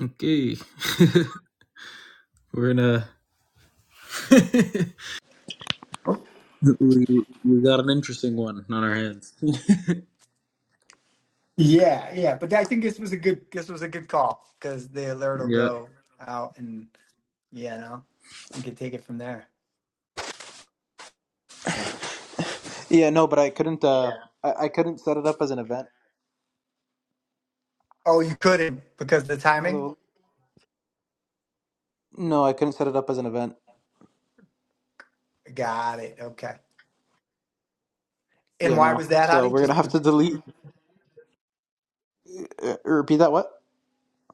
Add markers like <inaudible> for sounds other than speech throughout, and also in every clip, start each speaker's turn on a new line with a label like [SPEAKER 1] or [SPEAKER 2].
[SPEAKER 1] Okay, <laughs> we're gonna. <laughs> we, we got an interesting one on our hands.
[SPEAKER 2] Yeah, yeah, but I think this was a good this was a good call because the alert will
[SPEAKER 1] Yeah.
[SPEAKER 2] go out and you know we can take it from there.
[SPEAKER 1] Yeah, no, but I couldn't. Uh, I, I couldn't set it up as an event.
[SPEAKER 2] Oh, you couldn't because of the timing.
[SPEAKER 1] Hello. No, I couldn't set it up as an event.
[SPEAKER 2] Got it. Okay. And
[SPEAKER 1] Yeah,
[SPEAKER 2] why was
[SPEAKER 1] no.
[SPEAKER 2] that,
[SPEAKER 1] So
[SPEAKER 2] Hadi?
[SPEAKER 1] we're gonna
[SPEAKER 2] Just
[SPEAKER 1] have
[SPEAKER 2] be-
[SPEAKER 1] to delete. Uh, repeat that. What?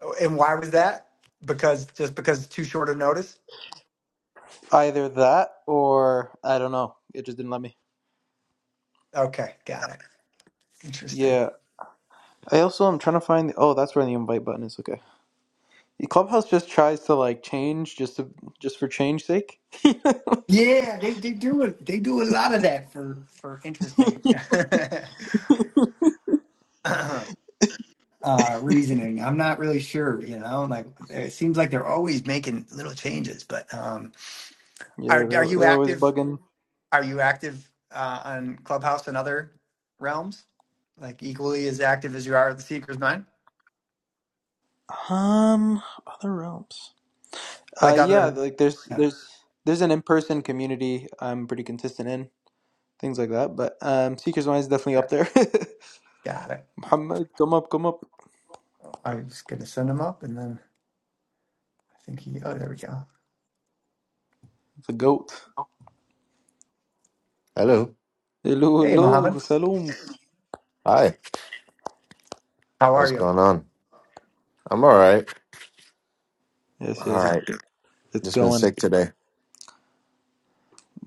[SPEAKER 2] oh, and why was that? Because just because it's too short a notice.
[SPEAKER 1] Either that or I don't know. It just didn't let me.
[SPEAKER 2] Okay, got it. Interesting.
[SPEAKER 1] Yeah. I also am trying to find. oh, that's where the invite button is. Okay. The Clubhouse just tries to like change just to just for change sake. <laughs> yeah,
[SPEAKER 2] Yeah, they they do it. They do a lot of that for for interesting. <laughs> <clears throat> uh reasoning i'm not really sure you know like it seems like they're always making little changes but um are are
[SPEAKER 1] they're
[SPEAKER 2] you
[SPEAKER 1] they're always
[SPEAKER 2] active
[SPEAKER 1] bugging.
[SPEAKER 2] are you active uh on clubhouse and other realms like equally as active as you are at the seeker's mind
[SPEAKER 1] Um, other realms. Uh,
[SPEAKER 2] like
[SPEAKER 1] yeah,
[SPEAKER 2] other
[SPEAKER 1] like there's
[SPEAKER 2] yeah,
[SPEAKER 1] there's there's an in-person community I'm pretty consistent in things like that, but um, Seekers Mind is definitely
[SPEAKER 2] yeah
[SPEAKER 1] up there.
[SPEAKER 2] got it
[SPEAKER 1] <laughs> Muhammad, come up, come up,
[SPEAKER 2] i was gonna send him up and then i think he oh there we go
[SPEAKER 1] the goat.
[SPEAKER 3] Hello.
[SPEAKER 1] Hello,
[SPEAKER 2] hey
[SPEAKER 1] hello,
[SPEAKER 2] mohammed
[SPEAKER 1] salooms.
[SPEAKER 3] Hi.
[SPEAKER 2] how are
[SPEAKER 3] What's
[SPEAKER 2] you
[SPEAKER 3] going on? I'm all right.
[SPEAKER 1] Yes,
[SPEAKER 3] All
[SPEAKER 1] yes, it's,
[SPEAKER 3] right.
[SPEAKER 1] it's
[SPEAKER 3] Just been
[SPEAKER 1] going.
[SPEAKER 3] sick today.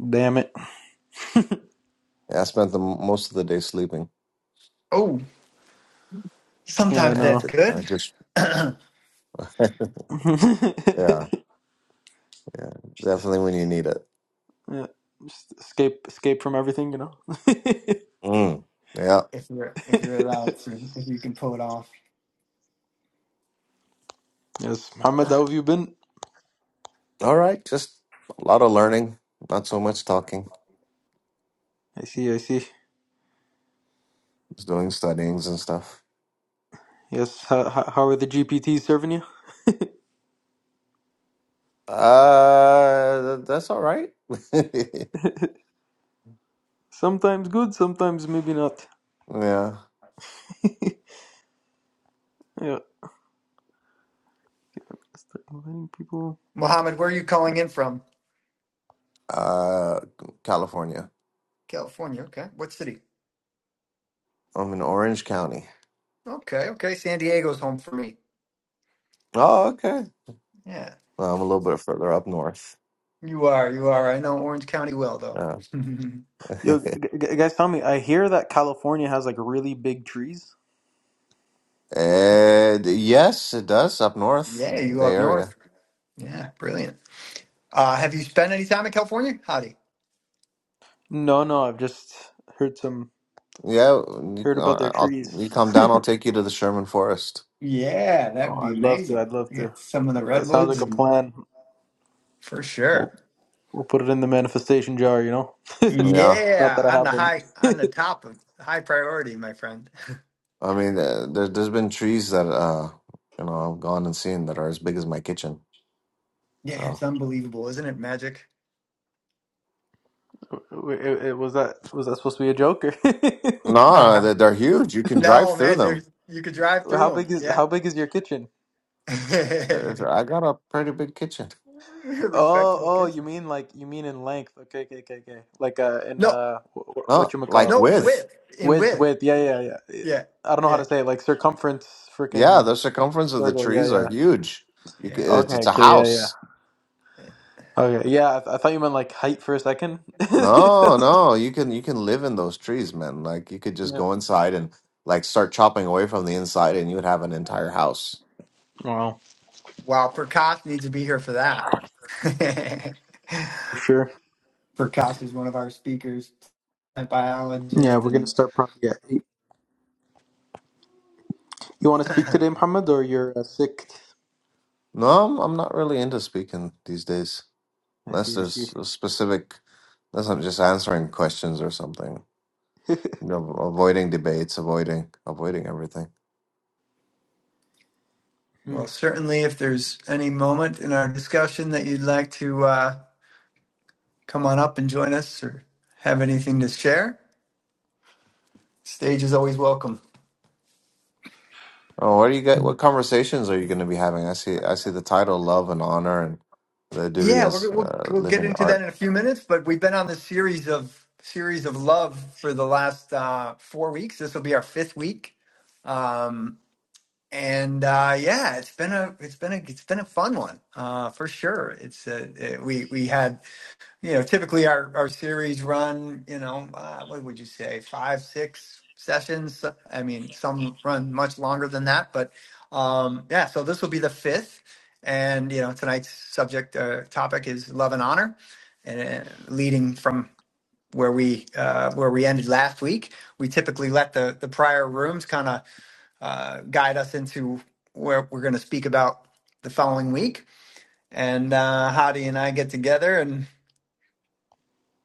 [SPEAKER 1] Damn it.
[SPEAKER 3] Yeah, I spent the most of the day sleeping.
[SPEAKER 2] oh
[SPEAKER 1] Yeah, I
[SPEAKER 2] sometimes
[SPEAKER 3] Yeah, I
[SPEAKER 2] that's
[SPEAKER 1] know.
[SPEAKER 3] just, I
[SPEAKER 2] good
[SPEAKER 3] just
[SPEAKER 2] <clears throat> if
[SPEAKER 3] <laughs>
[SPEAKER 1] <laughs>
[SPEAKER 3] yeah, yeah. Definitely when you need it.
[SPEAKER 1] yeah, just escape, escape from everything, you know. <laughs>
[SPEAKER 3] Mm. Yeah.
[SPEAKER 2] you're if you're allowed to if you can pull it off
[SPEAKER 1] yes, Muhammad, how have you been?
[SPEAKER 3] All right. Just a lot of learning. Not so much talking.
[SPEAKER 1] I see, I see.
[SPEAKER 3] Just doing studyings and stuff.
[SPEAKER 1] Yes, how, how how are the GPTs serving you?
[SPEAKER 3] Uh, th- that's all right. <laughs>
[SPEAKER 1] Sometimes good, sometimes maybe not.
[SPEAKER 3] yeah.
[SPEAKER 1] <laughs> yeah, start inviting people.
[SPEAKER 2] mohammed where are you calling in from
[SPEAKER 3] Uh, California.
[SPEAKER 2] California. Okay. What city?
[SPEAKER 3] I'm in Orange County.
[SPEAKER 2] Okay. Okay. San Diego's home for me.
[SPEAKER 3] Oh, okay.
[SPEAKER 2] Yeah.
[SPEAKER 3] Well, I'm a little bit further up north.
[SPEAKER 2] You are. You are. I know Orange County well, though.
[SPEAKER 3] Yeah.
[SPEAKER 2] <laughs>
[SPEAKER 1] Yo,
[SPEAKER 3] <laughs>
[SPEAKER 1] g- g- guys, tell me. I hear that California has like really big trees.
[SPEAKER 3] Uh, yes, it does up north,
[SPEAKER 2] yeah. You
[SPEAKER 3] Bay
[SPEAKER 2] up north.
[SPEAKER 3] Area.
[SPEAKER 2] Yeah. Brilliant. Uh, have you spent any time in California? Howdy.
[SPEAKER 1] No, no, I've just heard some
[SPEAKER 3] Yeah, you,
[SPEAKER 1] heard about their
[SPEAKER 3] uh, I'll,
[SPEAKER 1] trees.
[SPEAKER 3] you come
[SPEAKER 1] <laughs>
[SPEAKER 3] down, I'll take you to the Sherman Forest.
[SPEAKER 2] Yeah. That'd
[SPEAKER 1] Oh,
[SPEAKER 2] be
[SPEAKER 1] I'd love to.
[SPEAKER 2] amazing.
[SPEAKER 1] I'd love to.
[SPEAKER 2] Get some of the
[SPEAKER 1] That sounds like
[SPEAKER 2] redwoods
[SPEAKER 1] a
[SPEAKER 2] and
[SPEAKER 1] plan.
[SPEAKER 2] for
[SPEAKER 1] We'll,
[SPEAKER 2] sure.
[SPEAKER 1] we'll put it in the manifestation jar. You know,
[SPEAKER 3] Yeah,
[SPEAKER 1] not
[SPEAKER 2] Yeah.
[SPEAKER 1] that I
[SPEAKER 2] On
[SPEAKER 1] have
[SPEAKER 2] the
[SPEAKER 1] one.
[SPEAKER 2] high, on the top of high priority, my friend.
[SPEAKER 3] I mean, uh, there, there's been trees that uh, you know, I've gone and seen that are as big as my kitchen.
[SPEAKER 2] Yeah. It's
[SPEAKER 3] So
[SPEAKER 2] unbelievable. Isn't it magic? <laughs>
[SPEAKER 1] Wait, it, it, was that was that supposed to be a joke? Or <laughs>
[SPEAKER 3] no,
[SPEAKER 2] Uh,
[SPEAKER 3] they're, they're huge. You can drive
[SPEAKER 2] no,
[SPEAKER 3] through
[SPEAKER 2] man.
[SPEAKER 3] them.
[SPEAKER 2] There's, you could drive
[SPEAKER 1] how
[SPEAKER 2] through
[SPEAKER 1] big is
[SPEAKER 2] them.
[SPEAKER 1] how big is your kitchen?
[SPEAKER 2] Yeah.
[SPEAKER 3] There's,
[SPEAKER 2] <laughs>
[SPEAKER 3] I got a pretty big kitchen.
[SPEAKER 2] <laughs>
[SPEAKER 1] Oh,
[SPEAKER 2] Respectable
[SPEAKER 1] oh, you
[SPEAKER 2] kitchen.
[SPEAKER 1] mean like you mean in length? Okay, okay, okay, okay. Like uh, in
[SPEAKER 2] No,
[SPEAKER 1] uh, what
[SPEAKER 3] No,
[SPEAKER 1] you
[SPEAKER 3] like
[SPEAKER 1] call
[SPEAKER 2] no, in
[SPEAKER 1] like
[SPEAKER 3] width.
[SPEAKER 2] width, in
[SPEAKER 1] width,
[SPEAKER 2] width.
[SPEAKER 1] width. Yeah, yeah, yeah. It-
[SPEAKER 2] Yeah,
[SPEAKER 1] I don't know how
[SPEAKER 2] yeah,
[SPEAKER 1] to say it. Like circumference,
[SPEAKER 3] Yeah,
[SPEAKER 1] freaking
[SPEAKER 3] the circumference of the
[SPEAKER 1] circle. Yeah,
[SPEAKER 3] trees are
[SPEAKER 1] yeah.
[SPEAKER 3] huge. You c
[SPEAKER 2] yeah.
[SPEAKER 3] it's, it's
[SPEAKER 1] Okay,
[SPEAKER 3] a
[SPEAKER 1] okay, yeah, yeah.
[SPEAKER 3] house.
[SPEAKER 1] Okay, yeah. I, th I thought you meant like height for a second. <laughs>
[SPEAKER 3] No, no, you can you can live in those trees, man. Like you could just
[SPEAKER 1] Yeah.
[SPEAKER 3] go inside and like start chopping away from the inside and you would have an entire house.
[SPEAKER 1] Wow.
[SPEAKER 2] Wow, Prakash needs to be here for that. <laughs>
[SPEAKER 1] For sure.
[SPEAKER 2] Prakash is one of our speakers, a
[SPEAKER 1] Yeah,
[SPEAKER 2] biologist,
[SPEAKER 1] we're gonna
[SPEAKER 2] and
[SPEAKER 1] start probably at eight. You want to
[SPEAKER 2] <clears throat>
[SPEAKER 1] speak today, Muhammad, or you're uh, sick?
[SPEAKER 3] No, I'm, I'm not really into speaking these days.
[SPEAKER 1] I
[SPEAKER 3] Unless
[SPEAKER 1] see. I see.
[SPEAKER 3] there's a specific unless I'm just answering questions or something.
[SPEAKER 1] <laughs>
[SPEAKER 3] You know, avoiding debates, avoiding avoiding everything.
[SPEAKER 1] Hmm.
[SPEAKER 2] well, certainly if there's any moment in our discussion that you'd like to uh, come on up and join us or have anything to share, stage is always welcome.
[SPEAKER 3] Oh, what are you guys, what conversations are you going to be having? I see I see the title Love and Honor and the duty
[SPEAKER 2] Yeah, we're,
[SPEAKER 3] as
[SPEAKER 2] we'll
[SPEAKER 3] uh,
[SPEAKER 2] we'll get
[SPEAKER 3] living
[SPEAKER 2] into that
[SPEAKER 3] art.
[SPEAKER 2] in a few minutes, but we've been on this series of series of love for the last uh, four weeks. This will be our fifth week, um, and uh, yeah, it's been a it's been a it's been a fun one uh, for sure. It's uh, it, we we had you know, typically our, our series run, you know, uh, what would you say, five, six sessions? So, I mean, some run much longer than that, but um, yeah, so this will be the fifth. And, you know, tonight's subject uh, topic is love and honor, and uh, leading from where we uh, where we ended last week. We typically let the, the prior rooms kind of uh, guide us into where we're going to speak about the following week. And uh, Hadi and I get together and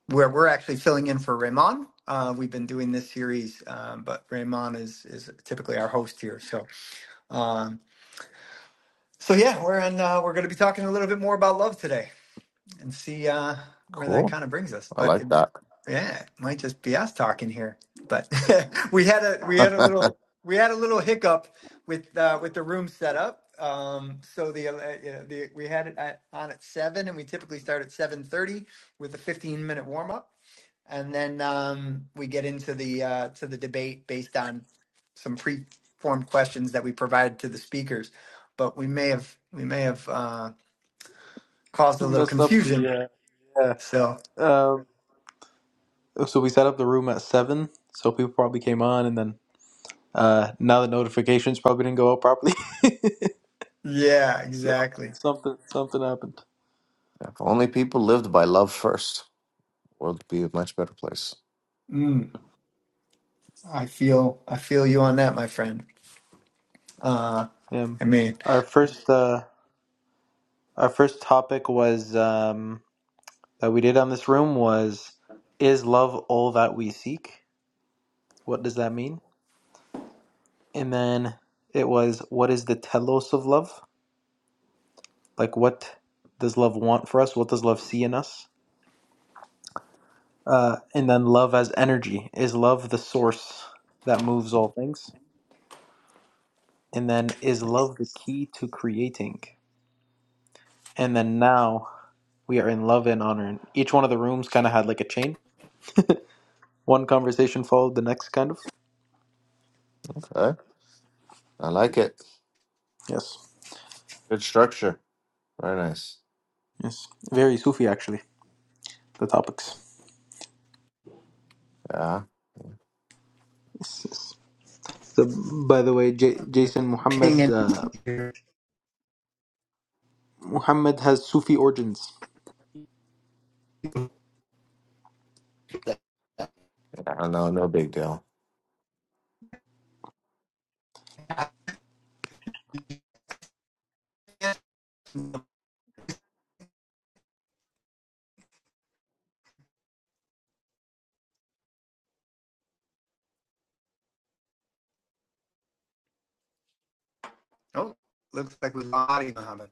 [SPEAKER 2] where we're actually filling in for Raymond. Uh, we've been doing this series, um, but Raymond is is typically our host here. So, um, so yeah, we're in, uh, we're going to be talking a little bit more about love today and see uh, where that
[SPEAKER 3] Cool.
[SPEAKER 2] kind of brings us.
[SPEAKER 3] I
[SPEAKER 2] But
[SPEAKER 3] like
[SPEAKER 2] it,
[SPEAKER 3] that.
[SPEAKER 2] yeah, it might just be us talking here. But <laughs> we had a we had a
[SPEAKER 3] <laughs>
[SPEAKER 2] little we had a little hiccup with uh, with the room setup. Um, so the, uh, yeah, the we had it at, on at seven, and we typically start at seven thirty with a fifteen minute warm up and then um, we get into the uh, to the debate based on some pre-formed questions that we provided to the speakers. But we may have we may have uh, caused a little
[SPEAKER 1] Messed up the
[SPEAKER 2] confusion.
[SPEAKER 1] uh, yeah.
[SPEAKER 2] So
[SPEAKER 1] Um, so we set up the room at seven, so people probably came on, and then. Uh, now the notifications probably didn't go out properly,
[SPEAKER 2] yeah,
[SPEAKER 1] <laughs> so
[SPEAKER 2] exactly.
[SPEAKER 1] something something happened.
[SPEAKER 3] If only people lived by love first, world would be a much better place.
[SPEAKER 2] Mm, I feel I feel you on that, my friend. Uh,
[SPEAKER 1] Yeah.
[SPEAKER 2] I mean,
[SPEAKER 1] Our first uh, our first topic was um, that we did on this room was is love all that we seek? What does that mean? And then it was what is the telos of love? Like what does love want for us? What does love see in us? Uh, and then love as energy is love the source that moves all things? And then is love the key to creating? And then now we are in love and honor. And each one of the rooms kind of had like a chain. One conversation followed the next, kind of.
[SPEAKER 3] Okay. I like it.
[SPEAKER 1] Yes,
[SPEAKER 3] Good structure. Very nice.
[SPEAKER 1] yes. Very Sufi, actually, the topics.
[SPEAKER 3] Yeah.
[SPEAKER 1] Yes, yes. So, by the way, J- Jason
[SPEAKER 2] ping
[SPEAKER 1] Muhammad
[SPEAKER 2] in
[SPEAKER 1] uh,
[SPEAKER 2] here.
[SPEAKER 1] Muhammad has Sufi origins.
[SPEAKER 3] Yeah. No, no big deal.
[SPEAKER 2] Oh, looks like we lost Muhammad.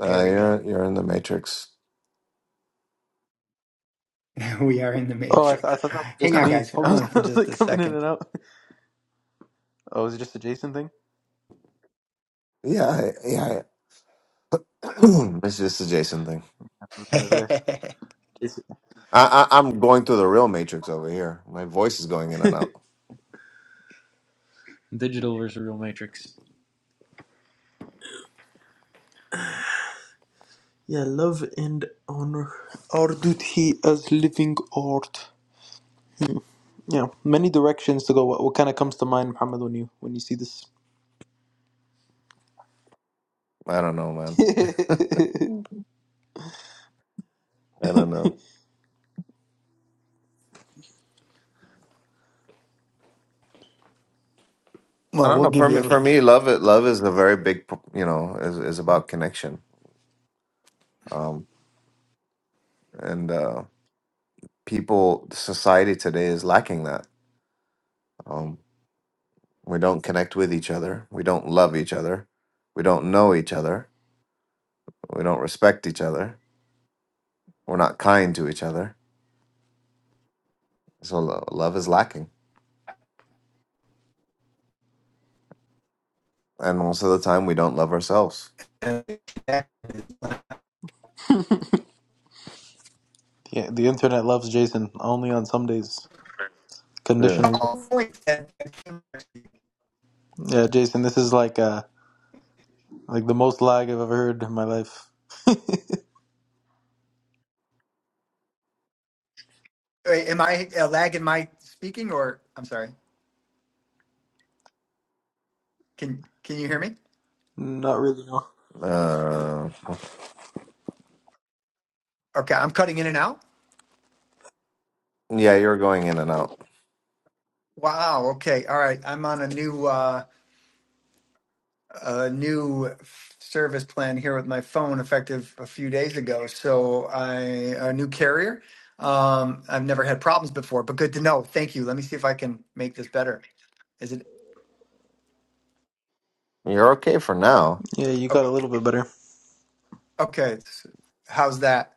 [SPEAKER 2] There
[SPEAKER 3] Uh,
[SPEAKER 2] we go.
[SPEAKER 3] you're you're in the matrix.
[SPEAKER 2] <laughs> we are in the
[SPEAKER 1] Oh, I, th- I
[SPEAKER 2] matrix.
[SPEAKER 1] thought that was
[SPEAKER 2] Hang
[SPEAKER 1] just
[SPEAKER 2] on,
[SPEAKER 1] me.
[SPEAKER 2] guys.
[SPEAKER 1] <laughs> I
[SPEAKER 2] Hold
[SPEAKER 1] was,
[SPEAKER 2] on for
[SPEAKER 1] I was
[SPEAKER 2] just
[SPEAKER 1] like
[SPEAKER 2] a
[SPEAKER 1] coming in
[SPEAKER 2] second.
[SPEAKER 1] and out. Oh, is it just a Jason thing?
[SPEAKER 3] Yeah. I- Yeah. I- <clears throat> it's just a Jason thing.
[SPEAKER 1] I was
[SPEAKER 2] <laughs> well,
[SPEAKER 1] gonna say. Jason.
[SPEAKER 3] I, I I'm going through the real matrix over here. My voice is going in and out.
[SPEAKER 1] Digital versus real matrix. Yeah, love and honor are duty as living art. Yeah, many directions to go. What, what kind of comes to mind, Muhammad, when you when you see this?
[SPEAKER 3] I don't know,
[SPEAKER 1] <laughs>
[SPEAKER 3] man.
[SPEAKER 1] yeah,
[SPEAKER 3] I don't know. I don't
[SPEAKER 2] we'll
[SPEAKER 3] know.
[SPEAKER 2] give
[SPEAKER 3] For me,
[SPEAKER 2] you.
[SPEAKER 3] for me, love it. Love is a very big. You know, is is about connection. Um, and uh, people, society today is lacking that. Um, we don't connect with each other. We don't love each other. We don't know each other We don't respect each other. We're not kind to each other. So lo- love is lacking. And most of the time, we don't love ourselves.
[SPEAKER 2] uh,
[SPEAKER 1] the internet loves Jason only on some days.
[SPEAKER 3] Yeah.
[SPEAKER 1] Conditional love.
[SPEAKER 2] oh,
[SPEAKER 1] Yeah, Jason, this is like uh like the most lag I've ever heard in my life.
[SPEAKER 2] am I uh, lag in my speaking or I'm sorry. Can can you hear me?
[SPEAKER 1] Not really. No.
[SPEAKER 3] Uh,
[SPEAKER 2] Okay, I'm cutting in and out.
[SPEAKER 3] yeah, you're going in and out.
[SPEAKER 2] Wow, okay. All right. I'm on a new uh a new service plan here with my phone effective a few days ago. So I a new carrier. Um I've never had problems before, but good to know. Thank you. Let me see if I can make this better. Is it
[SPEAKER 3] You're okay for now.
[SPEAKER 1] Yeah, you got
[SPEAKER 2] o-
[SPEAKER 1] a little bit better.
[SPEAKER 2] okay? so How's that?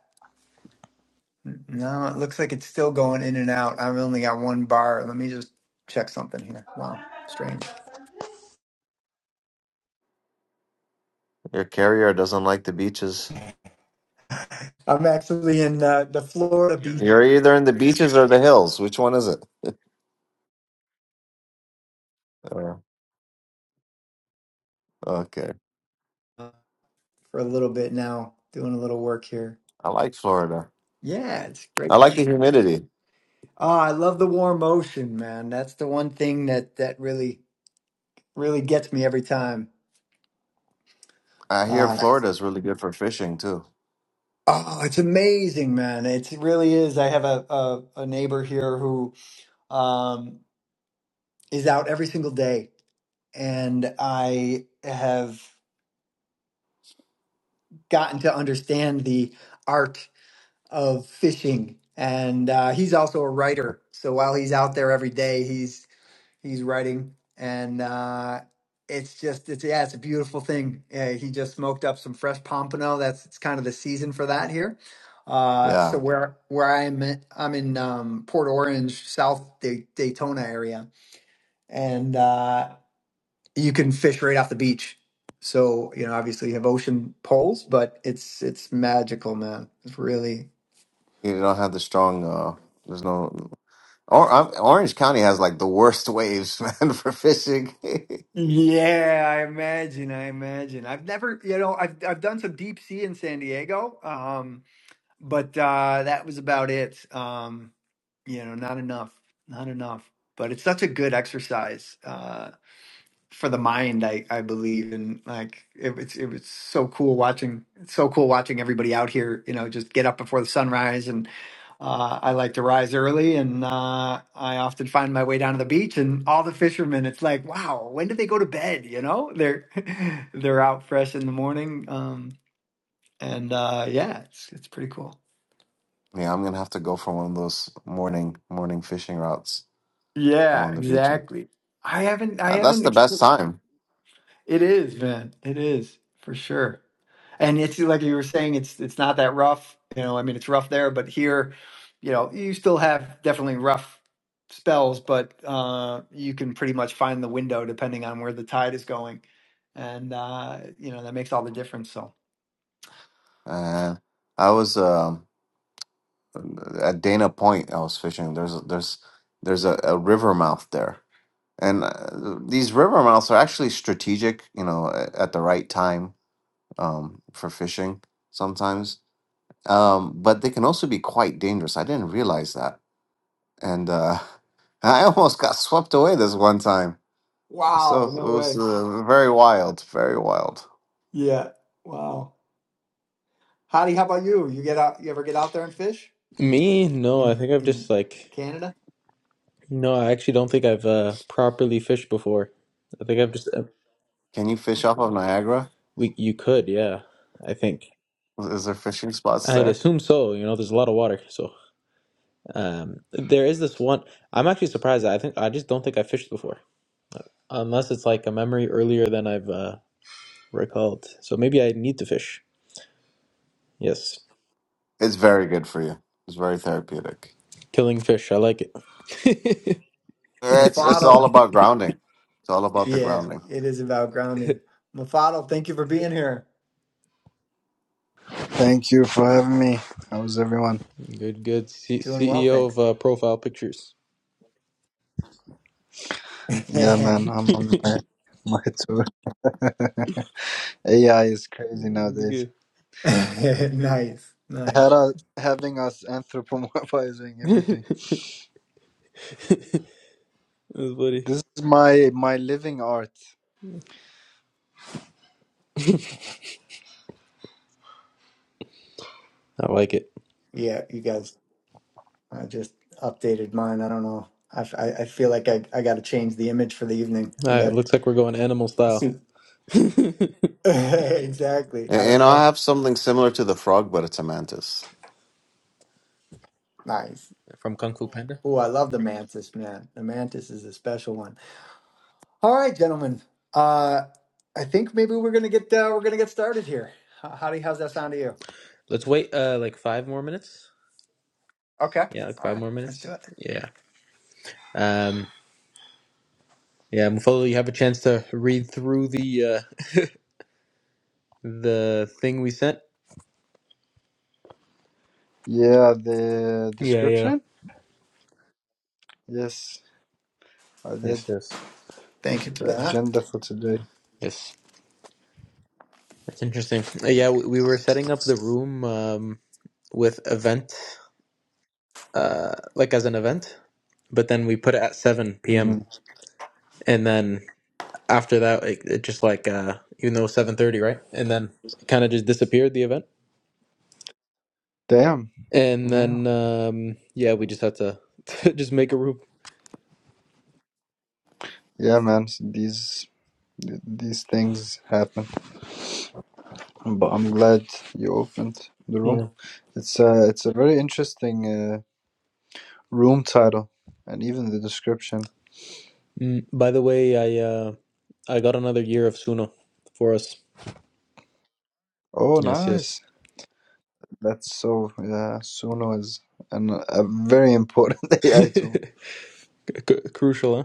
[SPEAKER 2] No, it looks like it's still going in and out. I've only got one bar. Let me just check something here. Wow, strange.
[SPEAKER 3] Your carrier doesn't like the beaches.
[SPEAKER 2] I'm actually in uh, the Florida beach
[SPEAKER 3] You're either in the beaches or the hills. Which one is it? <laughs> Uh, okay.
[SPEAKER 2] for a little bit now, doing a little work here.
[SPEAKER 3] I like Florida.
[SPEAKER 2] Yeah, it's a
[SPEAKER 3] I
[SPEAKER 2] great
[SPEAKER 3] like the
[SPEAKER 2] place.
[SPEAKER 3] humidity.
[SPEAKER 2] Oh, I love the warm ocean, man. That's the one thing that that really really gets me every time.
[SPEAKER 3] I hear
[SPEAKER 2] Uh,
[SPEAKER 3] Florida is really good for fishing too.
[SPEAKER 2] oh, it's amazing, man. It really is. I have a, a a neighbor here who um is out every single day, and I have. gotten to understand the art of fishing. And uh, he's also a writer. So while he's out there every day, he's he's writing, and uh, it's just it's yeah, it's a beautiful thing. Yeah, he just smoked up some fresh pompano. That's it's kind of the season for that here. Uh,
[SPEAKER 3] Yeah,
[SPEAKER 2] so where where I'm at- I'm in um, Port Orange, South Day, Daytona area, and. uh, you can fish right off the beach. So you know, obviously you have ocean poles, but it's it's magical, man. It's really.
[SPEAKER 3] you don't have the strong. Uh, there's no. Or I'm, Orange County has like the worst waves, <laughs> man, for fishing. <laughs> yeah,
[SPEAKER 2] Yeah, I imagine. I imagine. I've never, you know, I've I've done some deep sea in San Diego, um, but uh, that was about it. Um, you know, not enough, not enough. But it's such a good exercise. Uh, for the mind i i believe and like it was it was so cool watching it's so cool watching everybody out here you know just get up before the sunrise and uh, I like to rise early, and uh, I often find my way down to the beach. And all the fishermen, it's like, wow, when do they go to bed? You know, they're <laughs> they're out fresh in the morning, um, and uh, yeah, it's it's pretty cool.
[SPEAKER 3] I'm gonna have to go for one of those morning morning fishing routes
[SPEAKER 2] Yeah,
[SPEAKER 3] on the beach, and
[SPEAKER 2] exactly. I haven't I
[SPEAKER 3] uh, that's the
[SPEAKER 2] haven't.
[SPEAKER 3] best time.
[SPEAKER 2] It is, man. It is for sure. And it's like you were saying, it's it's not that rough. You know, I mean, it's rough there, but here, you know, you still have definitely rough spells, but uh, you can pretty much find the window depending on where the tide is going, and uh, you know that makes all the difference. So,
[SPEAKER 3] Uh, I was um at Dana Point. I was fishing. There's a- there's there's a, a river mouth there, and uh, these river mouths are actually strategic. You know, a- at the right time um, for fishing sometimes, um, but they can also be quite dangerous. I didn't realize that and uh, <laughs> I almost got swept away this one time.
[SPEAKER 2] wow,
[SPEAKER 3] So it
[SPEAKER 2] no
[SPEAKER 3] was
[SPEAKER 2] way.
[SPEAKER 3] uh, very wild, very wild.
[SPEAKER 2] Yeah, wow. Hadi, how about you? You get out? You ever get out there and fish?
[SPEAKER 1] Me?
[SPEAKER 2] I
[SPEAKER 1] No, I
[SPEAKER 2] mean,
[SPEAKER 1] think I've
[SPEAKER 2] in
[SPEAKER 1] just like
[SPEAKER 2] Canada?
[SPEAKER 1] no, I actually don't think I've uh properly fished before. I think I've just uh,
[SPEAKER 3] Can you fish off
[SPEAKER 2] Okay.
[SPEAKER 3] of Niagara?
[SPEAKER 1] we you could, yeah. I think
[SPEAKER 3] Is there fishing spots
[SPEAKER 1] I'd
[SPEAKER 3] there?
[SPEAKER 1] assume so. You know, there's a lot of water, so. Um, there is this one. I'm actually surprised. I think I just don't think I fished before, unless it's like a memory earlier than I've uh, recalled. So maybe I need to fish. Yes,
[SPEAKER 3] It's very good for you. It's very therapeutic.
[SPEAKER 1] killing fish. I like it.
[SPEAKER 3] It's it's all
[SPEAKER 2] Mafado.
[SPEAKER 3] about grounding. It's all about the
[SPEAKER 2] Yeah,
[SPEAKER 3] grounding.
[SPEAKER 2] it is about grounding.
[SPEAKER 1] <laughs>
[SPEAKER 2] Mafado, thank you for being here.
[SPEAKER 4] Thank you for having me. How's everyone?
[SPEAKER 1] good, good. C-
[SPEAKER 2] Doing well,
[SPEAKER 1] CEO of
[SPEAKER 2] thanks.
[SPEAKER 1] uh, Profile Pictures. <laughs>
[SPEAKER 4] Yeah, man, I'm on my, my tour. <laughs> AI is crazy nowadays.
[SPEAKER 1] Good.
[SPEAKER 2] <laughs>
[SPEAKER 1] <laughs>
[SPEAKER 2] nice,
[SPEAKER 4] Had
[SPEAKER 2] nice.
[SPEAKER 4] us, having us anthropomorphizing
[SPEAKER 1] That's
[SPEAKER 4] everything.
[SPEAKER 1] funny.
[SPEAKER 4] This is my my living art.
[SPEAKER 1] I like it.
[SPEAKER 2] Yeah, you guys, I just updated mine. I don't know. I, I, I feel like I, I got to change the image for the evening.
[SPEAKER 1] All
[SPEAKER 2] We
[SPEAKER 1] right,
[SPEAKER 2] got
[SPEAKER 1] looks like we're going animal style
[SPEAKER 2] suit. <laughs> exactly. I
[SPEAKER 3] And, you
[SPEAKER 2] don't
[SPEAKER 3] I
[SPEAKER 2] know.
[SPEAKER 3] have something similar to the frog, but it's a mantis.
[SPEAKER 2] Nice.
[SPEAKER 1] from Kung Fu Panda.
[SPEAKER 2] Oh, I love the mantis, man. The mantis is a special one. All right, gentlemen. Uh, I think maybe we're gonna get uh, we're gonna get started here. H- Howdy, how's that sound to you?
[SPEAKER 1] Let's wait uh like five more minutes.
[SPEAKER 2] Okay.
[SPEAKER 1] Yeah, like
[SPEAKER 2] All
[SPEAKER 1] five
[SPEAKER 2] right.
[SPEAKER 1] more
[SPEAKER 2] Let's do
[SPEAKER 1] minutes.
[SPEAKER 2] it.
[SPEAKER 1] Yeah. Um. Yeah, Mufolo, you have a chance to read through the uh, the thing we sent.
[SPEAKER 4] Yeah, the
[SPEAKER 1] Yeah, yeah.
[SPEAKER 4] description. Yes, I did
[SPEAKER 1] Yes, yes,
[SPEAKER 2] Thank you for
[SPEAKER 4] the
[SPEAKER 2] that.
[SPEAKER 4] agenda for today.
[SPEAKER 1] yes. That's interesting. Uh, yeah, we, we were setting up the room um, with event, uh, like as an event, but then we put it at seven p.m.
[SPEAKER 4] Mm.
[SPEAKER 1] and then after that, it, it just like uh, even though seven thirty, right? And then it kind of just disappeared the event,
[SPEAKER 4] Damn.
[SPEAKER 1] and
[SPEAKER 4] Yeah.
[SPEAKER 1] then um, yeah, we just had to <laughs> to just make a room.
[SPEAKER 4] Yeah, man. s- These these things happen. But I'm glad you opened the room.
[SPEAKER 1] Yeah.
[SPEAKER 4] It's uh, it's a very interesting. uh, room title and even the description.
[SPEAKER 1] Mm, by the way, I uh, I got another year of Suno for us.
[SPEAKER 4] Oh,
[SPEAKER 1] Yes, yes.
[SPEAKER 4] nice. That's so, yeah, Suno is an, a very important
[SPEAKER 1] <laughs>
[SPEAKER 4] <laughs>
[SPEAKER 1] C-
[SPEAKER 4] AI tool.
[SPEAKER 1] crucial, huh?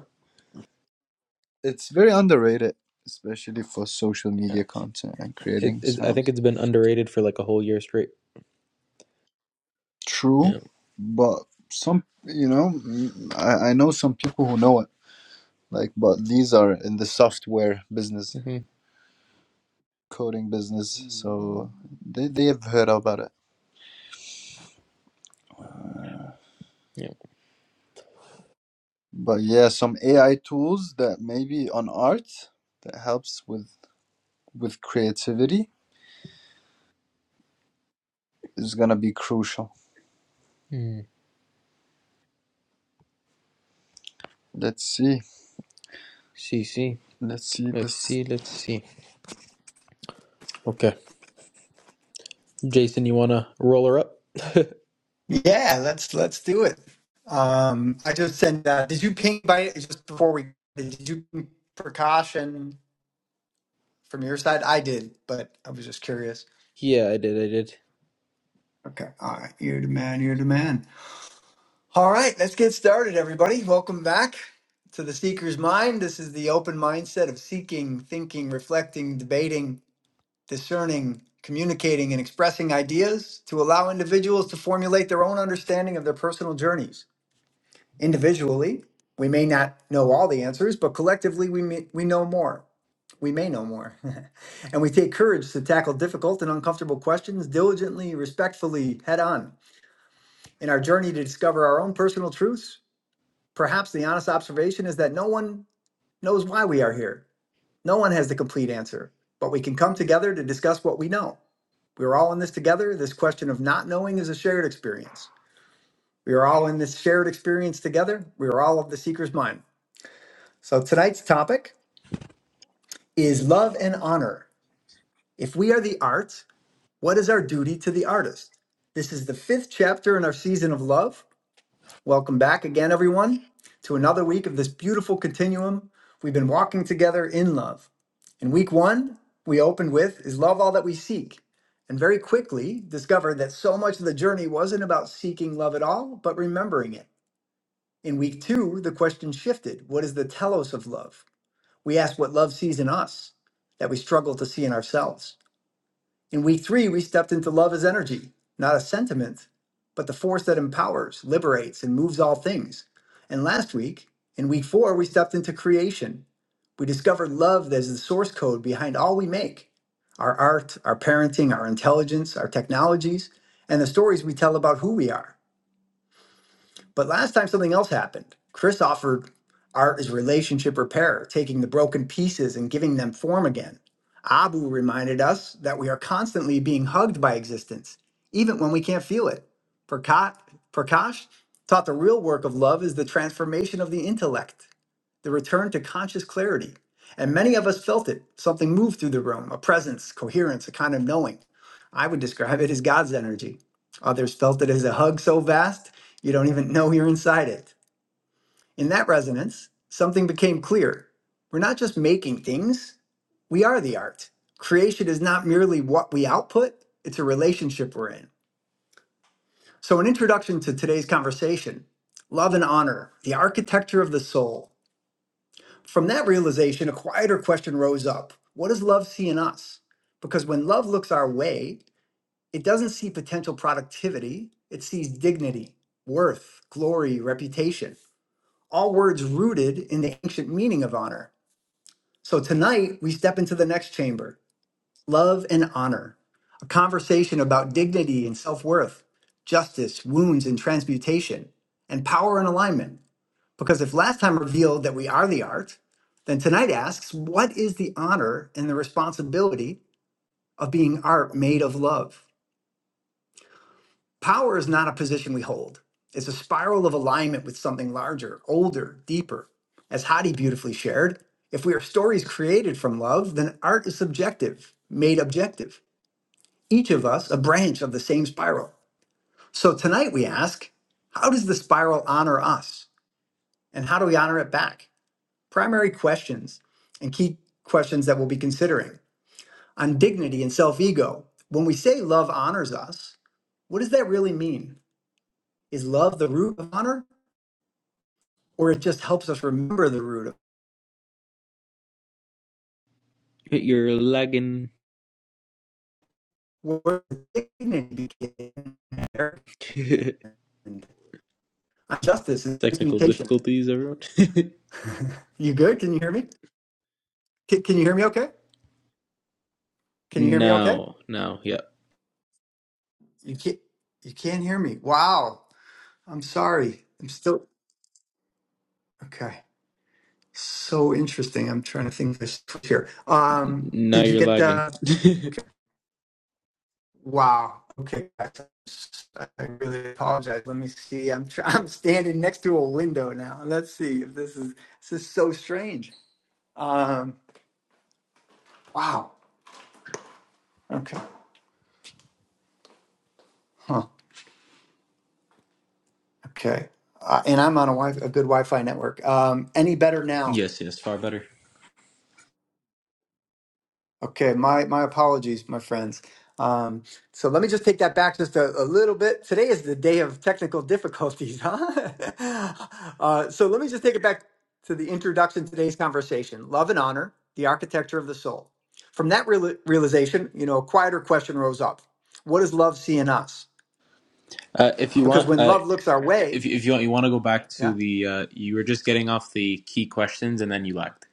[SPEAKER 4] It's very underrated, especially for social
[SPEAKER 1] Yeah.
[SPEAKER 4] media content and
[SPEAKER 1] It,
[SPEAKER 4] creating
[SPEAKER 1] it, I think
[SPEAKER 4] sounds.
[SPEAKER 1] it's been underrated for like a whole year straight.
[SPEAKER 4] True,
[SPEAKER 1] Yeah.
[SPEAKER 4] but some, you know, mm, I, I know some people who know it, like, but these are in the software business,
[SPEAKER 1] hmm
[SPEAKER 4] coding business, so they, they have heard about it.
[SPEAKER 1] Yeah.
[SPEAKER 4] But yeah, some AI tools that maybe on art that helps with with creativity is gonna be crucial.
[SPEAKER 1] Mm.
[SPEAKER 4] Let's see.
[SPEAKER 1] See, see.
[SPEAKER 4] Let's see
[SPEAKER 1] Let's
[SPEAKER 4] this.
[SPEAKER 1] see. Let's see. Okay. Jason, you want to roll her up?
[SPEAKER 2] Yeah, let's let's do it. Um, I just sent. Uh, did you ping by just before we? Did you ping precaution from your side? I did, but I was just curious.
[SPEAKER 1] Yeah, I did. I did.
[SPEAKER 2] Okay. All right. You're the man. You're the man. All right. Let's get started, everybody. Welcome back to the Seeker's Mind. This is the open mindset of seeking, thinking, reflecting, debating, discerning, communicating, and expressing ideas to allow individuals to formulate their own understanding of their personal journeys. Individually, we may not know all the answers, but collectively, we, may, we know more. We may know more. <laughs> and we take courage to tackle difficult and uncomfortable questions diligently, respectfully, head on. In our journey to discover our own personal truths, perhaps the honest observation is that no one knows why we are here. No one has the complete answer, but we can come together to discuss what we know. We are all in this together. This question of not knowing is a shared experience. We are all in this shared experience together. We are all of the seeker's mind. So tonight's topic is love and honor. If we are the art, what is our duty to the artist? This is the fifth chapter in our season of love. Welcome back again, everyone, to another week of this beautiful continuum we've been walking together in love. In week one, we opened with Is love all that we seek? And very quickly discovered that so much of the journey wasn't about seeking love at all, but remembering it. In week two, the question shifted What is the telos of love? We ask what love sees in us that we struggle to see in ourselves. In week three, we stepped into love as energy, not a sentiment, but the force that empowers, liberates, and moves all things. And last week, in week four, we stepped into creation. We discovered love as the source code behind all we make our art, our parenting, our intelligence, our technologies, and the stories we tell about who we are. But last time something else happened. Chris offered art as relationship repair, taking the broken pieces and giving them form again. Abu reminded us that we are constantly being hugged by existence, even when we can't feel it. Praka- Prakash taught the real work of love is the transformation of the intellect the return to conscious clarity. And many of us felt it. Something moved through the room, a presence, coherence, a kind of knowing. I would describe it as God's energy. Others felt it as a hug so vast, you don't even know you're inside it. In that resonance, something became clear. We're not just making things, we are the art. Creation is not merely what we output, it's a relationship we're in. So, an introduction to today's conversation love and honor, the architecture of the soul. From that realization, a quieter question rose up What does love see in us? Because when love looks our way, it doesn't see potential productivity, it sees dignity, worth, glory, reputation, all words rooted in the ancient meaning of honor. So tonight, we step into the next chamber love and honor, a conversation about dignity and self worth, justice, wounds, and transmutation, and power and alignment. Because if last time revealed that we are the art, then tonight asks, what is the honor and the responsibility of being art made of love? Power is not a position we hold, it's a spiral of alignment with something larger, older, deeper. As Hadi beautifully shared, if we are stories created from love, then art is subjective, made objective. Each of us a branch of the same spiral. So tonight we ask, how does the spiral honor us? And how do we honor it back? primary questions and key questions that we'll be considering on dignity and self ego. When we say love honors us, what does that really mean? Is love the root of honor, or it just helps us remember the root of
[SPEAKER 1] You're lagging.
[SPEAKER 2] where dignity began?
[SPEAKER 1] <laughs>
[SPEAKER 2] and Justice and
[SPEAKER 1] Technical
[SPEAKER 2] mutation.
[SPEAKER 1] difficulties, everyone. <laughs>
[SPEAKER 2] <laughs> you good? Can you hear me? Can, can you hear me? Okay. Can you hear me? Okay.
[SPEAKER 1] now, now, yeah.
[SPEAKER 2] You can't. You can't hear me. Wow. I'm sorry. I'm still okay. So interesting. I'm trying to think of this <laughs> here. Um,
[SPEAKER 1] Now
[SPEAKER 2] did you
[SPEAKER 1] you're
[SPEAKER 2] get
[SPEAKER 1] lagging.
[SPEAKER 2] the?
[SPEAKER 1] <laughs>
[SPEAKER 2] Okay. Wow. Okay. guys. I really apologize. Let me see. I'm try- <laughs> I'm standing next to a window now. Let's see if this is this is so strange. Um. Wow. Okay. Huh. Okay. Uh, and I'm on a, wi- a good Wi-Fi network. Um. Any better now?
[SPEAKER 1] yes, yes. Far better.
[SPEAKER 2] Okay, my my apologies, my friends. Um, so let me just take that back just a, a little bit. Today is the day of technical difficulties, huh? <laughs> uh, so let me just take it back to the introduction to today's conversation: love and honor, the architecture of the soul. From that real, realization, you know, a quieter question rose up: What does love see in us?
[SPEAKER 1] Uh, if you
[SPEAKER 2] Because
[SPEAKER 1] want,
[SPEAKER 2] when
[SPEAKER 1] uh,
[SPEAKER 2] love looks our way,
[SPEAKER 1] if if you want, you want to go back
[SPEAKER 2] yeah,
[SPEAKER 1] to the uh, you were just getting off the key questions and then you lagged.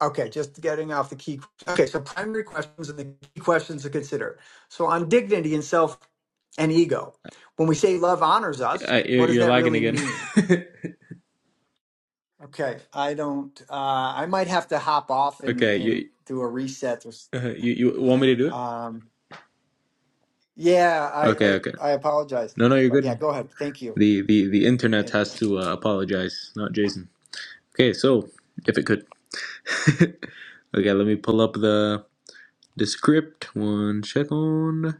[SPEAKER 2] Okay, just getting off the key. Okay, so primary questions and the key questions to consider. So on dignity and self and ego, when we say love honors us,
[SPEAKER 1] Uh, you're,
[SPEAKER 2] what does
[SPEAKER 1] you're
[SPEAKER 2] that
[SPEAKER 1] lagging
[SPEAKER 2] really
[SPEAKER 1] again.
[SPEAKER 2] mean? Okay, I don't. Uh, I might have to hop off
[SPEAKER 1] <laughs>
[SPEAKER 2] and
[SPEAKER 1] okay,
[SPEAKER 2] and
[SPEAKER 1] you,
[SPEAKER 2] do a reset. Or, s-
[SPEAKER 1] uh, you you want me to do it?
[SPEAKER 2] Um, yeah, I,
[SPEAKER 1] Okay,
[SPEAKER 2] I
[SPEAKER 1] okay.
[SPEAKER 2] I apologize,
[SPEAKER 1] No, no, you're
[SPEAKER 2] but yeah,
[SPEAKER 1] good.
[SPEAKER 2] go ahead. Thank you,
[SPEAKER 1] The the the internet
[SPEAKER 2] thank you,
[SPEAKER 1] has to uh, apologize, not Jason. Okay, so if it could. <laughs> okay, let me pull up the the script. One second.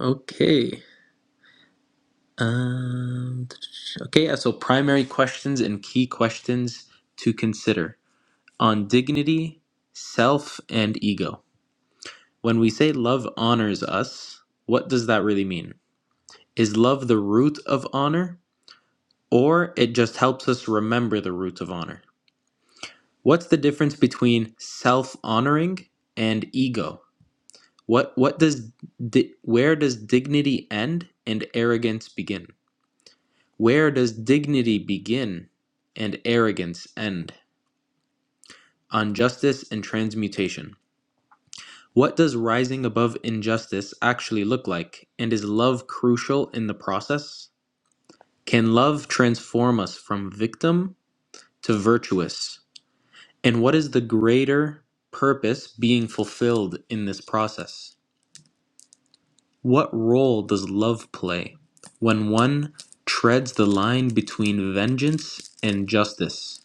[SPEAKER 1] Okay. Um. Okay. Yeah, so primary questions and key questions to consider. on dignity, self, and ego. When we say love honors us, what does that really mean? Is love the root of honor, or it just helps us remember the root of honor? What's the difference between self honoring and ego? What, what does di- where does dignity end and arrogance begin? Where does dignity begin and arrogance end? On justice and transmutation. What does rising above injustice actually look like, and is love crucial in the process? Can love transform us from victim to virtuous? And what is the greater purpose being fulfilled in this process? What role does love play when one treads the line between vengeance and justice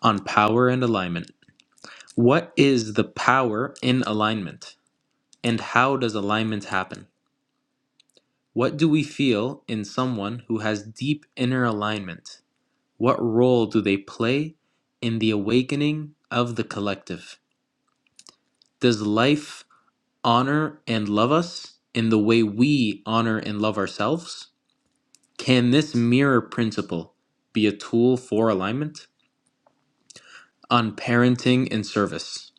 [SPEAKER 1] on power and alignment? What is the power in alignment, and how does alignment happen? What do we feel in someone who has deep inner alignment? What role do they play in the awakening of the collective? Does life honor and love us in the way we honor and love ourselves? Can this mirror principle be a tool for alignment? On parenting and service.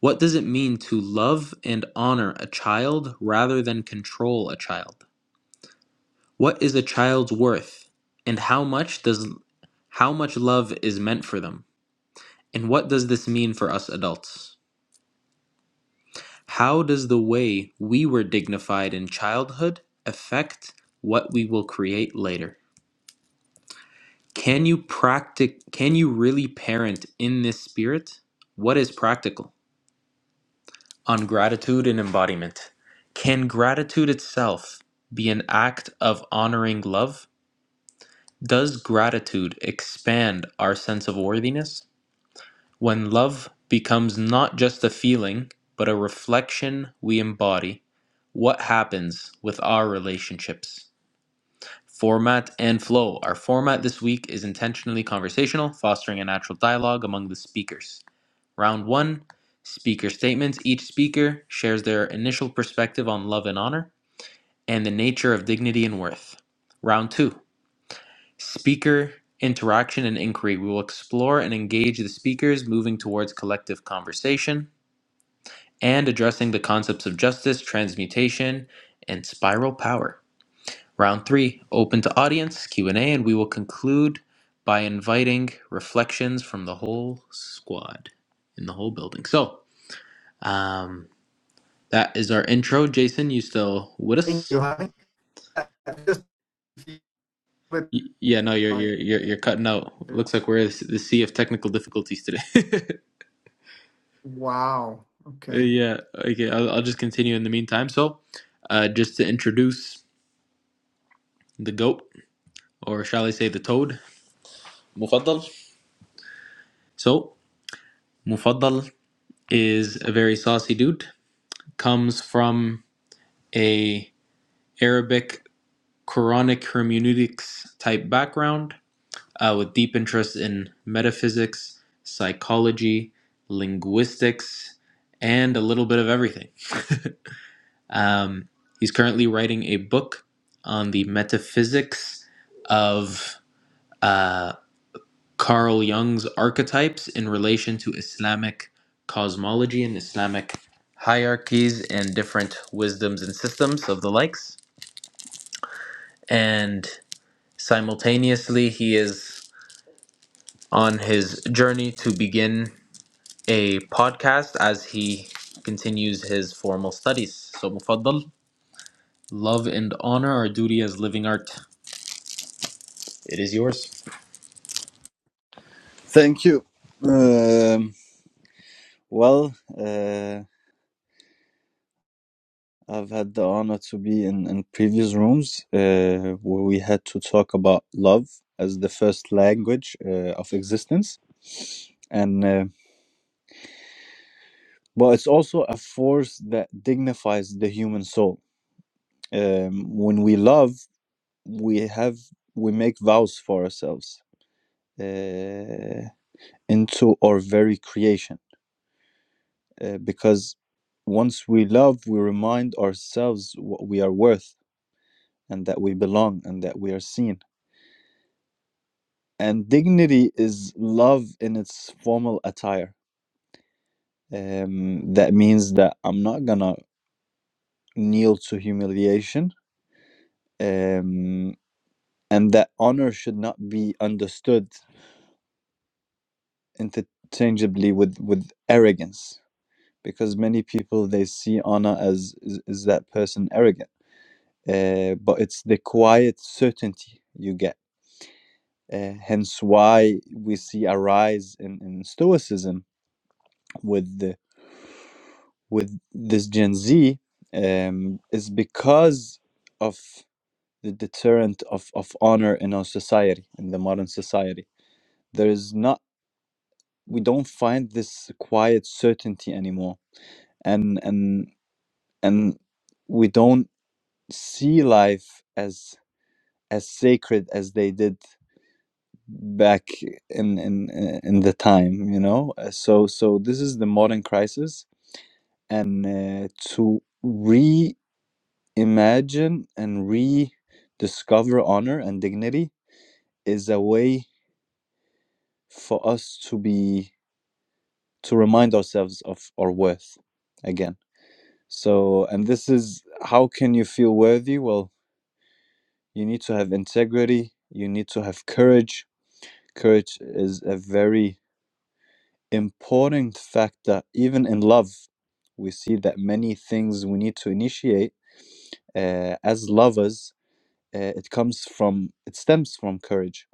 [SPEAKER 1] What does it mean to love and honor a child rather than control a child? What is a child's worth? And how much does How much love is meant for them? And what does this mean for us adults? How does the way we were dignified in childhood affect what we will create later? Can you practic can you really parent in this spirit? What is practical? On gratitude and embodiment. Can gratitude itself be an act of honoring love? Does gratitude expand our sense of worthiness? When love becomes not just a feeling, but a reflection we embody, what happens with our relationships? Format and flow. Our format this week is intentionally conversational, fostering a natural dialogue among the speakers. Round one speaker statements. Each speaker shares their initial perspective on love and honor and the nature of dignity and worth. Round two speaker interaction and inquiry. We will explore and engage the speakers, moving towards collective conversation. and addressing the concepts of justice, transmutation, and spiral power. Round 3, open to audience Q&A and A, and we will conclude by inviting reflections from the whole squad in the whole building. So, um that is our intro. Jason, you still with
[SPEAKER 2] thank
[SPEAKER 1] us?
[SPEAKER 2] you, honey. <laughs> Just with
[SPEAKER 1] Y- Yeah, no, you're you're you're, you're cutting out. Looks like we're in the sea of technical difficulties today. <laughs>
[SPEAKER 2] Wow.
[SPEAKER 1] Uh,
[SPEAKER 2] Okay.
[SPEAKER 1] yeah, okay. I'll, I'll just continue in the meantime. So, uh, just to introduce the goat, or shall I say the toad? مفضل So, Mufaddal is a very saucy dude. Comes from a Arabic Quranic hermeneutics type background uh, with deep interest in metaphysics, psychology, linguistics, and a little bit of everything. Um, he's currently writing a book on the metaphysics of. uh, Carl Jung's archetypes in relation to Islamic cosmology and Islamic hierarchies and different wisdoms and systems of the likes. And simultaneously, he is on his journey to begin a podcast as he continues his formal studies. So, Mufaddal, love and honor our duty as living art. It is yours.
[SPEAKER 4] Thank you. Um, well, uh, I've had the honor to be in, in previous rooms uh, where we had to talk about love as the first language uh, of existence, and uh, well, it's also a force that dignifies the human soul. Um, when we love, we have we make vows for ourselves. Uh, into our very creation uh, because once we love we remind ourselves what we are worth and that we belong and that we are seen and dignity is love in its formal attire um, that means that i'm not gonna kneel to humiliation um, and that honor should not be understood interchangeably with with arrogance because many people they see honor as is, is that person arrogant uh, but it's the quiet certainty you get. Uh, hence, why we see a rise in, in Stoicism with the, with this Gen Z um, is because of the deterrent of, of honor in our society, in the modern society. There is not we don't find this quiet certainty anymore, and and and we don't see life as as sacred as they did back in in uh, in the time you know Uh, so so this is the modern crisis and uh, to reimagine and rediscover honor and dignity is a way for us to be to remind ourselves of our worth again so and this is how can you feel worthy well you need to have integrity you need to have courage courage is a very important fact that even in love, we see that many things we need to initiate uh, as lovers. Uh, it comes from it stems from courage,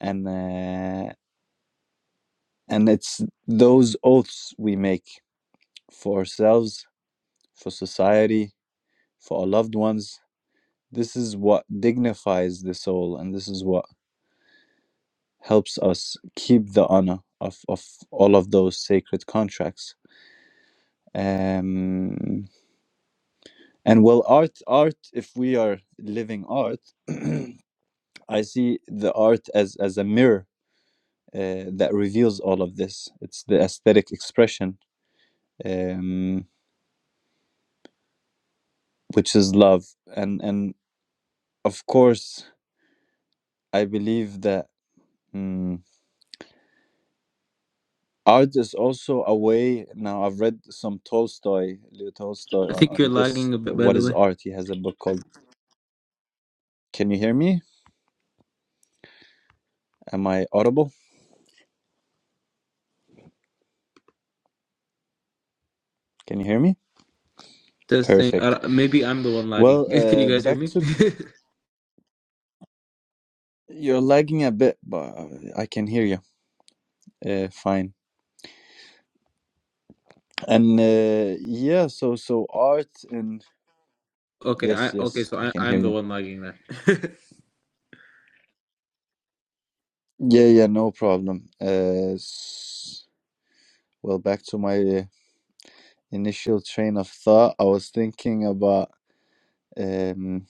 [SPEAKER 4] and uh, and it's those oaths we make for ourselves, for society, for our loved ones. This is what dignifies the soul, and this is what helps us keep the honor of, of all of those sacred contracts. Um, and well art art if we are living art <clears throat> i see the art as as a mirror uh, that reveals all of this it's the aesthetic expression um, which is love and and of course i believe that mm, art is also a way now i've read some tolstoy leo tolstoy
[SPEAKER 1] I
[SPEAKER 4] on,
[SPEAKER 1] think you're
[SPEAKER 4] on this
[SPEAKER 1] lagging a
[SPEAKER 4] uh,
[SPEAKER 1] bit, by
[SPEAKER 4] what
[SPEAKER 1] the
[SPEAKER 4] is
[SPEAKER 1] way.
[SPEAKER 4] art he has a book called can you hear me am i audible can you hear me
[SPEAKER 1] Testing.
[SPEAKER 4] perfect
[SPEAKER 1] Uh, maybe I'm the one
[SPEAKER 4] well
[SPEAKER 1] lagging. <laughs> Can you
[SPEAKER 4] uh,
[SPEAKER 1] guys hear
[SPEAKER 4] back
[SPEAKER 1] me?
[SPEAKER 4] to
[SPEAKER 1] <laughs>
[SPEAKER 4] You're lagging a bit, but uh, I can hear you. Uh, fine. And uh, yeah, so so art and
[SPEAKER 1] Okay,
[SPEAKER 4] yes,
[SPEAKER 1] I okay,
[SPEAKER 4] yes,
[SPEAKER 1] so
[SPEAKER 4] I
[SPEAKER 1] I,
[SPEAKER 4] can hear
[SPEAKER 1] I'm the
[SPEAKER 4] you.
[SPEAKER 1] one lagging there. <laughs>
[SPEAKER 4] Yeah, yeah, no problem. Uh, s- well, back to my uh, initial train of thought. I was thinking about um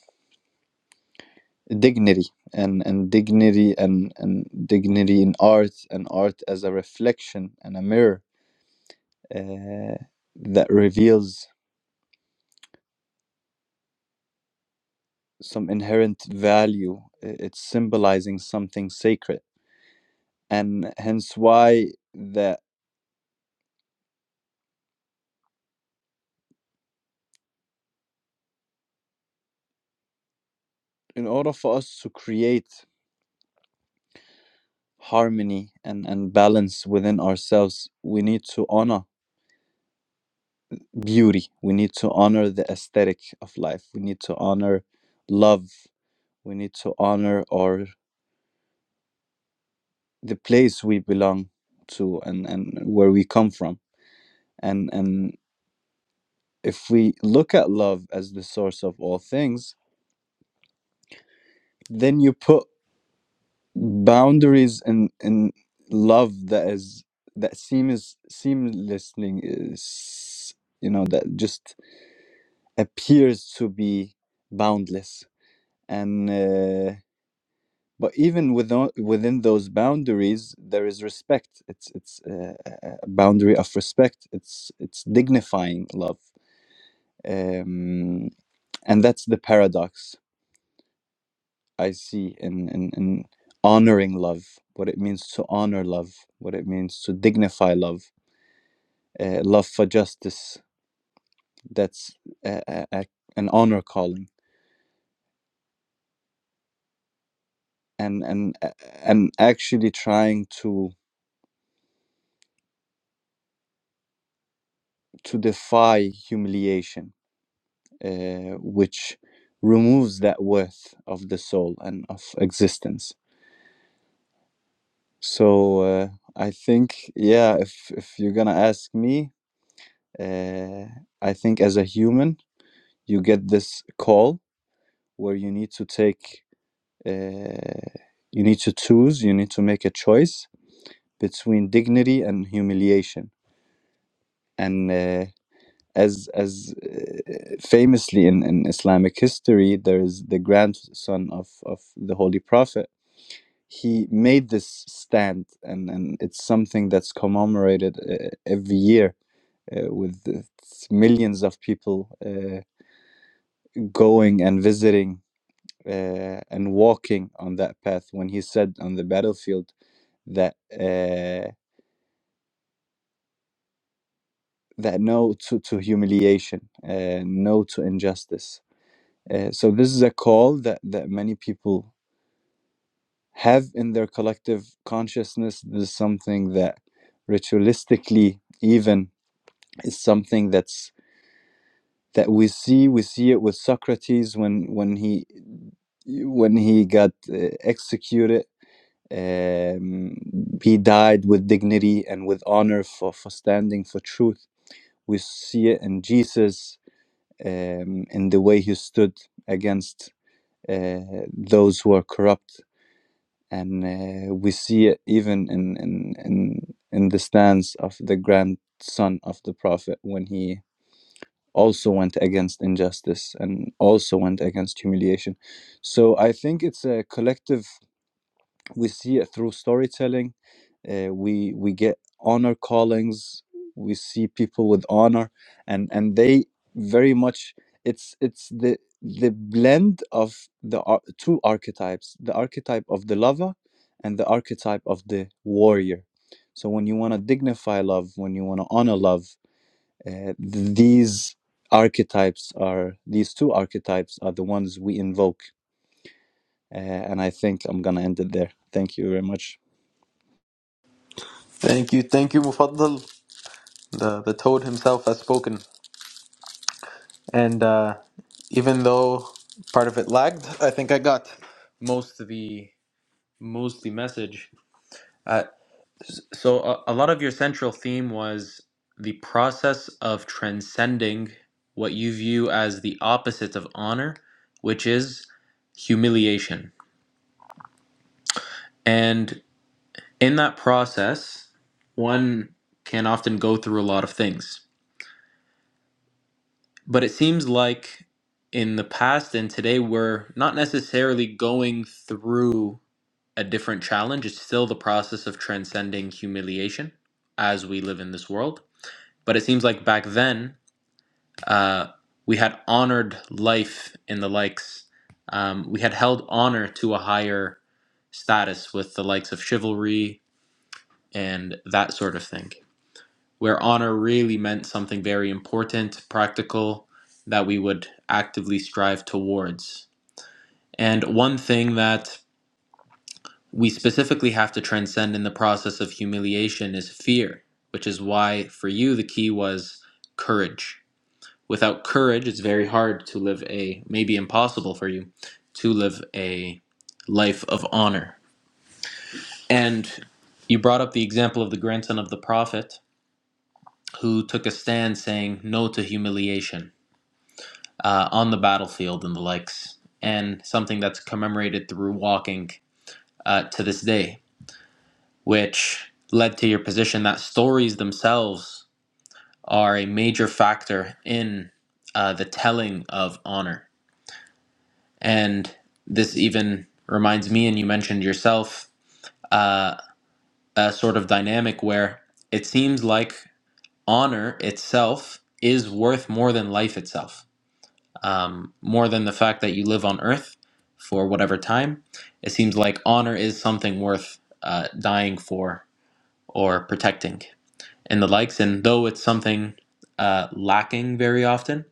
[SPEAKER 4] dignity and and dignity and and dignity in art and art as a reflection and a mirror uh, that reveals. some inherent value. I- It's symbolizing something sacred. And hence why that in order for us to create harmony and, and balance within ourselves, we need to honor beauty. We need to honor the aesthetic of life. We need to honor love. We need to honor our the place we belong to and, and where we come from. And and if we look at love as the source of all things, then you put boundaries and and love that is that seems seamlessly is you know that just appears to be boundless and uh, but even within within those boundaries there is respect it's it's uh, a a boundary of respect it's it's dignifying love um and that's the paradox I see in, in, in honoring love, what it means to honor love, what it means to dignify love, uh, love for justice. That's a, a, a- an honor calling, and and and actually trying to to defy humiliation, uh, which removes that worth of the soul and of existence. So uh, I think, yeah, if if you're gonna ask me, uh, I think as a human. you get this call where you need to take uh, you need to choose you need to make a choice between dignity and humiliation and uh, as as uh, famously in, in islamic history there is the grandson of of the holy prophet he made this stand and and it's something that's commemorated uh, every year uh, with uh, millions of people uh, going and visiting uh, and walking on that path when he said on the battlefield that uh, that no to, to humiliation, uh, no to injustice. Uh, so this is a call that that many people have in their collective consciousness. This is something that ritualistically even is something that's that we see we see it with Socrates when when he when he got uh, executed Um, he died with dignity and with honor for, for standing for truth. We see it in Jesus, um, in the way he stood against uh, those who are corrupt. And uh, we see it even in, in, in, in the stance of the grandson of the prophet when he also went against injustice and also went against humiliation. So I think it's a collective we see it through storytelling uh, we we get honor callings we see people with honor and and they very much it's it's the the blend of the ar- two archetypes the archetype of the lover and the archetype of the warrior so when you want to dignify love when you want to honor love uh, these archetypes are these two archetypes are the ones we invoke uh, and i think i'm gonna end it there thank you very much
[SPEAKER 1] Thank you, thank you, Mufaddal. The, the toad himself has spoken. And uh, even though part of it lagged, I think I got most of the mostly message. Uh, so a, a lot of your central theme was the process of transcending what you view as the opposite of honor, which is humiliation. and. in that process, one can often go through a lot of things. But it seems like in the past and today, we're not necessarily going through a different challenge. It's still the process of transcending humiliation as we live in this world. But it seems like back then, uh, we had honored life in the likes. Um, we had held honor to a higher status with the likes of chivalry and that sort of thing. where honor really meant something very important, practical, that we would actively strive towards. And one thing that we specifically have to transcend in the process of humiliation is fear, which is why for you the key was courage. Without courage, it's very hard to live a, maybe impossible for you, to live a life of honor. And you brought up the example of the grandson of the prophet who took a stand saying no to humiliation uh, on the battlefield and the likes, and something that's commemorated through walking uh, to this day, which led to your position that stories themselves are a major factor in uh, the telling of honor. And this even reminds me, and you mentioned yourself, uh, a sort of dynamic where it seems like honor itself is worth more than life itself um, more than the fact that you live on earth for whatever time. It seems like honor is something worth uh, dying for or protecting and the likes. And though it's something uh, lacking very often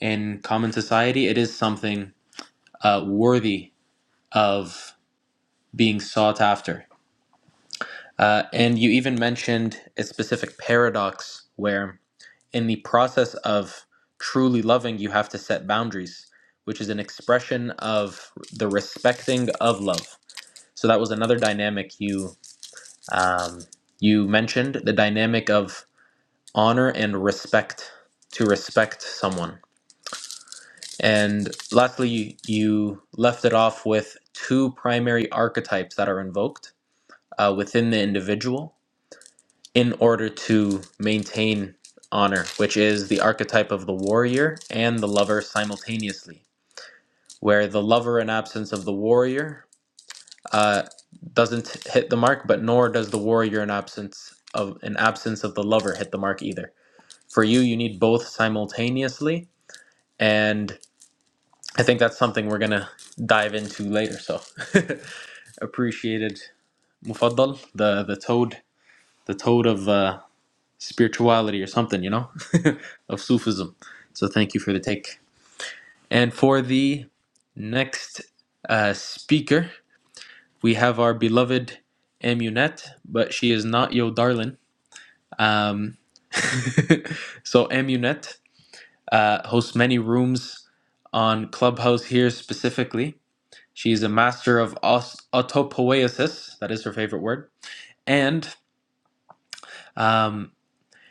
[SPEAKER 1] in common society, it is something uh, worthy of being sought after. Uh, and you even mentioned a specific paradox where in the process of truly loving, you have to set boundaries, which is an expression of the respecting of love. So that was another dynamic you um, you mentioned, the dynamic of honor and respect to respect someone. And lastly, you left it off with two primary archetypes that are invoked uh, within the individual in order to maintain honor, which is the archetype of the warrior and the lover simultaneously, where the lover in absence of the warrior uh, doesn't hit the mark, but nor does the warrior in absence of in absence of the lover hit the mark either. For you, you need both simultaneously, and I think that's something we're gonna dive into later. So <laughs> appreciated, Mufaddal, the the toad, the toad of uh, spirituality or something, you know, <laughs> of Sufism. So thank you for the take. And for the next uh, speaker, we have our beloved Amunet, but she is not your darling. Um, <laughs> so Amunet uh, hosts many rooms on Clubhouse here specifically. She's a master of aus- autopoiesis, that is her favorite word, and um,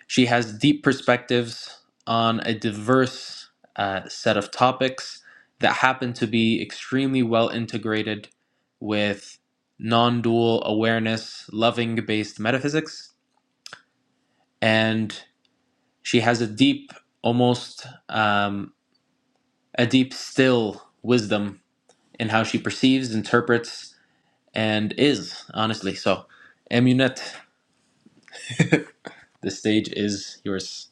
[SPEAKER 1] She has deep perspectives on a diverse uh, set of topics that happen to be extremely well integrated with non dual awareness, loving based metaphysics. And she has a deep, almost um, a deep, still wisdom in how she perceives, interprets, and is, honestly. So, Amunet, the stage is yours.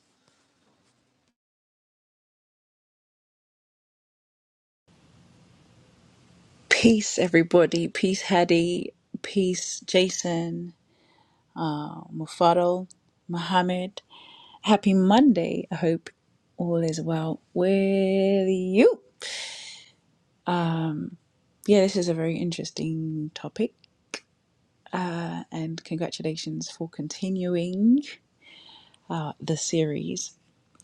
[SPEAKER 5] Peace, everybody. Peace, Hadi. Peace, Jason, uh, Mufaddal, Mohammed. Happy Monday. I hope all is well with you. Yeah, this is a very interesting topic. Uh, and congratulations for continuing uh, the series.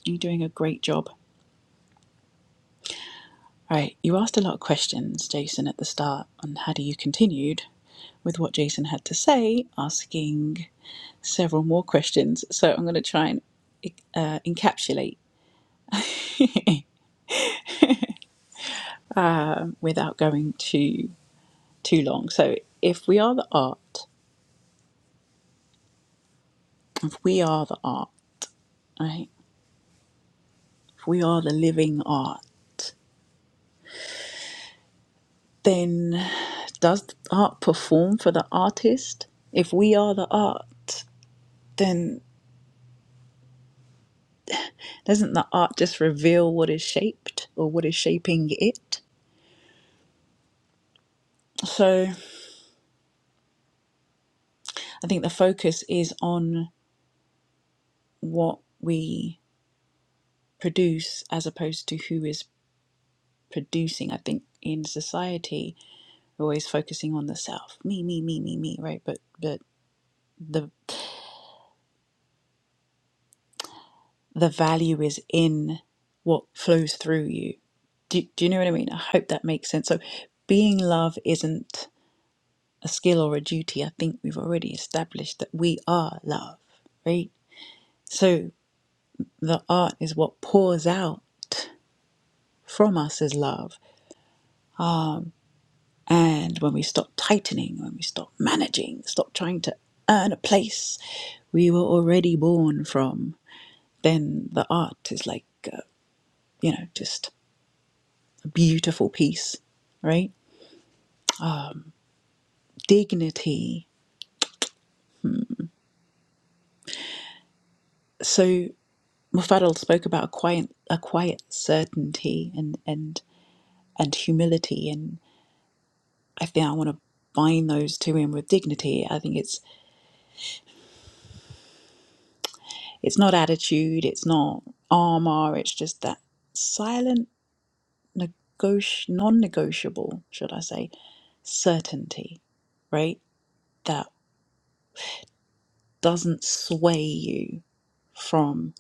[SPEAKER 5] You're doing a great job. Right, you asked a lot of questions, Jason, at the start on how do you continued with what Jason had to say, asking several more questions. So I'm going to try and uh, encapsulate without going too too long. So if we are the art, if we are the art, right? If we are the living art, then does art perform for the artist? If we are the art, then doesn't the art just reveal what is shaped or what is shaping it? So I think the focus is on what we produce as opposed to who is producing. I think in society we're always focusing on the self, me, me, me, me, me, right? But but the the value is in what flows through you. Do, do you know what I mean? I hope that makes sense. So being love isn't a skill or a duty. I think we've already established that we are love, right? So the art is what pours out from us as love And when we stop tightening, when we stop managing, stop trying to earn a place we were already born from, then the art is like, uh, you know, just a beautiful piece, right? Dignity. So Mufadal spoke about a quiet, a quiet certainty and and and humility, and I think I want to bind those two in with dignity. I think it's it's not attitude, it's not armor, it's just that silent. negoti- non-negotiable, should I say, certainty, right? That doesn't sway you from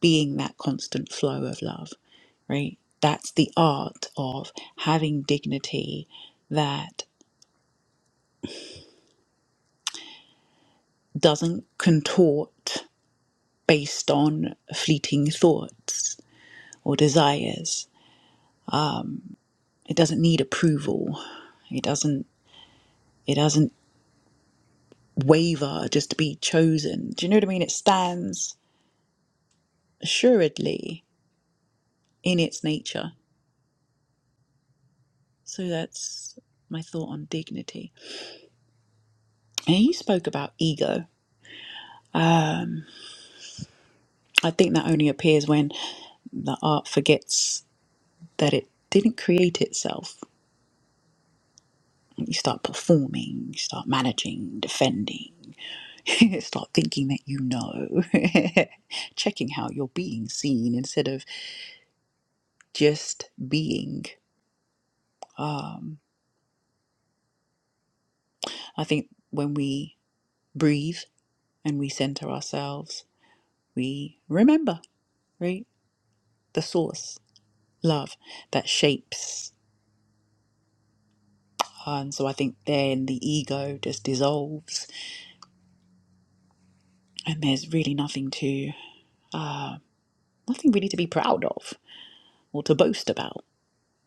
[SPEAKER 5] being that constant flow of love, right? That's the art of having dignity that doesn't contort based on fleeting thoughts or desires. It doesn't need approval. It doesn't it doesn't waver just to be chosen. Do you know what I mean? It stands assuredly in its nature. So that's my thought on dignity. And he spoke about ego. Um, I think that only appears when the art forgets that it didn't create itself. You start performing, you start managing, defending, <laughs> start thinking that you know, <laughs> checking how you're being seen instead of just being. Um, I think when we breathe and we center ourselves, we remember, right? The source love that shapes. And so I think then the ego just dissolves, and there's really nothing to, uh, nothing really to be proud of or to boast about.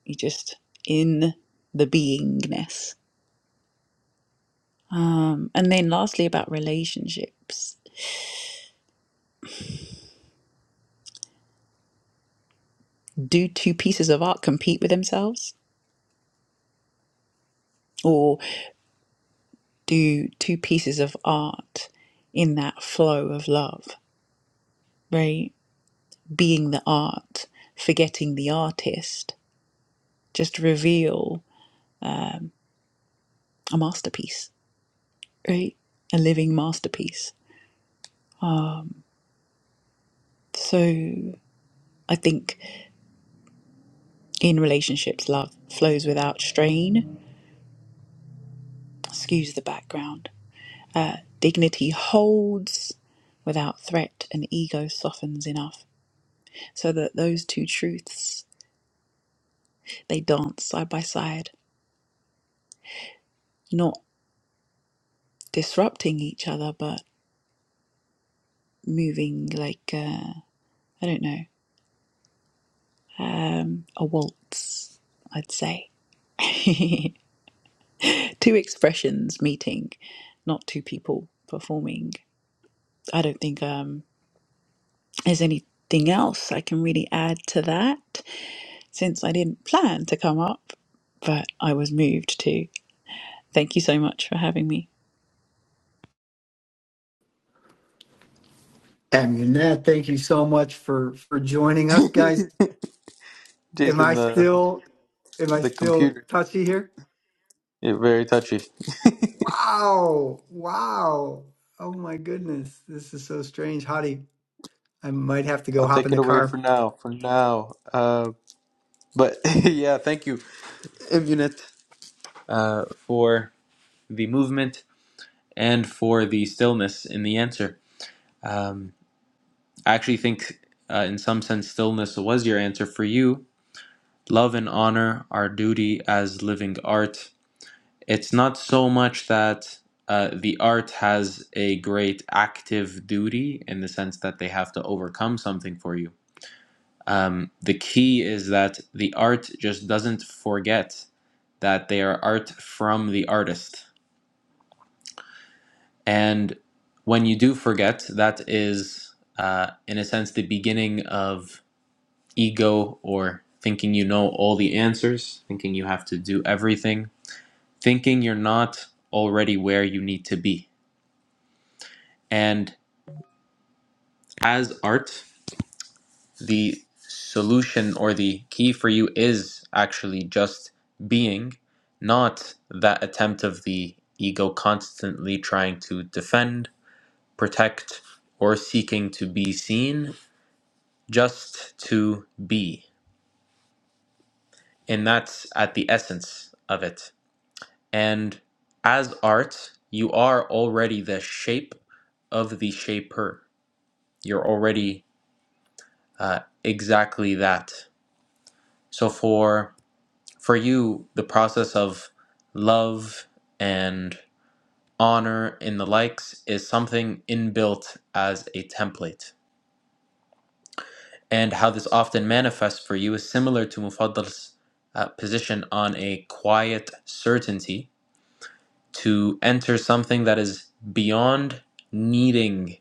[SPEAKER 5] You're just in the beingness. Um, and then lastly, about relationships do two pieces of art compete with themselves, or do two pieces of art in that flow of love, right? Being the art, forgetting the artist, just reveal. a masterpiece, right? A living masterpiece. So I think in relationships, love flows without strain, skews the background. Dignity holds without threat, and ego softens enough. So that those two truths, they dance side by side, not disrupting each other, but moving like, uh, I don't know, um, a waltz, I'd say. <laughs> two expressions meeting, not two people performing. I don't think um, there's anything else I can really add to that since I didn't plan to come up, but I was moved to. Thank you so much for having me.
[SPEAKER 2] Amunet, thank you so much for for joining
[SPEAKER 1] <laughs>
[SPEAKER 2] us, guys. Am
[SPEAKER 1] Jason,
[SPEAKER 2] I
[SPEAKER 1] the
[SPEAKER 2] still am I
[SPEAKER 1] the
[SPEAKER 2] still
[SPEAKER 1] computer
[SPEAKER 2] touchy here?
[SPEAKER 1] You're very touchy.
[SPEAKER 2] Wow. Wow. Oh my goodness. This is so strange. Hottie, I might have to go
[SPEAKER 1] I'll
[SPEAKER 2] hop in
[SPEAKER 1] take it
[SPEAKER 2] the
[SPEAKER 1] away
[SPEAKER 2] car.
[SPEAKER 1] for now. For now. Uh, but <laughs> yeah, thank you, Immunit, uh, for the movement and for the stillness in the answer. Um, I actually think, uh, in some sense, stillness was your answer for you. Love and honor our duty as living art. It's not so much that. Uh, the art has a great active duty in the sense that they have to overcome something for you Um, the key is that the art just doesn't forget that they are art from the artist. And when you do forget, that is, uh, in a sense, the beginning of ego or thinking you know all the answers, thinking you have to do everything, thinking you're not already where you need to be. And as art, the solution or the key for you is actually just being, not that attempt of the ego constantly trying to defend, protect, or seeking to be seen, just to be. And that's at the essence of it. And as art, you are already the shape of the shaper. You're already uh, exactly that. So for for you, the process of love and honor in the likes is something inbuilt as a template. And how this often manifests for you is similar to Mufaddal's uh, position on a quiet certainty to enter something that is beyond needing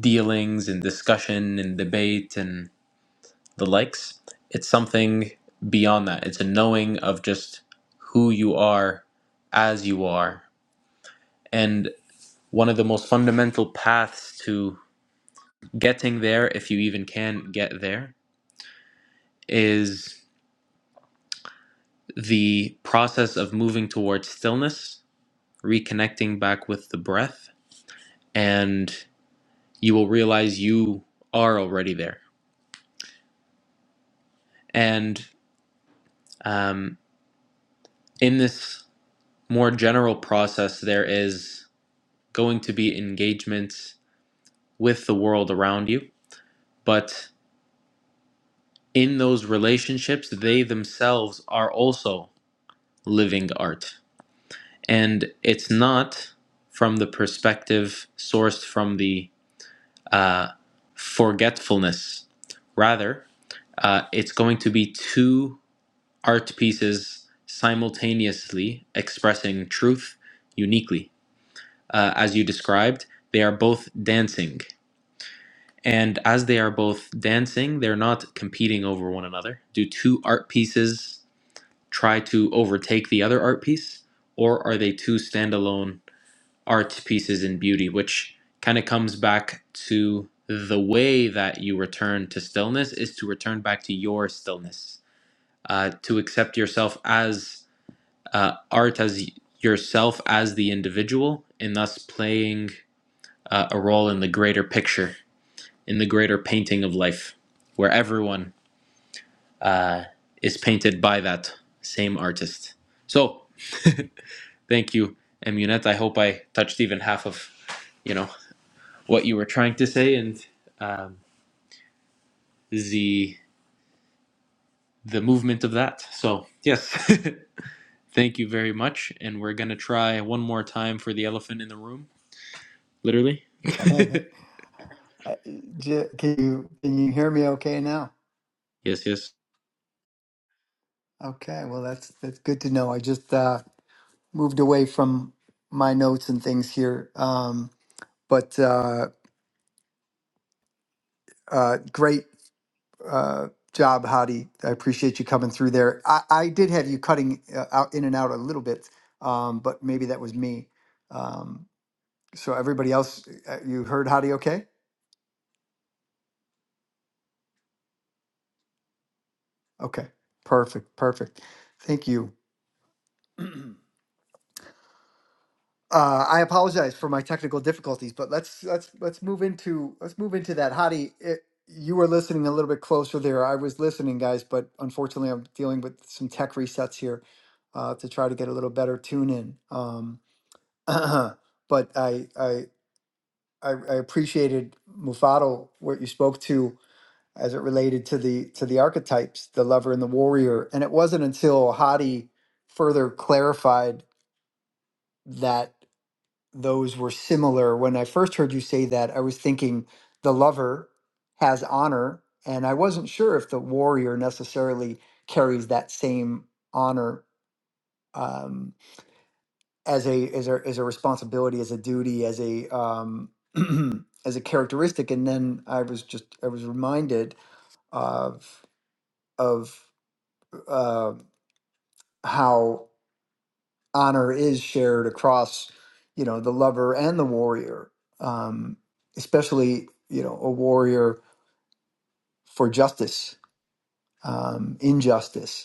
[SPEAKER 1] dealings and discussion and debate and the likes. It's something beyond that. It's a knowing of just who you are as you are And one of the most fundamental paths to getting there, if you even can get there, is the process of moving towards stillness, reconnecting back with the breath, and you will realize you are already there. And um, in this more general process, there is going to be engagement with the world around you, but in those relationships, they themselves are also living art and it's not from the perspective sourced from the uh, forgetfulness. Rather, uh, it's going to be two art pieces simultaneously expressing truth uniquely. Uh, as you described, they are both dancing. And as they are both dancing, they're not competing over one another. Do two art pieces try to overtake the other art piece, or are they two standalone art pieces in beauty, which kind of comes back to the way that you return to stillness is to return back to your stillness, uh, to accept yourself as uh, art, as yourself as the individual, and thus playing uh, a role in the greater picture, in the greater painting of life, where everyone uh, is painted by that same artist. So, thank you, Emunet. I hope I touched even half of, you know. what you were trying to say and um, the the movement of that. So yes, <laughs> thank you very much. And we're gonna try one more time for the elephant in the room. Literally.
[SPEAKER 2] <laughs> I- J- Can you can you hear me okay now?
[SPEAKER 1] Yes. Yes.
[SPEAKER 2] Okay, well that's that's good to know. I just uh moved away from my notes and things here. Um but uh uh great uh, job, Hadi. I appreciate you coming through there. I, I did have you cutting uh, out in and out a little bit, um, but maybe that was me. Um, so everybody else, uh, you heard Hadi okay? Okay, perfect, perfect. Thank you. <clears throat> Uh, I apologize for my technical difficulties, but let's let's let's move into let's move into that. Hadi, it, you were listening a little bit closer there. I was listening, guys, but unfortunately, I'm dealing with some tech resets here uh, to try to get a little better tune in. Um, <clears throat> but I, I I I appreciated Mufado what you spoke to as it related to the to the archetypes, the lover and the warrior. And it wasn't until Hadi further clarified that those were similar. When I first heard you say that, I was thinking the lover has honor, and I wasn't sure if the warrior necessarily carries that same honor. Um, as a as a as a responsibility, as a duty, as a um, <clears throat> as a characteristic. And then I was just I was reminded of of uh, how honor is shared across, you know, the lover and the warrior, um, especially you know a warrior for justice, um, injustice.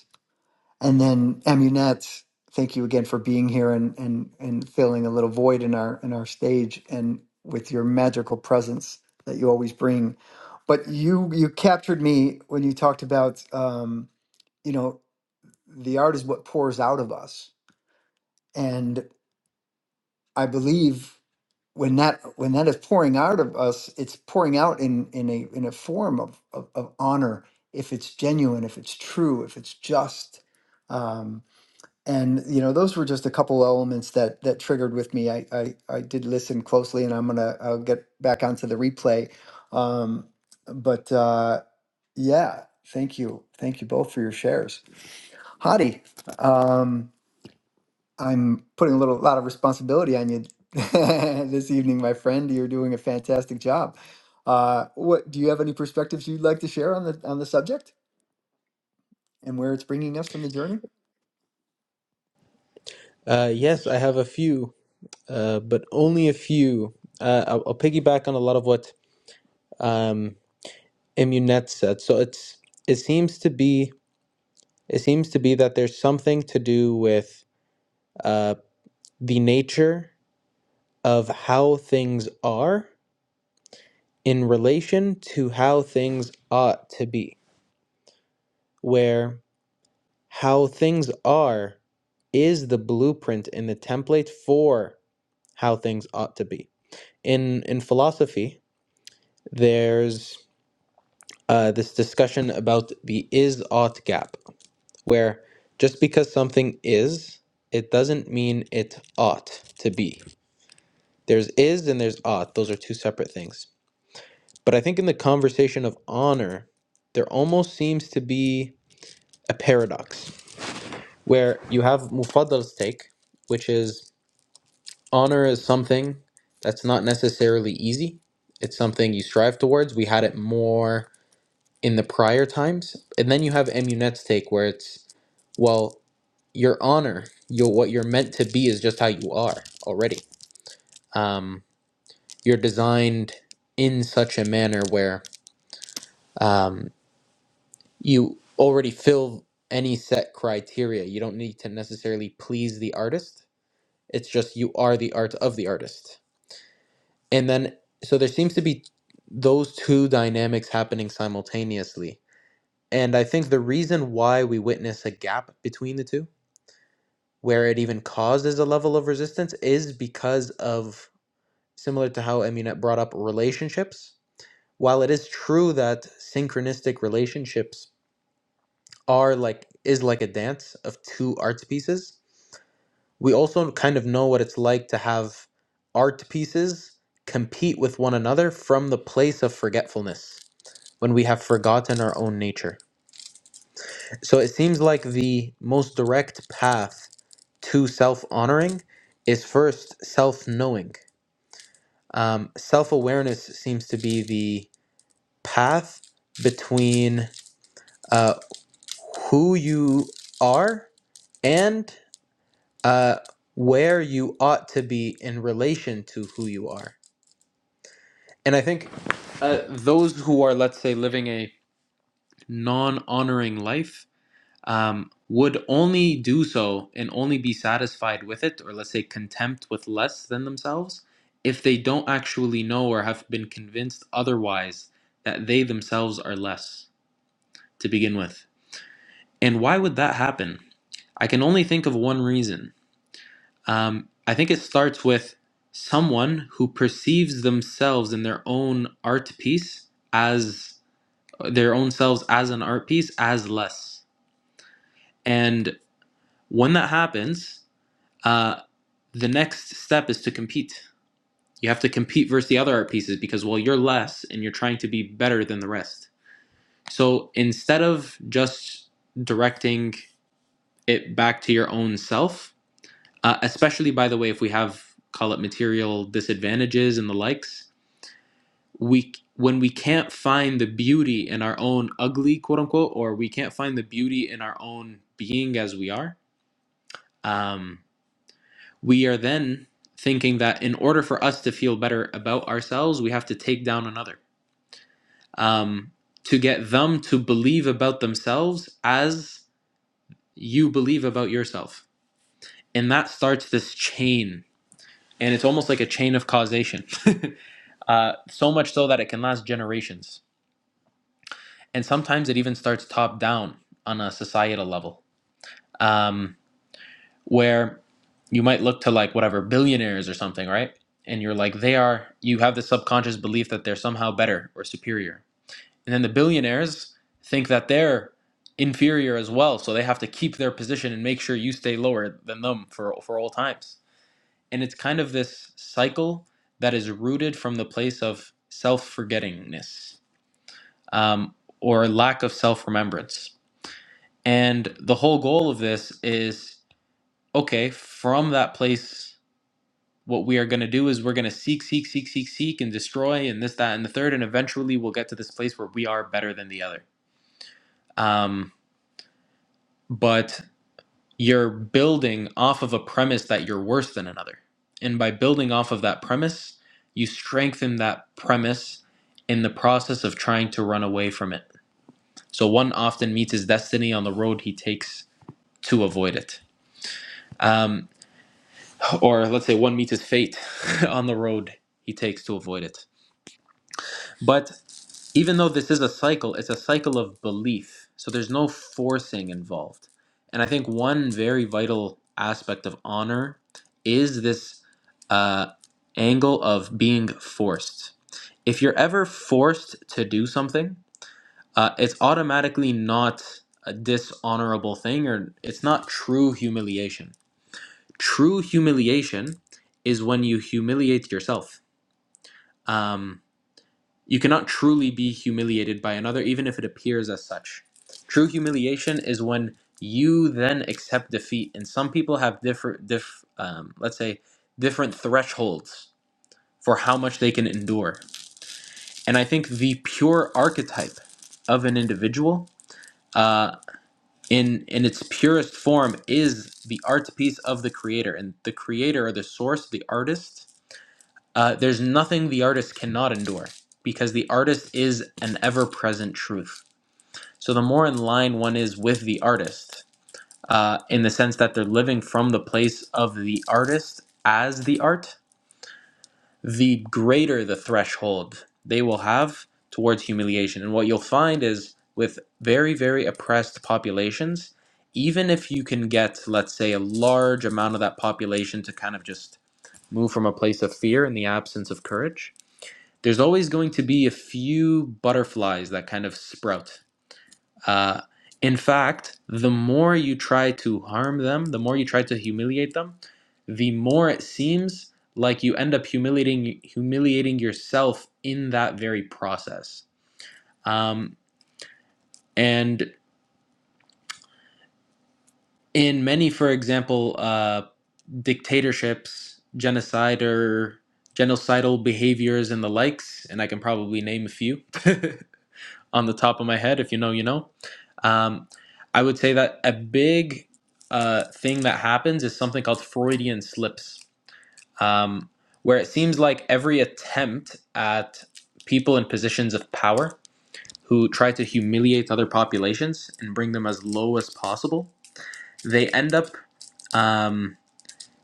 [SPEAKER 2] And then Amunet, thank you again for being here and and and filling a little void in our in our stage and with your magical presence that you always bring. But you you captured me when you talked about um, you know the art is what pours out of us, and I believe when that when that is pouring out of us, it's pouring out in in a in a form of of, of honor if it's genuine, if it's true, if it's just. um, and you know those were just a couple elements that that triggered with me i i, I did listen closely and i'm gonna i'll get back onto the replay um but uh yeah thank you thank you both for your shares hadi um i'm putting a little lot of responsibility on you <laughs> this evening my friend you're doing a fantastic job uh what do you have any perspectives you'd like to share on the on the subject and where it's bringing us from the journey
[SPEAKER 1] Uh, yes, I have a few, uh, but only a few. Uh, I'll, I'll piggyback on a lot of what um, Immunet said. So it's it seems to be it seems to be that there's something to do with uh, the nature of how things are in relation to how things ought to be, where how things are is the blueprint and the template for how things ought to be. In in philosophy, there's uh, this discussion about the is ought gap, where just because something is, it doesn't mean it ought to be. There's is and there's ought; those are two separate things. But I think in the conversation of honor, there almost seems to be a paradox where you have Mufaddal's take, which is honor is something that's not necessarily easy. It's something you strive towards. We had it more in the prior times. And then you have Emunet's take, where it's well, your honor, your what you're meant to be is just how you are already. Um, you're designed in such a manner where um, you already fill any set criteria. You don't need to necessarily please the artist It's just you are the art of the artist. And then, so there seems to be those two dynamics happening simultaneously. And I think the reason why we witness a gap between the two, where it even causes a level of resistance, is because of similar to how Eminet brought up relationships. While it is true that synchronistic relationships are like is like a dance of two art pieces, we also kind of know what it's like to have art pieces compete with one another from the place of forgetfulness when we have forgotten our own nature. So it seems like the most direct path to self honoring is first self knowing. Um, self awareness seems to be the path between uh, who you are and uh, where you ought to be in relation to who you are And I think uh, those who are, let's say, living a non honoring life um, would only do so and only be satisfied with it, or let's say, contempt with less than themselves, if they don't actually know or have been convinced otherwise that they themselves are less to begin with. And why would that happen? I can only think of one reason. Um, I think it starts with someone who perceives themselves in their own art piece as their own selves as an art piece as less. And when that happens, uh, the next step is to compete. You have to compete versus the other art pieces because, well, you're less and you're trying to be better than the rest. So instead of just directing it back to your own self, uh, especially by the way, if we have call it material disadvantages and the likes, we when we can't find the beauty in our own ugly quote unquote or we can't find the beauty in our own being as we are um, we are then thinking that in order for us to feel better about ourselves we have to take down another um, to get them to believe about themselves as you believe about yourself and that starts this chain and it's almost like a chain of causation <laughs> uh, so much so that it can last generations and sometimes it even starts top down on a societal level um, where you might look to like whatever billionaires or something right and you're like they are you have the subconscious belief that they're somehow better or superior and then the billionaires think that they're inferior as well so they have to keep their position and make sure you stay lower than them for for all times and it's kind of this cycle that is rooted from the place of self-forgettingness um, or lack of self-remembrance And the whole goal of this is okay, from that place, what we are going to do is we're going to seek, seek, seek, seek, seek, and destroy, and this, that, and the third. And eventually we'll get to this place where we are better than the other. Um, but you're building off of a premise that you're worse than another. And by building off of that premise, you strengthen that premise in the process of trying to run away from it. So one often meets his destiny on the road he takes to avoid it. Um, or let's say one meets his fate <laughs> on the road he takes to avoid it. But even though this is a cycle, it's a cycle of belief. So there's no forcing involved. And I think one very vital aspect of honor is this uh, angle of being forced. If you're ever forced to do something, uh, it's automatically not a dishonorable thing or it's not true humiliation True humiliation is when you humiliate yourself. Um, you cannot truly be humiliated by another, even if it appears as such. True humiliation is when you then accept defeat. And some people have different, diff, um, let's say, different thresholds for how much they can endure. And I think the pure archetype of an individual uh, in in its purest form is the art piece of the creator and the creator or the source the artist Uh, there's nothing the artist cannot endure because the artist is an ever present truth. So the more in line one is with the artist, uh, in the sense that they're living from the place of the artist as the art, the greater the threshold they will have towards humiliation. And what you'll find is with very, very oppressed populations, even if you can get, let's say, a large amount of that population to kind of just move from a place of fear in the absence of courage, there's always going to be a few butterflies that kind of sprout. Uh, in fact, the more you try to harm them, the more you try to humiliate them, the more it seems like you end up humiliating humiliating yourself in that very process. Um, and in many, for example, uh, dictatorships, genocide or genocidal behaviors and the likes, and I can probably name a few <laughs> on the top of my head. If you know, you know Um, I would say that a big uh, thing that happens is something called Freudian slips, um, where it seems like every attempt at people in positions of power who try to humiliate other populations and bring them as low as possible, they end up um,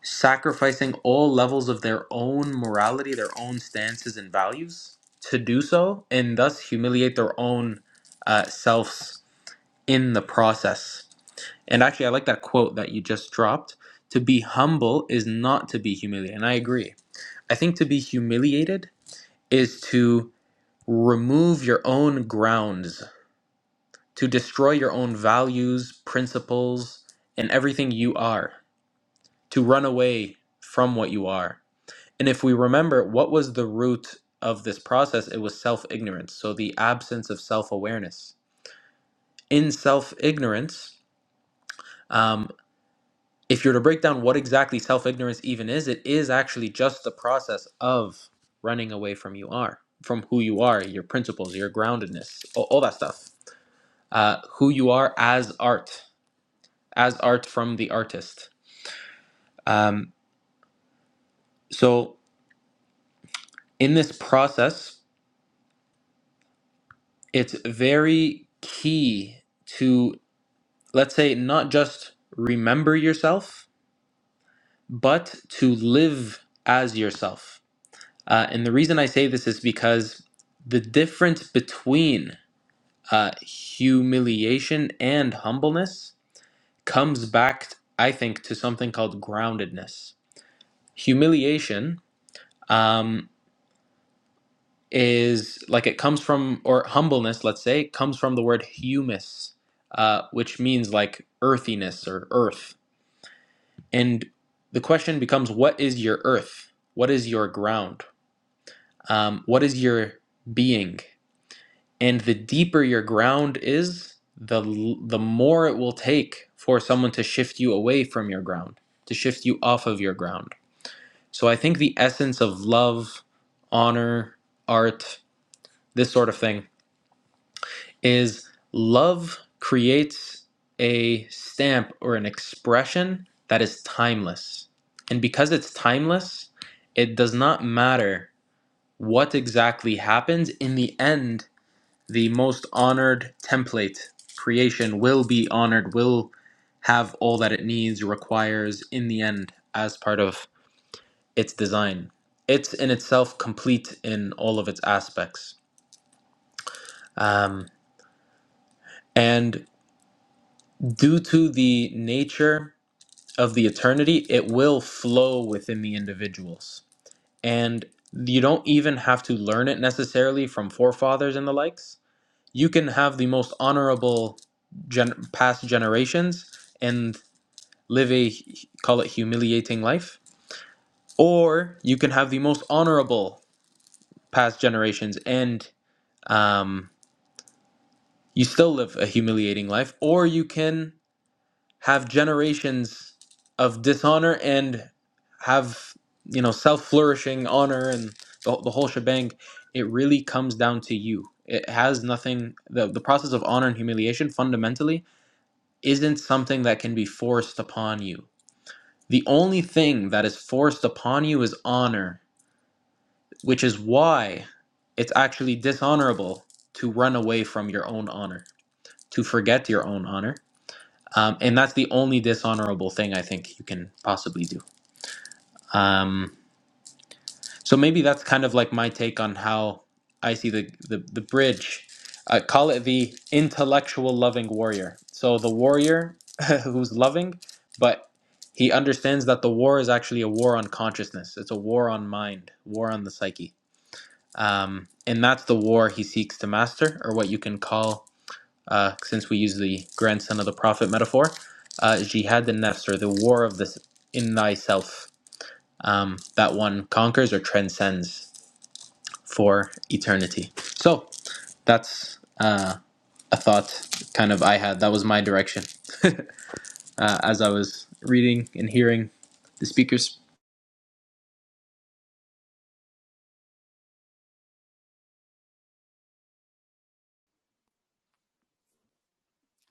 [SPEAKER 1] sacrificing all levels of their own morality, their own stances and values to do so, and thus humiliate their own uh, selves in the process. And actually, I like that quote that you just dropped. To be humble is not to be humiliated. And I agree. I think to be humiliated is to remove your own grounds, to destroy your own values, principles, and everything you are, to run away from what you are. And if we remember, what was the root of this process? It was self ignorance. So the absence of self awareness. In self ignorance, if you're to break down what exactly self ignorance even is, it is actually just the process of running away from you are, from who you are, your principles, your groundedness, all, all that stuff. Uh, who you are as art, as art from the artist. Um, so in this process, it's very key to, let's say, not just remember yourself, but to live as yourself Uh, and the reason I say this is because the difference between uh, humiliation and humbleness comes back, I think, to something called groundedness. Humiliation um, is like it comes from, or humbleness, let's say, comes from the word humus, uh, which means like earthiness or earth. And the question becomes what is your earth? What is your ground? Um, what is your being? and the deeper your ground is the the more it will take for someone to shift you away from your ground to shift you off of your ground so i think the essence of love honor art this sort of thing is love creates a stamp or an expression that is timeless and because it's timeless it does not matter what exactly happens in the end the most honored template creation will be honored will have all that it needs requires in the end as part of its design it's in itself complete in all of its aspects um, and due to the nature of the eternity it will flow within the individuals and you don't even have to learn it necessarily from forefathers and the likes you can have the most honorable gen- past generations and live a call it humiliating life or you can have the most honorable past generations and um, you still live a humiliating life or you can have generations of dishonor and have you know self-flourishing honor and the, the whole shebang it really comes down to you it has nothing the, the process of honor and humiliation fundamentally isn't something that can be forced upon you. The only thing that is forced upon you is honor, which is why it's actually dishonorable to run away from your own honor, to forget your own honor. Um, and that's the only dishonorable thing I think you can possibly do. Um, So maybe that's kind of like my take on how I see the the, the bridge. I call it the intellectual loving warrior. So the warrior <laughs> who's loving, but he understands that the war is actually a war on consciousness. It's a war on mind, war on the psyche, um, and that's the war he seeks to master, or what you can call, uh, since we use the grandson of the prophet metaphor, uh, jihad and nefs, or the war of this in thyself um, that one conquers or transcends for eternity. So that's uh, a thought kind of I had. That was my direction uh, as I was reading and hearing the speakers.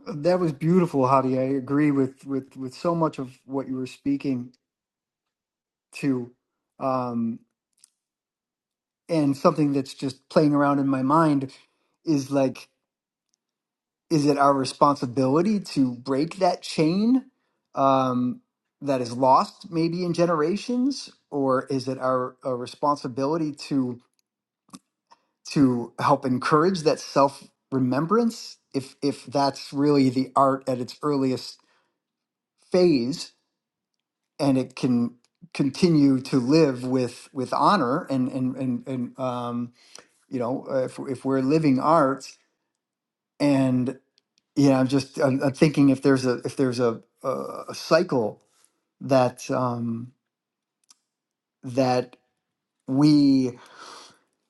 [SPEAKER 2] That was beautiful, Hadi. I agree with with with so much of what you were speaking to, um, and something that's just playing around in my mind is like, is it our responsibility to break that chain um, that is lost maybe in generations, or is it our, our responsibility to to help encourage that self remembrance if if that's really the art at its earliest phase? and it can continue to live with with honor and and and, and um you know uh, if, if we're living art and you know i'm just I'm, I'm thinking if there's a if there's a a, a cycle that um that we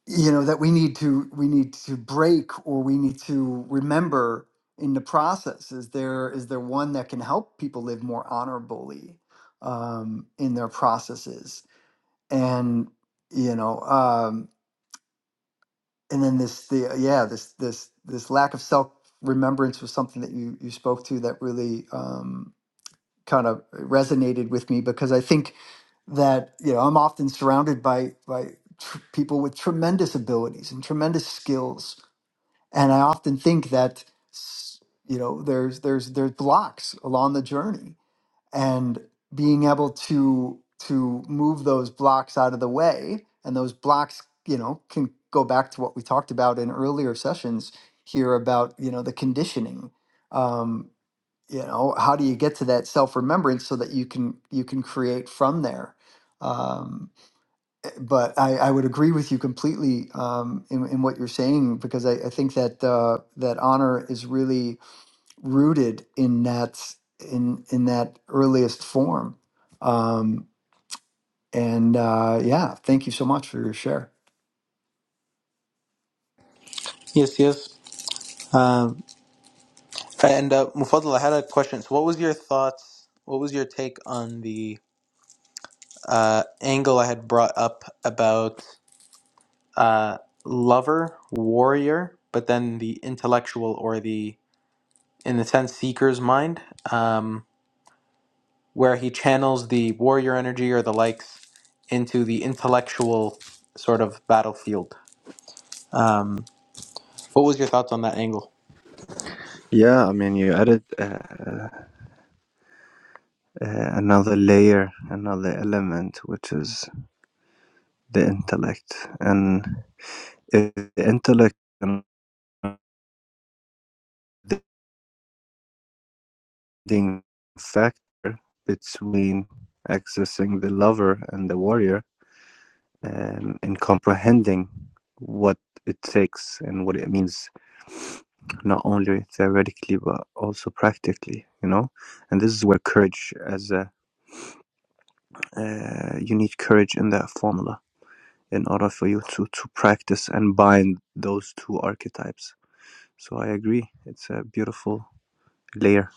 [SPEAKER 2] you know that we need to we need to break or we need to remember in the process is there is there one that can help people live more honorably um in their processes and you know um and then this the uh, yeah this this this lack of self remembrance was something that you you spoke to that really um kind of resonated with me because i think that you know i'm often surrounded by by tr- people with tremendous abilities and tremendous skills and i often think that s- you know there's there's there's blocks along the journey and being able to to move those blocks out of the way and those blocks you know can go back to what we talked about in earlier sessions here about you know the conditioning um you know how do you get to that self remembrance so that you can you can create from there um eh, but i i would agree with you completely um in, in what you're saying because i i think that uh that honor is really rooted in that in in that earliest form. Um, and uh, yeah, thank you so much for your share.
[SPEAKER 1] Yes, yes. Um, and uh, Mufaddal, I had a question. So, what was your thoughts? What was your take on the uh, angle I had brought up about uh, lover, warrior, but then the intellectual or the, in the sense, seeker's mind? Um, where he channels the warrior energy or the likes into the intellectual sort of battlefield. Um, what was your thoughts on that angle?
[SPEAKER 4] Yeah, I mean, you added uh, uh, another layer, another element, which is the intellect. And if the intellect is the leading factor between accessing the lover and the warrior and, and comprehending what it takes and what it means, not only theoretically, but also practically, you know? And this is where courage as a, uh, you need courage in that formula in order for you to to practice and bind those two archetypes. So I agree, it's a beautiful layer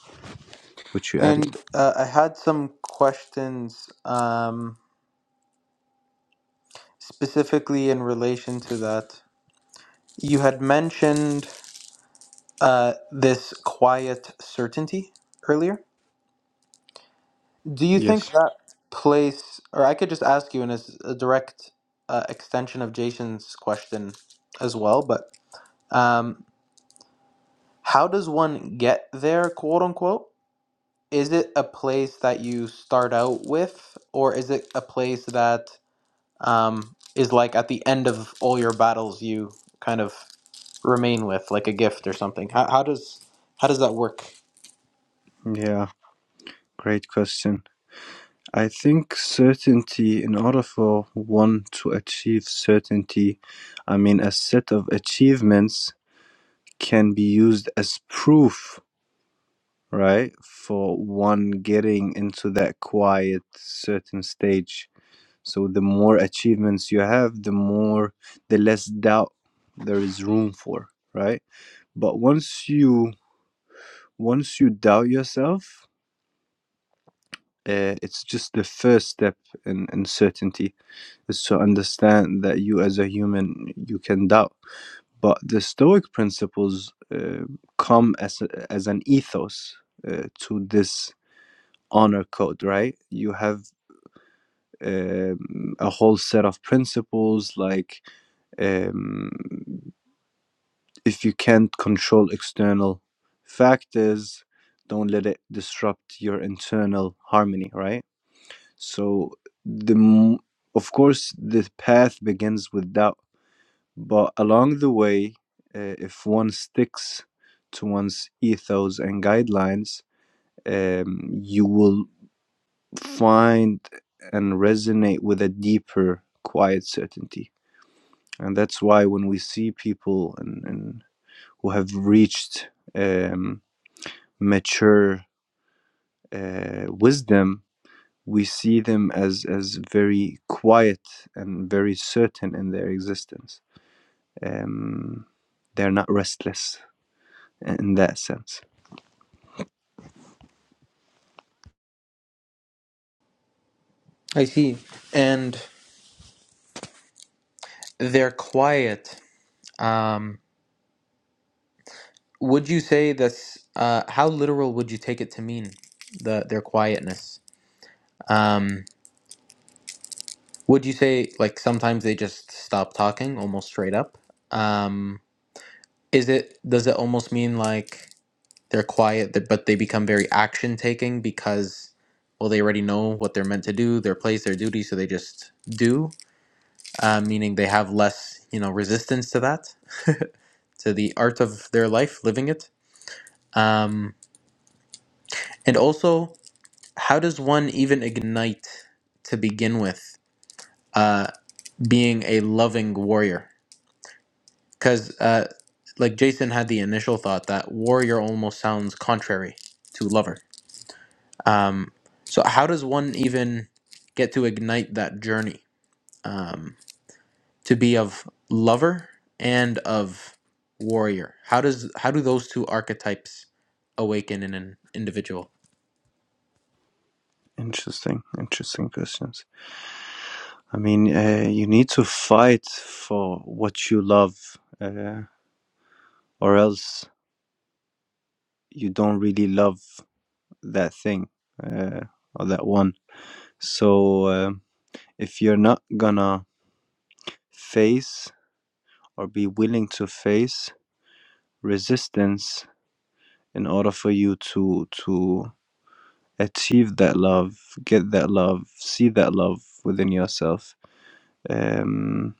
[SPEAKER 4] which you added.
[SPEAKER 1] And uh, I had some questions um, specifically in relation to that. You had mentioned uh, this quiet certainty earlier. Do you
[SPEAKER 4] Yes,
[SPEAKER 1] think that place, or I could just ask you in a, s- a direct uh, extension of Jason's question as well, but. Um, how does one get there quote unquote is it a place that you start out with or is it a place that um, is like at the end of all your battles you kind of remain with like a gift or something how, how does how does that work
[SPEAKER 4] yeah, great question. I think certainty, in order for one to achieve certainty, I mean, a set of achievements can be used as proof, right, for one getting into that quiet, certain stage. So the more achievements you have, the more the less doubt there is room for, right? But once you once you doubt yourself, uh, it's just the first step in uncertainty is to understand that you as a human you can doubt. But the Stoic principles uh, come as a, as an ethos uh, to this honor code, right? You have um, a whole set of principles like um, if you can't control external factors, don't let it disrupt your internal harmony, right? So the m- of course the path begins with doubt, but along the way, uh, if one sticks to one's ethos and guidelines, um, you will find and resonate with a deeper, quiet certainty. And that's why when we see people and, and who have reached um, mature uh, wisdom, we see them as, as very quiet and very certain in their existence. Um, they're not restless in that sense.
[SPEAKER 1] I see. and they're quiet um, would you say this uh, how literal would you take it to mean the their quietness Um, Would you say like sometimes they just stop talking almost straight up? Um, is it does it almost mean like they're quiet th- but they become very action taking because well they already know what they're meant to do, their place, their duty, so they just do, uh, meaning they have less you know resistance to that, <laughs> to the art of their life, living it. Um, and also, how does one even ignite to begin with uh, being a loving warrior? because uh, like Jason had the initial thought that warrior almost sounds contrary to lover. Um, so how does one even get to ignite that journey um, to be of lover and of warrior? How does how do those two archetypes awaken in an individual?
[SPEAKER 4] Interesting, interesting questions. I mean, uh, you need to fight for what you love, uh, or else you don't really love that thing uh, or that one. So, um if you're not gonna face or be willing to face resistance in order for you to to achieve that love get that love see that love within yourself um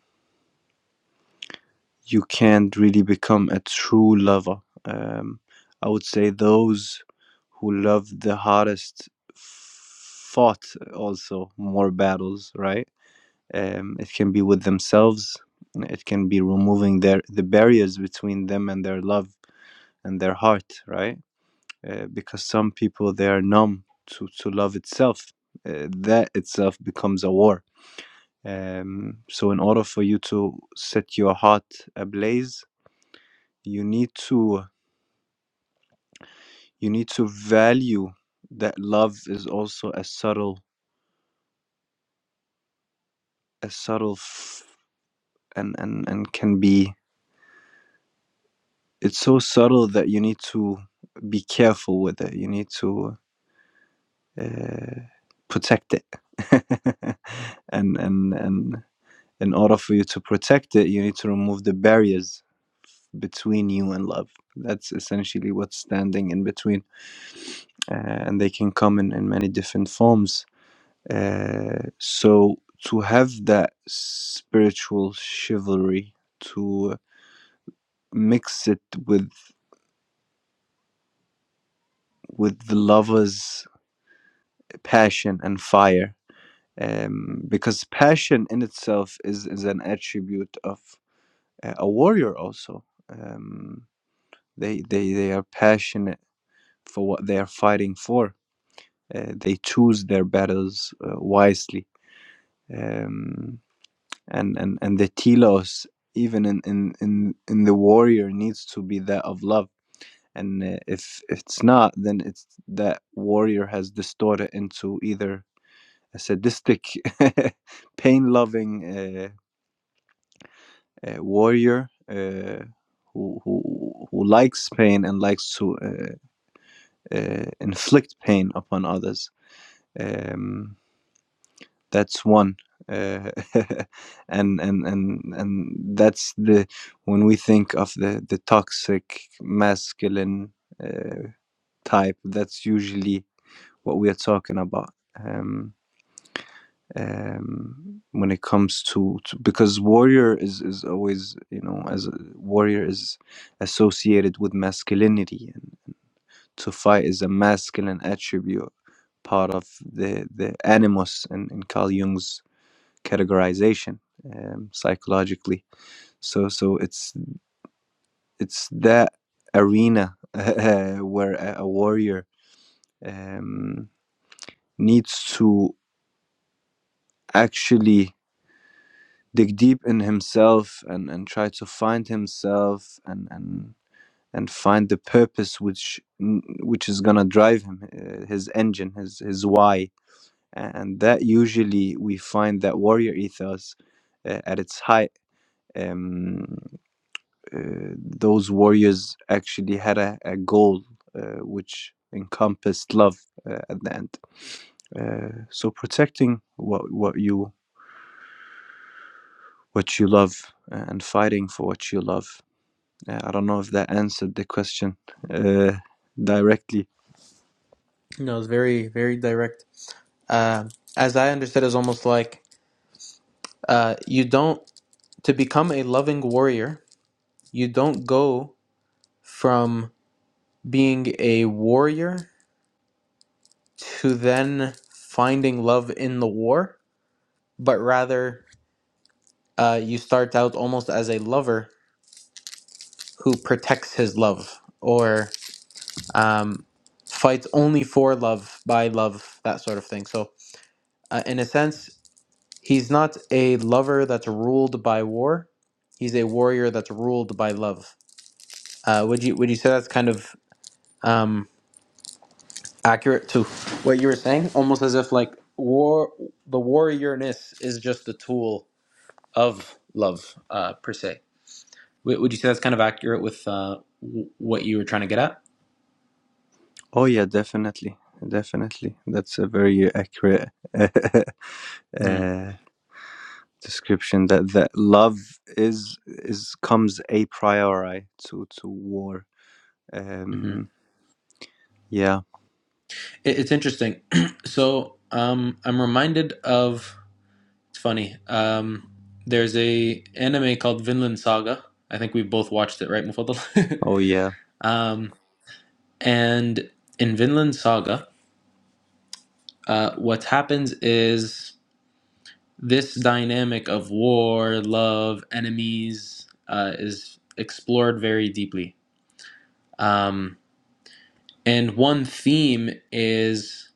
[SPEAKER 4] you can't really become a true lover um i would say those who love the hardest fought also more battles right um it can be with themselves it can be removing their the barriers between them and their love and their heart right uh, because some people they are numb to, to love itself uh, that itself becomes a war um, so in order for you to set your heart ablaze you need to you need to value that love is also a subtle a subtle f- and and and can be it's so subtle that you need to be careful with it you need to uh, protect it <laughs> and and and in order for you to protect it, you need to remove the barriers between you and love. That's essentially what's standing in between, uh, and they can come in, in many different forms. Uh, so, to have that spiritual chivalry, to mix it with with the lover's passion and fire, um, because passion in itself is, is an attribute of uh, a warrior, also. Um, they, they, they are passionate for what they are fighting for. Uh, they choose their battles uh, wisely, um, and and and the telos, even in in in in the warrior, needs to be that of love. And uh, if it's not, then it's that warrior has distorted into either a sadistic, <laughs> pain-loving uh, uh, warrior. Uh, who, who, who likes pain and likes to uh, uh, inflict pain upon others, um, That's one. Uh, <laughs> and and and and that's the when we think of the the toxic masculine uh, type, that's usually what we are talking about. Um, um, when it comes to, to because warrior is is always you know as a, warrior is associated with masculinity and to fight is a masculine attribute part of the the animus in, in Carl Jung's categorization um, psychologically. So so it's it's that arena <laughs> uh, where a, a warrior um, needs to actually dig deep in himself and, and try to find himself and, and and find the purpose which which is gonna drive him uh, his engine his his why and that usually we find that warrior ethos uh, at its height Um, uh, those warriors actually had a, a goal uh, which encompassed love uh, at the end. Uh, so protecting what what you what you love uh, and fighting for what you love. Uh, I don't know if that answered the question uh, directly.
[SPEAKER 1] No, it's very very direct. Uh, as I understood, it's almost like uh, you don't to become a loving warrior. You don't go from being a warrior to then finding love in the war, but rather uh, you start out almost as a lover who protects his love or um, fights only for love, by love, that sort of thing. So, uh, in a sense, he's not a lover that's ruled by war. He's a warrior that's ruled by love. Uh, would you would you say that's kind of um? accurate to what you were saying almost as if like war the warriorness is just the tool of love uh per se W- would you say that's kind of accurate with uh w- what you were trying to get at
[SPEAKER 4] Oh yeah, definitely, definitely. That's a very accurate <laughs>
[SPEAKER 1] hmm
[SPEAKER 4] uh, description. That that love is is comes a priori to to war.
[SPEAKER 1] hmm
[SPEAKER 4] Um, Yeah,
[SPEAKER 1] It, it's interesting <clears throat> so um i'm reminded of it's funny um there's a anime called vinland saga i think we've both watched it right Mufaddal?
[SPEAKER 4] oh yeah.
[SPEAKER 1] <laughs> um and in vinland saga uh what happens is this dynamic of war, love, enemies uh, is explored very deeply. Um, and one theme is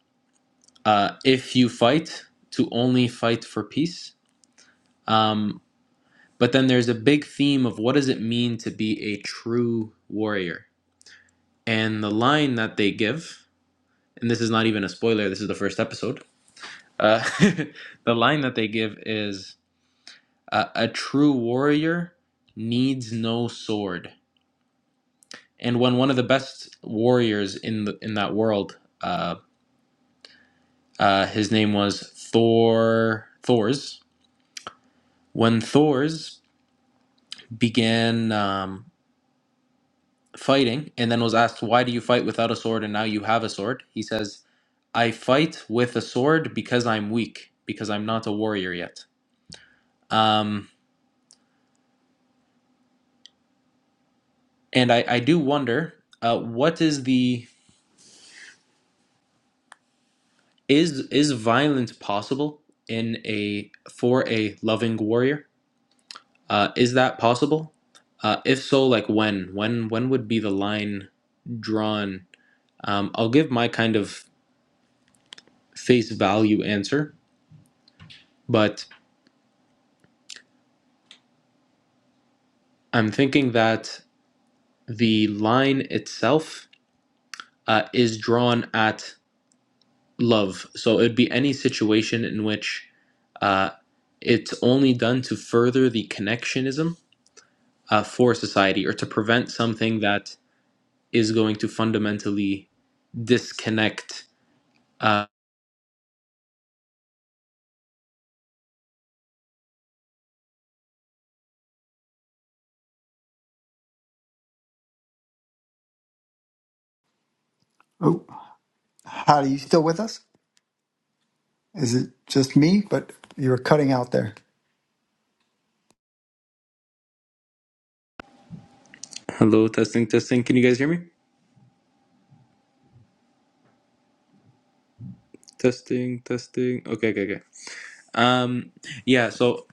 [SPEAKER 1] uh, if you fight, to only fight for peace. Um, but then there's a big theme of what does it mean to be a true warrior? And the line that they give, and this is not even a spoiler, this is the first episode. Uh, <laughs> the line that they give is uh, a true warrior needs no sword and when one of the best warriors in the, in that world, uh, uh, his name was Thor. Thor's when Thor's began um, fighting, and then was asked, "Why do you fight without a sword, and now you have a sword?" He says, "I fight with a sword because I'm weak, because I'm not a warrior yet." Um, and I, I do wonder, uh, what is the is is violence possible in a for a loving warrior? Uh, is that possible? Uh, if so, like when? When when would be the line drawn? Um, I'll give my kind of face value answer, but I'm thinking that the line itself uh, is drawn at love. So it'd be any situation in which uh, it's only done to further the connectionism uh, for society or to prevent something that is going to fundamentally disconnect uh,
[SPEAKER 2] Oh, Hadi, you still with us? Is it just me? But you were cutting out there.
[SPEAKER 1] Hello, testing, testing. Can you guys hear me? Testing, testing. Okay, okay, okay. Um, yeah, so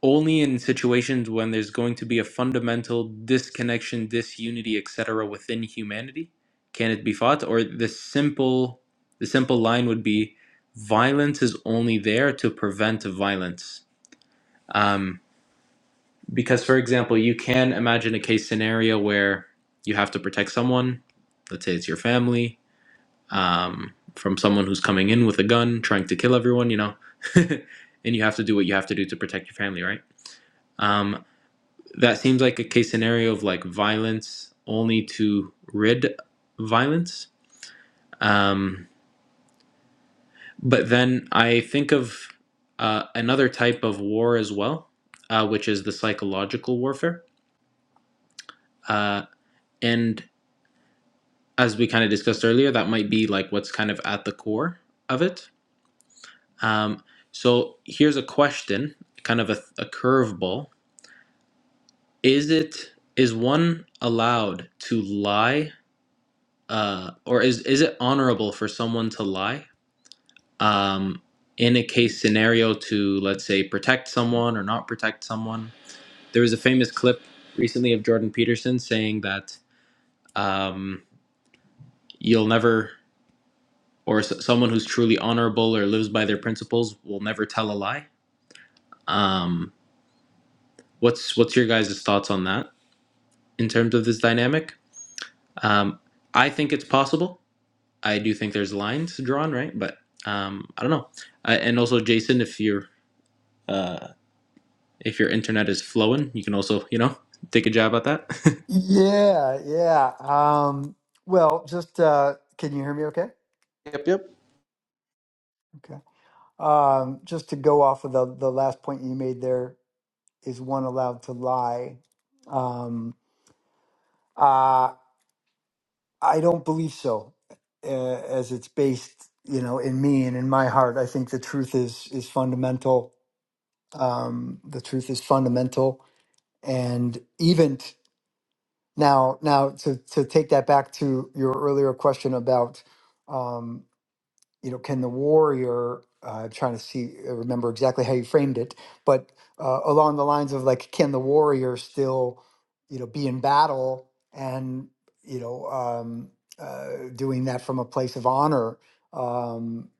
[SPEAKER 1] only in situations when there's going to be a fundamental disconnection, disunity, etc. within humanity can it be fought or the simple the simple line would be violence is only there to prevent violence. Um, because for example, you can imagine a case scenario where you have to protect someone, let's say it's your family, um, from someone who's coming in with a gun trying to kill everyone, you know, <laughs> and you have to do what you have to do to protect your family, right? Um, that seems like a case scenario of like violence only to rid violence. Um, but then I think of uh, another type of war as well, uh, which is the psychological warfare. Uh, and as we kind of discussed earlier, that might be like what's kind of at the core of it Um, so here's a question, kind of a, a curveball: Is it is one allowed to lie, uh, or is is it honorable for someone to lie um, in a case scenario to let's say protect someone or not protect someone? There was a famous clip recently of Jordan Peterson saying that um, you'll never, or s- someone who's truly honorable or lives by their principles will never tell a lie. Um, what's what's your guys' thoughts on that? in terms of this dynamic. Um, I think it's possible. I do think there's lines drawn, right? But um, I don't know. I, and also, Jason, if your if your internet is flowing, you can also you know <laughs> take a jab at that. <laughs>
[SPEAKER 2] Yeah, yeah. Um, well, just uh, can you hear me? Okay.
[SPEAKER 1] Yep, yep.
[SPEAKER 2] Okay. Um, just to go off of the the last point you made, there is one allowed to lie. Um, uh, I don't believe so, uh, as it's based, you know, in me and in my heart. I think the truth is is fundamental. Um, the truth is fundamental, and even t- now, now to to take that back to your earlier question about. um, you know, can the warrior, uh, trying to see, uh, remember exactly how you framed it, but uh, along the lines of like, can the warrior still, you know, be in battle and, you know, um, uh, doing that from a place of honor? Um,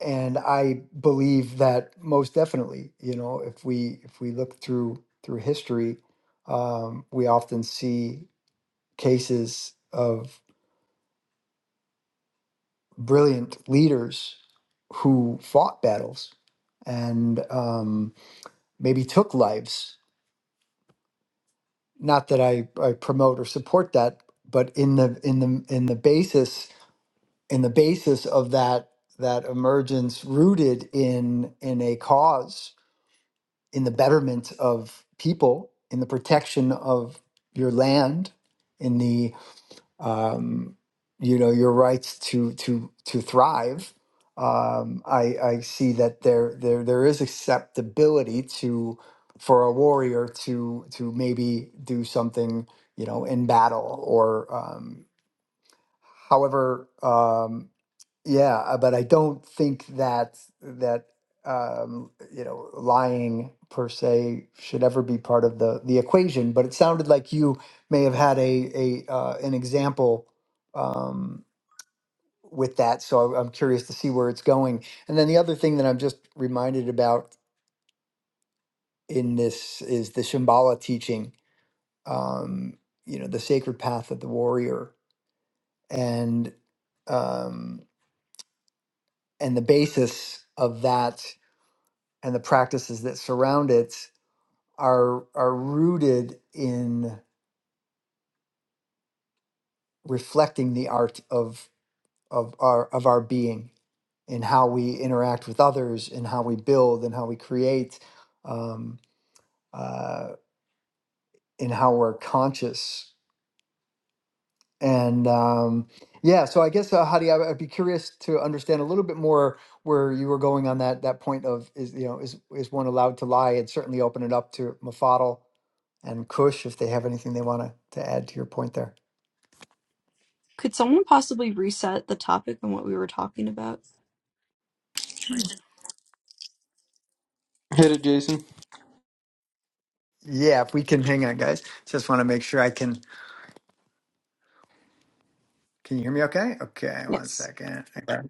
[SPEAKER 2] and I believe that most definitely, you know, if we if we look through through history, um, we often see cases of. brilliant leaders who fought battles and um, maybe took lives. Not that I, I promote or support that, but in the in the in the basis in the basis of that that emergence rooted in in a cause, in the betterment of people, in the protection of your land, in the. um, you know your rights to to to thrive. Um, I, I see that there there there is acceptability to for a warrior to to maybe do something you know in battle or um, however um, yeah, uh, but I don't think that that um, you know lying per se should ever be part of the the equation. But it sounded like you may have had a a uh, an example um, with that, so I- I'm curious to see where it's going. And then the other thing that I'm just reminded about in this is the Shambhala teaching, um, you know, the sacred path of the warrior, and um, and the basis of that. and the practices that surround it are are rooted in reflecting the art of of our of our being in how we interact with others in how we build and how we create um, uh, in how we're conscious and um, yeah so i guess uh, hadi I- i'd be curious to understand a little bit more where you were going on that that point of is you know is is one allowed to lie and certainly open it up to mafadal and Kush if they have anything they want to to add to your point there.
[SPEAKER 6] Could someone possibly reset the topic and what we were talking about?
[SPEAKER 1] Hit it, Jason.
[SPEAKER 2] Yeah, if we can hang on, guys. Just want to make sure I can. Can you hear me? Okay. Okay. One
[SPEAKER 6] Yes.
[SPEAKER 2] second. Okay.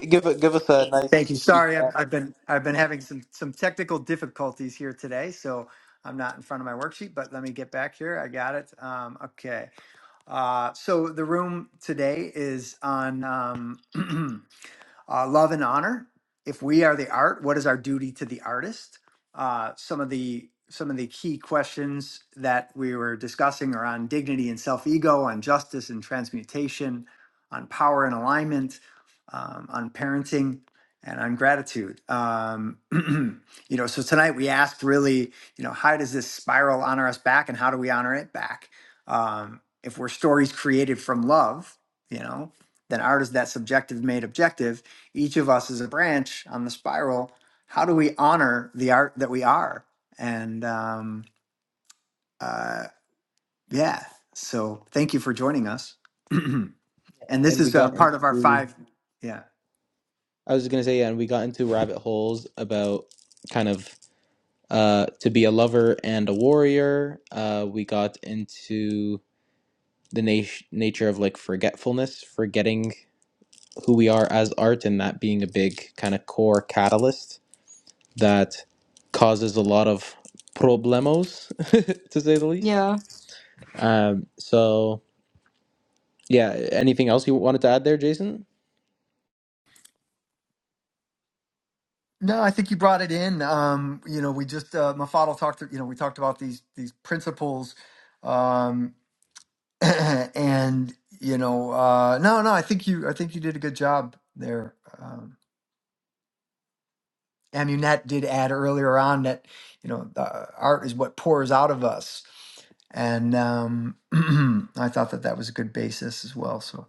[SPEAKER 1] Give a, give us a
[SPEAKER 2] Thank
[SPEAKER 1] nice
[SPEAKER 2] you. Sorry, I've,
[SPEAKER 1] recap,
[SPEAKER 2] I've been I've been having some some technical difficulties here today, so I'm not in front of my worksheet. But let me get back here. I got it. Um, okay. Uh, so the room today is on. Um, <clears throat> Uh, love and honor. If we are the art, what is our duty to the artist? Uh, some of the some of the key questions that we were discussing are on dignity and self ego, on justice and transmutation, on power and alignment, um, on parenting, and on gratitude. Um, <clears throat> you know, so tonight we asked really, you know, how does this spiral honor us back, and how do we honor it back? Um, if we're stories created from love, you know, then art is that subjective made objective each of us is a branch on the spiral. How do we honor the art that we are? And um, uh, yeah, so thank you for joining us. <clears throat> and this
[SPEAKER 1] and we
[SPEAKER 2] is uh,
[SPEAKER 1] got
[SPEAKER 2] part of our
[SPEAKER 1] into.
[SPEAKER 2] five. Yeah.
[SPEAKER 1] I was gonna say, yeah, and we got into rabbit holes about kind of uh to be a lover and a warrior. Uh, we got into the nat- nature of like forgetfulness, forgetting who we are as art and that being a big kind of core catalyst that causes a lot of problemos <laughs> to say the least
[SPEAKER 6] Yeah.
[SPEAKER 1] um, so yeah anything else you wanted to add there jason
[SPEAKER 2] No, I think you brought it in. Um, you know, we just uh, Mafadal talked. You know, we talked about these these principles, um, <clears throat> and you know, uh, no, no, I think you I think you did a good job there. Um, And Annette did add earlier on that, you know, the uh, art is what pours out of us. And um, <clears throat> I thought that that was a good basis as well. So,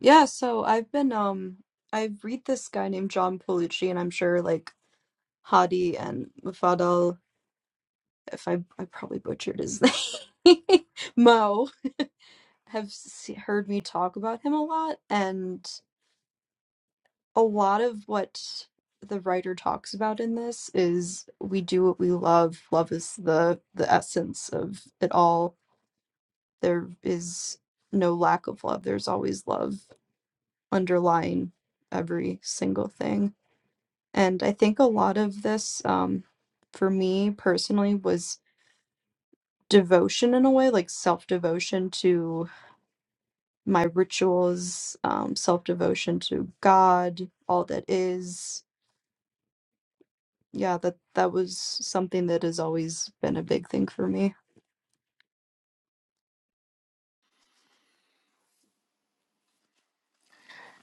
[SPEAKER 6] Yeah, so I've been um I read this guy named John Polucci and I'm sure like Hadi and Mufadal, if I I probably butchered his <laughs> name, Mo have se heard me talk about him a lot and a lot of what the writer talks about in this is we do what we love. Love is the the essence of it all there is no lack of love. There's always love underlying every single thing. And I think a lot of this, um, for me personally, was devotion in a way, like self devotion to my rituals, um, self devotion to God, all that is. Yeah, that that was something that has always been a big thing for me.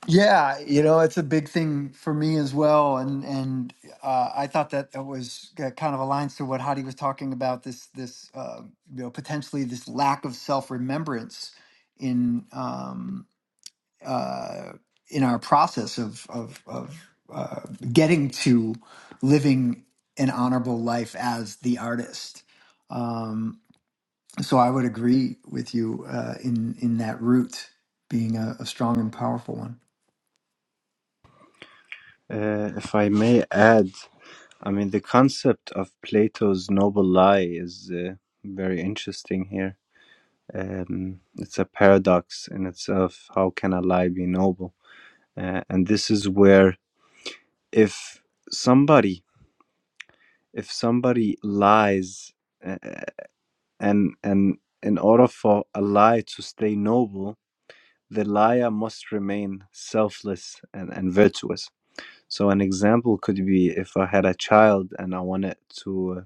[SPEAKER 2] yeah, you know, it's a big thing for me as well. And, and uh, I thought that that was uh, kind of aligns to what Hadi was talking about this, this, uh, you know, potentially this lack of self remembrance in, um, uh, in our process of of, of uh, getting to living an honorable life as the artist. Um, so I would agree with you uh, in in that route being a, a strong and powerful one.
[SPEAKER 4] Uh, if I may add, I mean, the concept of Plato's noble lie is uh, very interesting here. Um, it's a paradox in itself. How can a lie be noble? Uh, and this is where, if somebody, if somebody lies, uh, and and in order for a lie to stay noble, the liar must remain selfless and, and virtuous So an example could be if I had a child and I wanted to, uh,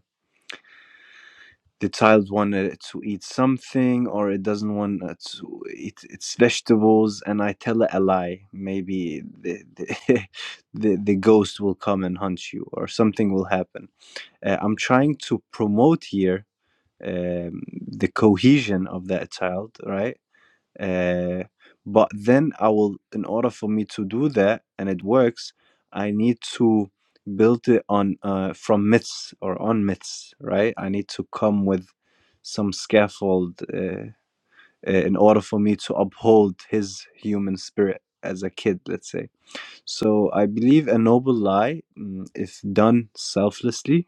[SPEAKER 4] the child wanted to eat something or it doesn't want uh, to eat its vegetables, and I tell it a lie. Maybe the the <laughs> the, the ghost will come and hunt you, or something will happen. Uh, I'm trying to promote here um, the cohesion of that child, right? Uh, but then I will, in order for me to do that and it works, I need to build it on uh, from myths or on myths, right? I need to come with some scaffold uh, uh, in order for me to uphold his human spirit as a kid, let's say. So I believe a noble lie, mm, if done selflessly,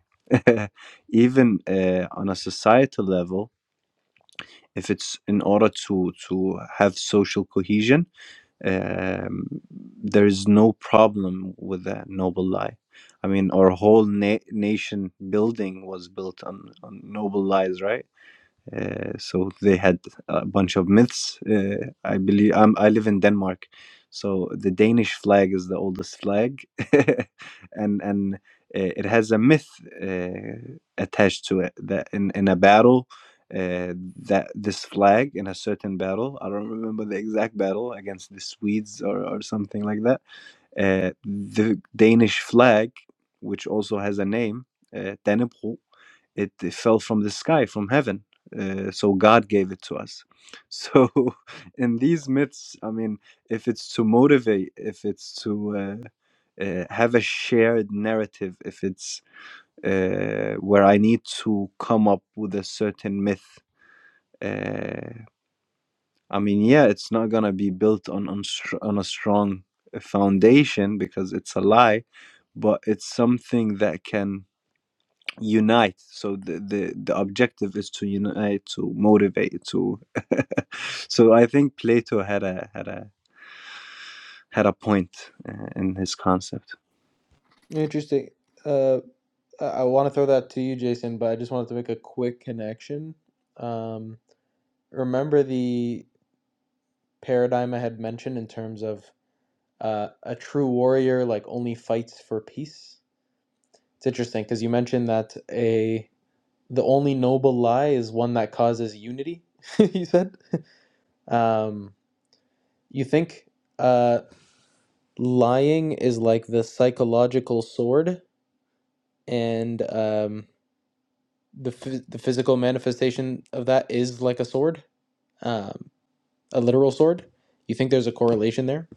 [SPEAKER 4] <laughs> even uh, on a societal level, if it's in order to to have social cohesion um, there is no problem with that noble lie. I mean, our whole na- nation building was built on, on noble lies, right? Uh, so they had a bunch of myths. Uh, I believe I'm, I live in Denmark, so the Danish flag is the oldest flag, <laughs> and and uh, it has a myth uh, attached to it that in in a battle. Uh, that this flag in a certain battle, I don't remember the exact battle against the Swedes or, or something like that uh, the Danish flag, which also has a name, uh, Dannebrog, it, it fell from the sky, from heaven. Uh, so God gave it to us. So, <laughs> in these myths, I mean, if it's to motivate, if it's to uh, uh, have a shared narrative if it's uh, where I need to come up with a certain myth. Uh, I mean, yeah, it's not gonna be built on on, str- on a strong uh, foundation because it's a lie, but it's something that can unite. So the the, the objective is to unite, to motivate, to. <laughs> so I think Plato had a had a had a point uh, in his concept.
[SPEAKER 1] Interesting. Uh, I, I want to throw that to you, Jason, but I just wanted to make a quick connection. Um, remember the paradigm I had mentioned in terms of uh, a true warrior like only fights for peace? It's interesting because you mentioned that a. the only noble lie is one that causes unity <laughs> he said um, you think uh, lying is like the psychological sword and um, the, phys- the physical manifestation of that is like a sword um, a literal sword you think there's a correlation there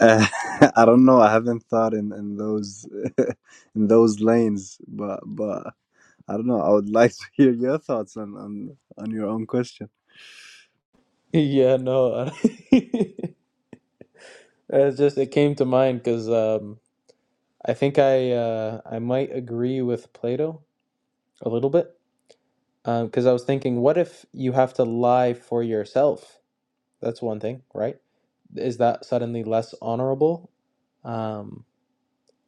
[SPEAKER 4] Uh, <laughs> I don't know. I haven't thought in in those <laughs> in those lanes, but but I don't know. I would <laughs> like to hear your thoughts on on on your own question.
[SPEAKER 1] <laughs> yeah no <laughs> it's just it came to mind because um, i think i uh, i might agree with plato a little bit Um, because I was thinking, what if you have to lie for yourself? That's one thing, right? Is that suddenly less honorable? Um,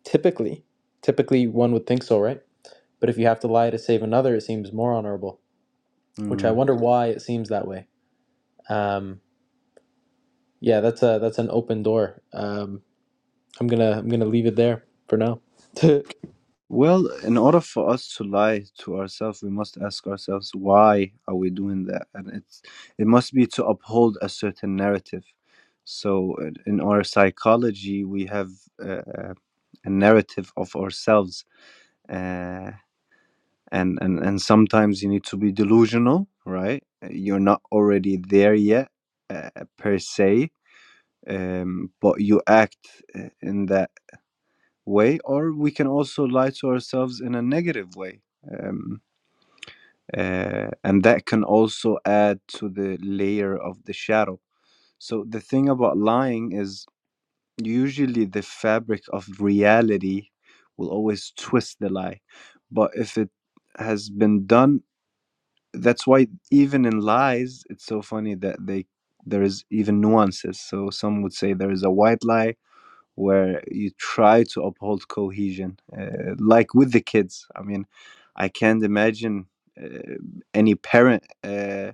[SPEAKER 1] typically, typically one would think so, right? But if you have to lie to save another, it seems more honorable,
[SPEAKER 4] Hmm.
[SPEAKER 1] which I wonder why it seems that way. Um, yeah, that's a that's an open door. Um, I'm gonna I'm gonna leave it there for now. <laughs>
[SPEAKER 4] Well, in order for us to lie to ourselves, we must ask ourselves why are we doing that, and it's it must be to uphold a certain narrative. So, in in our psychology, we have uh, uh, a narrative of ourselves, uh, and and and sometimes you need to be delusional, right? You're not already there yet, uh, per se, um, but you act uh, in that way, or we can also lie to ourselves in a negative way. Um, uh, and that can also add to the layer of the shadow so the thing about lying is usually the fabric of reality will always twist the lie but if it has been done that's why even in lies it's so funny that they there is even nuances so some would say there is a white lie where you try to uphold cohesion, uh, like with the kids. I mean, I can't imagine uh, any parent uh,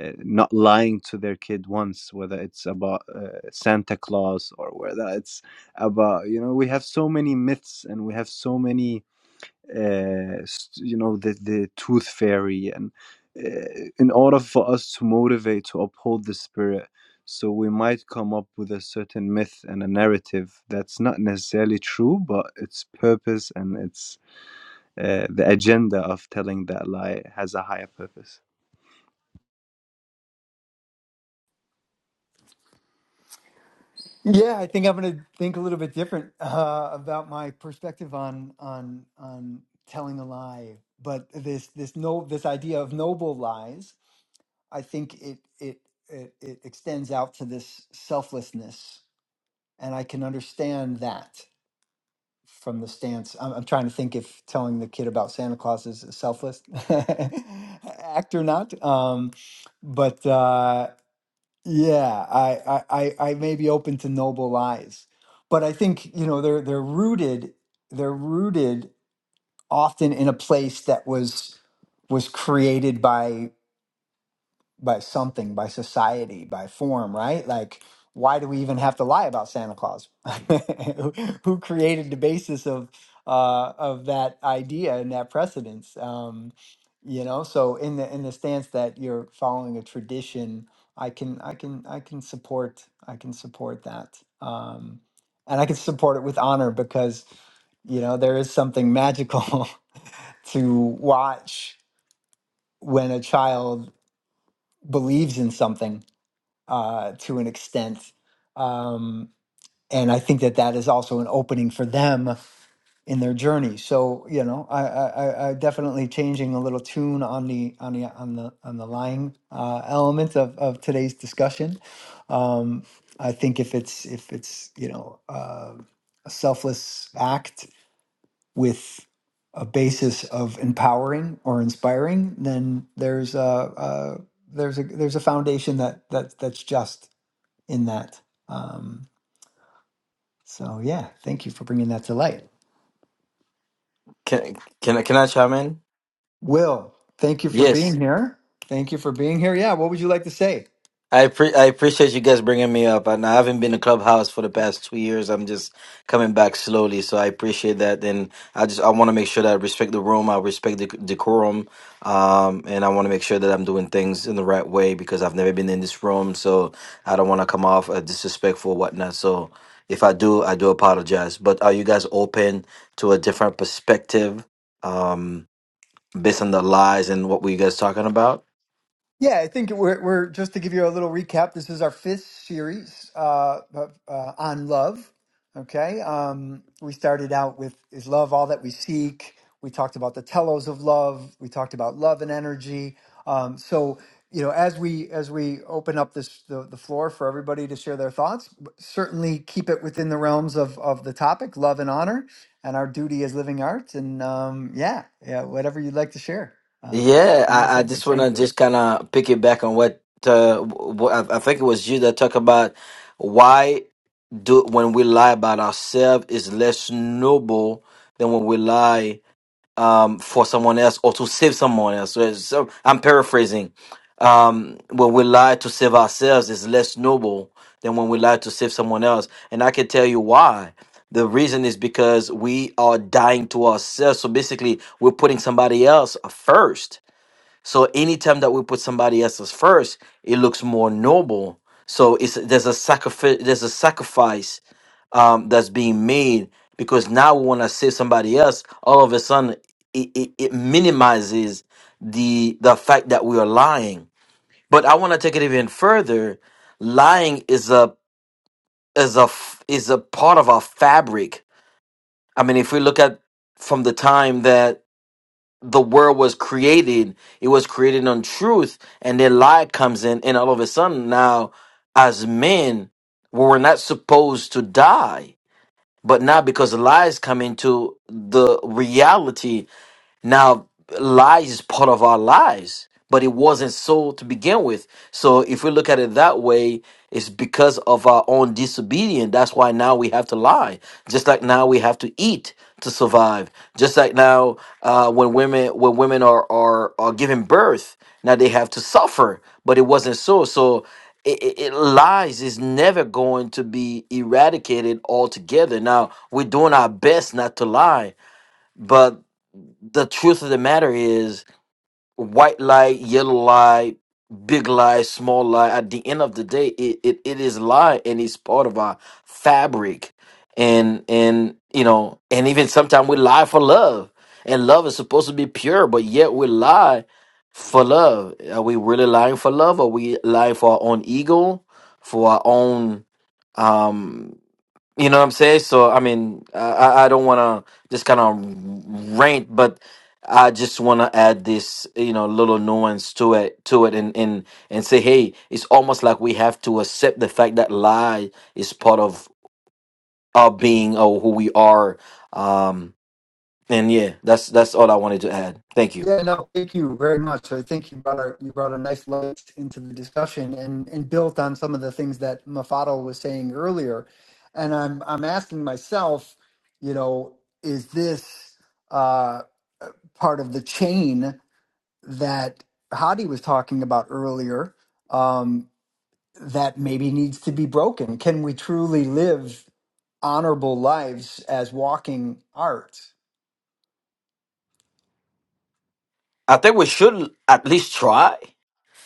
[SPEAKER 4] uh, not lying to their kid once, whether it's about uh, Santa Claus or whether it's about, you know, we have so many myths and we have so many uh, you know the the tooth fairy and uh, in order for us to motivate to uphold the spirit so we might come up with a certain myth and a narrative that's not necessarily true but its purpose and its uh, the agenda of telling that lie has a higher purpose
[SPEAKER 2] Yeah, I think I'm going to think a little bit different <laughs> uh, about my perspective on on on telling a lie. But this this no this idea of noble lies, I think it it it, it extends out to this selflessness and I can understand that from the stance. I'm, I'm trying to think if telling the kid about Santa Claus is selfless <laughs> act or not. Um, but uh, yeah, I, I I I may be open to noble lies, but I think you know they're they're rooted they're rooted often in a place that was was created by by something, by society, by form, right? Like, why do we even have to lie about Santa Claus? <laughs> Who who created the basis of uh, of that idea and that precedence? Um, you know, so in the in the stance that you're following a tradition, I can I can I can support I can support that. Um, and I can support it with honor because you know there is something magical <laughs> to watch when a child believes in something uh, to an extent. Um, and I think that that is also an opening for them in their journey. So you know, I, I, I I definitely changing a little tune on the on the on the on the lying uh, element of, of today's discussion. Um, I think if it's if it's you know uh, a selfless act with a basis of empowering or inspiring, then there's a, a there's a there's a foundation that that that's just in that. Um, so yeah, thank you for bringing that to light.
[SPEAKER 7] Can can I- can I chime in?
[SPEAKER 2] Will, thank you for being
[SPEAKER 7] Yes,
[SPEAKER 2] here. Thank you for being here. Yeah, what would you like to say?
[SPEAKER 7] I pre- I appreciate you guys bringing me up, and I haven't been to Clubhouse for the past two years. I'm just coming back slowly, so I appreciate that. And I just I want to make sure that I respect the room, I respect the decorum, um, and I want to make sure that I'm doing things in the right way because I've never been in this room, so I don't want to come off uh, disrespectful or whatnot. So if I do, I do apologize. But are you guys open to a different perspective um, based on the lies and what were you guys talking about?
[SPEAKER 2] Yeah, I think we're, we're just to give you a little recap. This is our fifth series uh, of, uh, on love. Okay, um, we started out with is love all that we seek. We talked about the telos of love. We talked about love and energy. Um, so you know, as we as we open up this the, the floor for everybody to share their thoughts, certainly keep it within the realms of of the topic, love and honor, and our duty as living arts. And um, yeah, yeah, whatever you'd like to share. uh,
[SPEAKER 7] Yeah, I, I just want to just kind of pick it back on what uh, what I, I think it was you that talked about why do when we lie about ourselves is less noble than when we lie um, for someone else or to save someone else. So, so I'm paraphrasing. Um, when we lie to save ourselves is less noble than when we lie to save someone else, and I can tell you why. The reason is because we are dying to ourselves. So basically, we're putting somebody else first so anytime that we put somebody else's first, it looks more noble. So it's there's a sacrifice there's a sacrifice um, that's being made because now we want to save somebody else. All of a sudden, it, it, it minimizes the the fact that we are lying. But I want to take it even further. Lying is a is a f- is a part of our fabric. I mean, if we look at from the time that the world was created, it was created on truth, and then lie comes in, and all of a sudden now, as men, we were not supposed to die. But now because lies come into the reality, now, lies is part of our lives, but it wasn't so to begin with. So, if we look at it that way, it's because of our own disobedience. That's why now we have to lie. Just like now we have to eat to survive. Just like now, uh, when women when women are are are giving birth, now they have to suffer. But it wasn't so. So. It, it, it- lies is never going to be eradicated altogether. Now we're doing our best not to lie, but the truth of the matter is white lie, yellow lie, big lie, small lie. At the end of the day, it, it, it is lie and it's part of our fabric. And and you know, and even sometimes we lie for love. And love is supposed to be pure, but yet we lie for love. Are we really lying for love? Are we lying for our own ego, for our own um you know what I'm saying? So I mean, I I I don't want to just kind of rant, but I just want to add this, you know, little nuance to it, to it, and and and say, hey, it's almost like we have to accept the fact that lie is part of our being or who we are. Um, and yeah, that's that's all I wanted to add. Thank you.
[SPEAKER 2] Yeah, no, thank you very much. I think you brought a you brought a nice light into the discussion and and built on some of the things that Mafado was saying earlier. And I'm I'm asking myself, you know, is this uh, part of the chain that Hadi was talking about earlier um, that maybe needs to be broken? Can we truly live honorable lives as walking art?
[SPEAKER 7] I think we should at least try.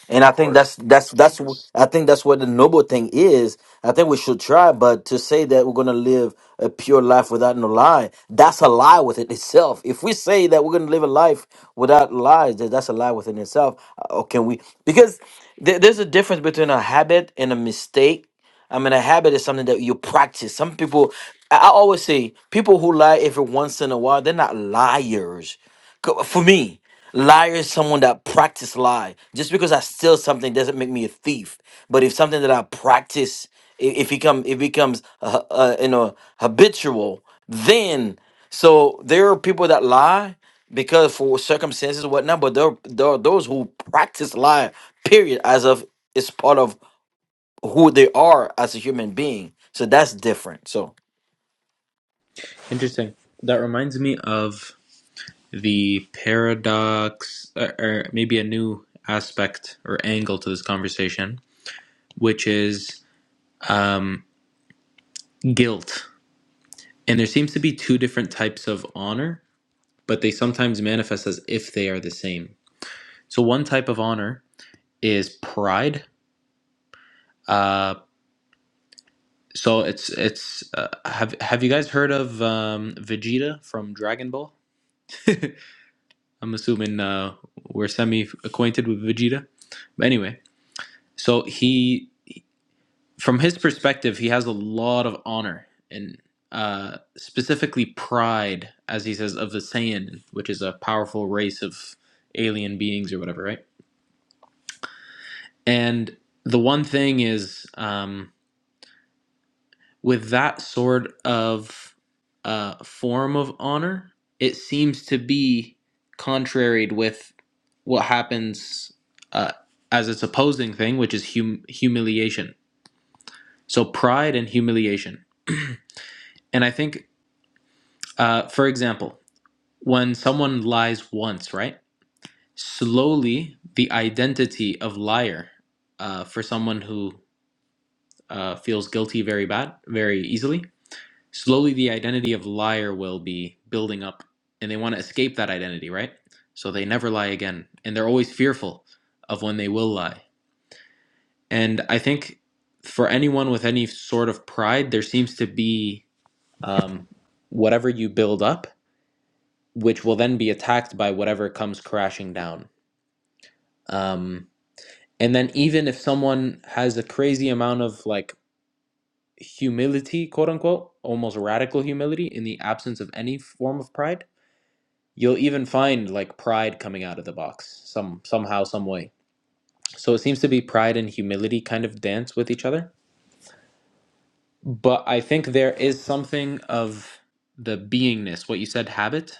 [SPEAKER 7] And I think that's that's that's wh- I think that's what the noble thing is. I think we should try, but to say that we're gonna live a pure life without no lie, that's a lie within itself. If we say that we're gonna live a life without lies, that that's a lie within itself. Uh, Or can we? Because there there's a difference between a habit and a mistake. I mean, a habit is something that you practice. Some people, I I always say, people who lie every once in a while, they're not liars. Co- For me, liar is someone that practice lie. Just because I steal something doesn't make me a thief. But if something that I practice, i- if it come, it becomes uh, uh, you know habitual, then so there are people that lie because for circumstances or whatnot. But there, there are those who practice lie. Period. As of it's part of who they are as a human being. So that's different. So
[SPEAKER 1] Interesting. That reminds me of the paradox, or, or maybe a new aspect or angle to this conversation which is um, guilt. And there seems to be two different types of honor, but they sometimes manifest as if they are the same. So one type of honor is pride. Uh, so it's it's uh, have have you guys heard of um, Vegeta from Dragon Ball? I'm assuming uh, we're semi acquainted with Vegeta. But anyway, so he from his perspective, he has a lot of honor and uh, specifically pride, as he says, of the Saiyan, which is a powerful race of alien beings or whatever, right? And the one thing is, um, with that sort of uh, form of honor, it seems to be contraried with what happens uh, as its opposing thing, which is hum- humiliation. So pride and humiliation. And I think Uh, for example, when someone lies once, right? Slowly, the identity of liar uh, for someone who uh, feels guilty very bad, very easily, slowly the identity of liar will be building up and they want to escape that identity, right? So they never lie again and they're always fearful of when they will lie. And I think for anyone with any sort of pride, there seems to be um, whatever you build up which will then be attacked by whatever comes crashing down. Um, and then, even if someone has a crazy amount of like humility, quote unquote, almost radical humility in the absence of any form of pride, you'll even find like pride coming out of the box some somehow, some way. So it seems to be pride and humility kind of dance with each other. But I think there is something of the beingness, what you said, habit.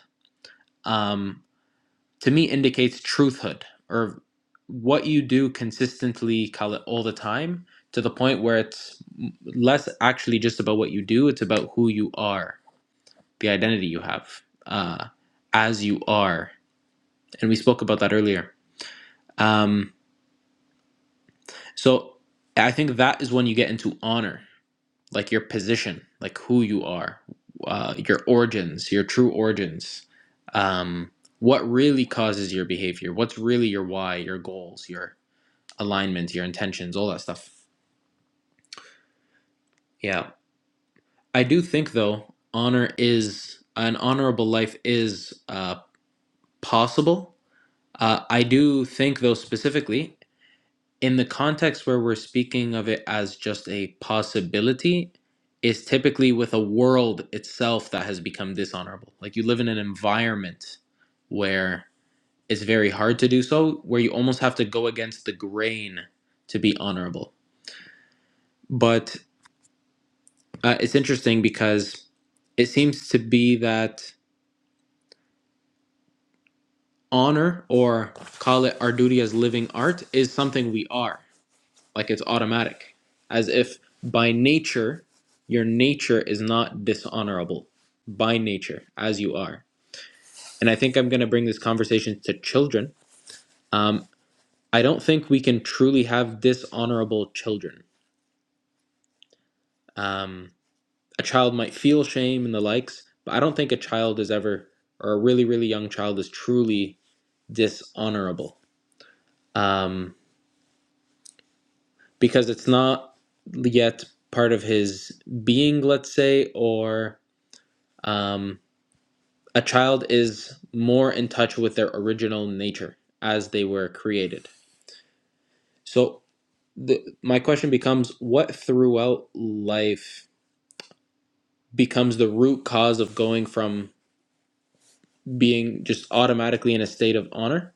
[SPEAKER 1] Um, to me indicates truthhood or what you do consistently call it all the time to the point where it's less actually just about what you do it's about who you are the identity you have uh, as you are and we spoke about that earlier um, so i think that is when you get into honor like your position like who you are uh, your origins your true origins um, what really causes your behavior what's really your why your goals your alignment, your intentions, all that stuff. Yeah. I do think though, honor is an honorable life is uh, possible. Uh, I do think though specifically in the context where we're speaking of it as just a possibility is typically with a world itself that has become dishonorable. Like you live in an environment where it's very hard to do so, where you almost have to go against the grain to be honorable. But Uh, it's interesting because it seems to be that honor, or call it our duty as living art, is something we are. Like it's automatic, as if by nature, your nature is not dishonorable by nature, as you are. And I think I'm going to bring this conversation to children. Um, I don't think we can truly have dishonorable children. Um, a child might feel shame and the likes, but I don't think a child is ever, or a really, really young child is truly dishonorable um, because it's not yet part of his being, let's say, or um, a child is more in touch with their original nature as they were created. So, the, my question becomes what throughout life becomes the root cause of going from being just automatically in a state of honor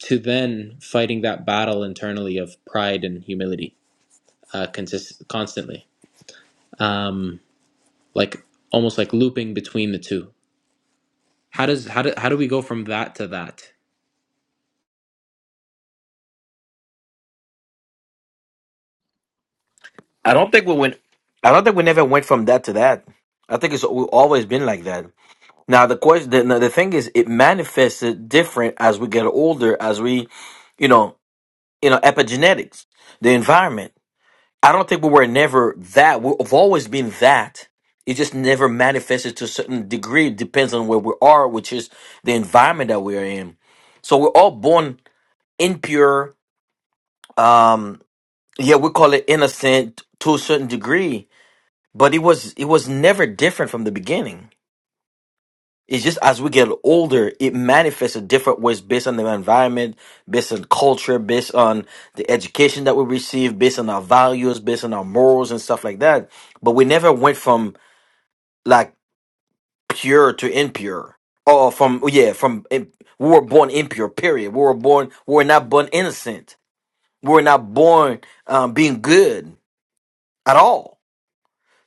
[SPEAKER 1] to then fighting that battle internally of pride and humility uh, consist- constantly? Um, like almost like looping between the two. How does how do how do we go from that to that?
[SPEAKER 7] I don't think we went. I don't think we never went from that to that. I think it's we've always been like that. Now the question, the, no, the thing is, it manifests it different as we get older, as we, you know, you know, epigenetics, the environment. I don't think we were never that. We've always been that. It just never manifested to a certain degree. It depends on where we are, which is the environment that we are in. So we're all born impure. Um, yeah, we call it innocent to a certain degree, but it was it was never different from the beginning It's just as we get older, it manifests in different ways based on the environment, based on culture, based on the education that we receive, based on our values, based on our morals and stuff like that. But we never went from like pure to impure, or from yeah, from eh, we were born impure. Period. We were born. We were not born innocent. We were not born um, being good at all.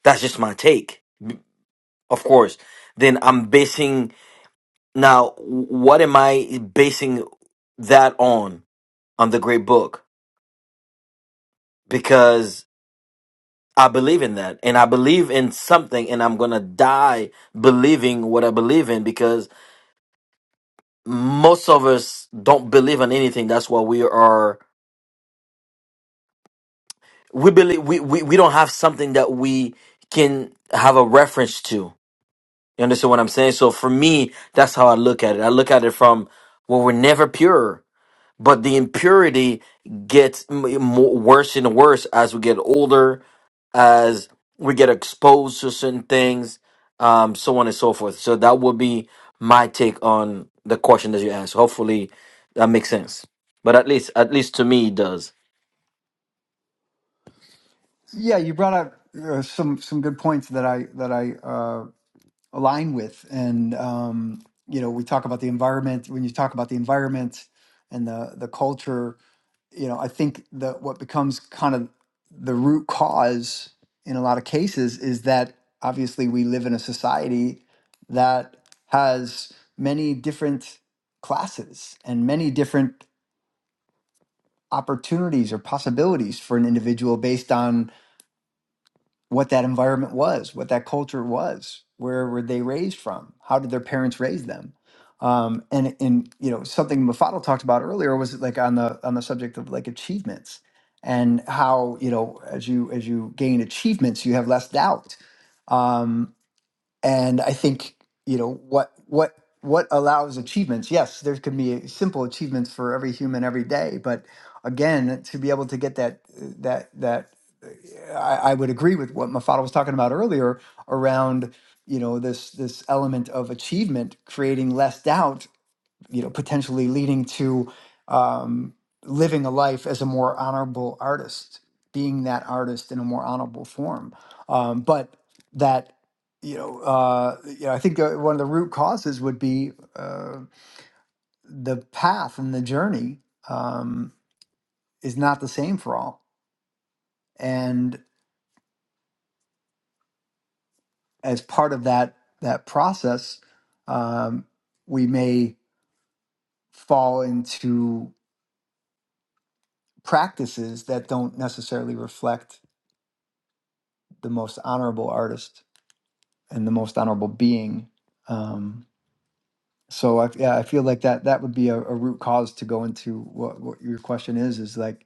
[SPEAKER 7] That's just my take. Of course, then I'm basing now. What am I basing? that on on the great book because I believe in that and I believe in something and I'm going to die believing what I believe in because most of us don't believe in anything that's why we are we believe we, we we don't have something that we can have a reference to you understand what I'm saying so for me that's how I look at it I look at it from well we're never pure but the impurity gets m- more, worse and worse as we get older, as we get exposed to certain things, um, so on and so forth. So that would be my take on the question that you asked. Hopefully, that makes sense. But at least, at least to me, it does.
[SPEAKER 2] Yeah, you brought up uh, some some good points that I that I uh, align with, and um, you know, we talk about the environment. When you talk about the environment and the the culture, you know, I think that what becomes kind of the root cause in a lot of cases is that obviously we live in a society that has many different classes and many different opportunities or possibilities for an individual based on what that environment was, what that culture was, where were they raised from, how did their parents raise them, um, and and you know something Mafadal talked about earlier was like on the on the subject of like achievements and how you know as you as you gain achievements you have less doubt, um, and i think you know what what what allows achievements yes there can be simple achievements for every human every day but again to be able to get that that that I, I would agree with what Mafada was talking about earlier around you know this this element of achievement creating less doubt you know, potentially leading to um, living a life as a more honorable artist, being that artist in a more honorable form. Um, but that, you know, uh, you know, I think uh, one of the root causes would be uh, the path and the journey um, is not the same for all. And as part of that that process, um, we may fall into practices that don't necessarily reflect the most honorable artist and the most honorable being. Um, so I, yeah, I feel like that that would be a, a root cause to go into what, what your question is is like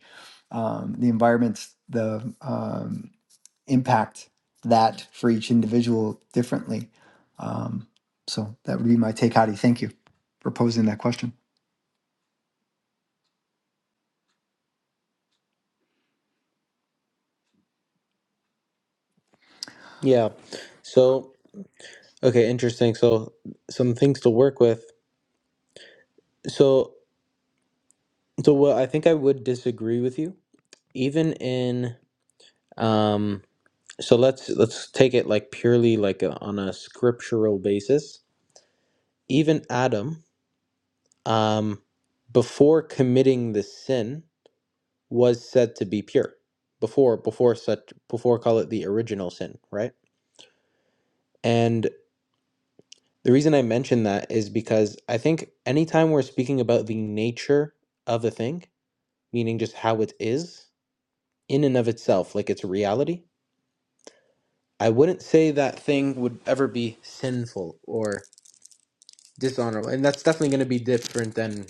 [SPEAKER 2] um, the environment's the um, impact that for each individual differently. Um, so that would be my take, Hadi. Thank you for posing that question.
[SPEAKER 1] Yeah. So, okay, interesting. So, some things to work with. So, so what I think I would disagree with you, even in um. So let's let's take it like purely like a, on a scriptural basis. Even Adam, um, before committing the sin, was said to be pure. Before before such before call it the original sin, right? And. The reason I mention that is because I think anytime we're speaking about the nature of a thing, meaning just how it is in and of itself, like its reality, I wouldn't say that thing would ever be sinful or dishonorable. And that's definitely going to be different than,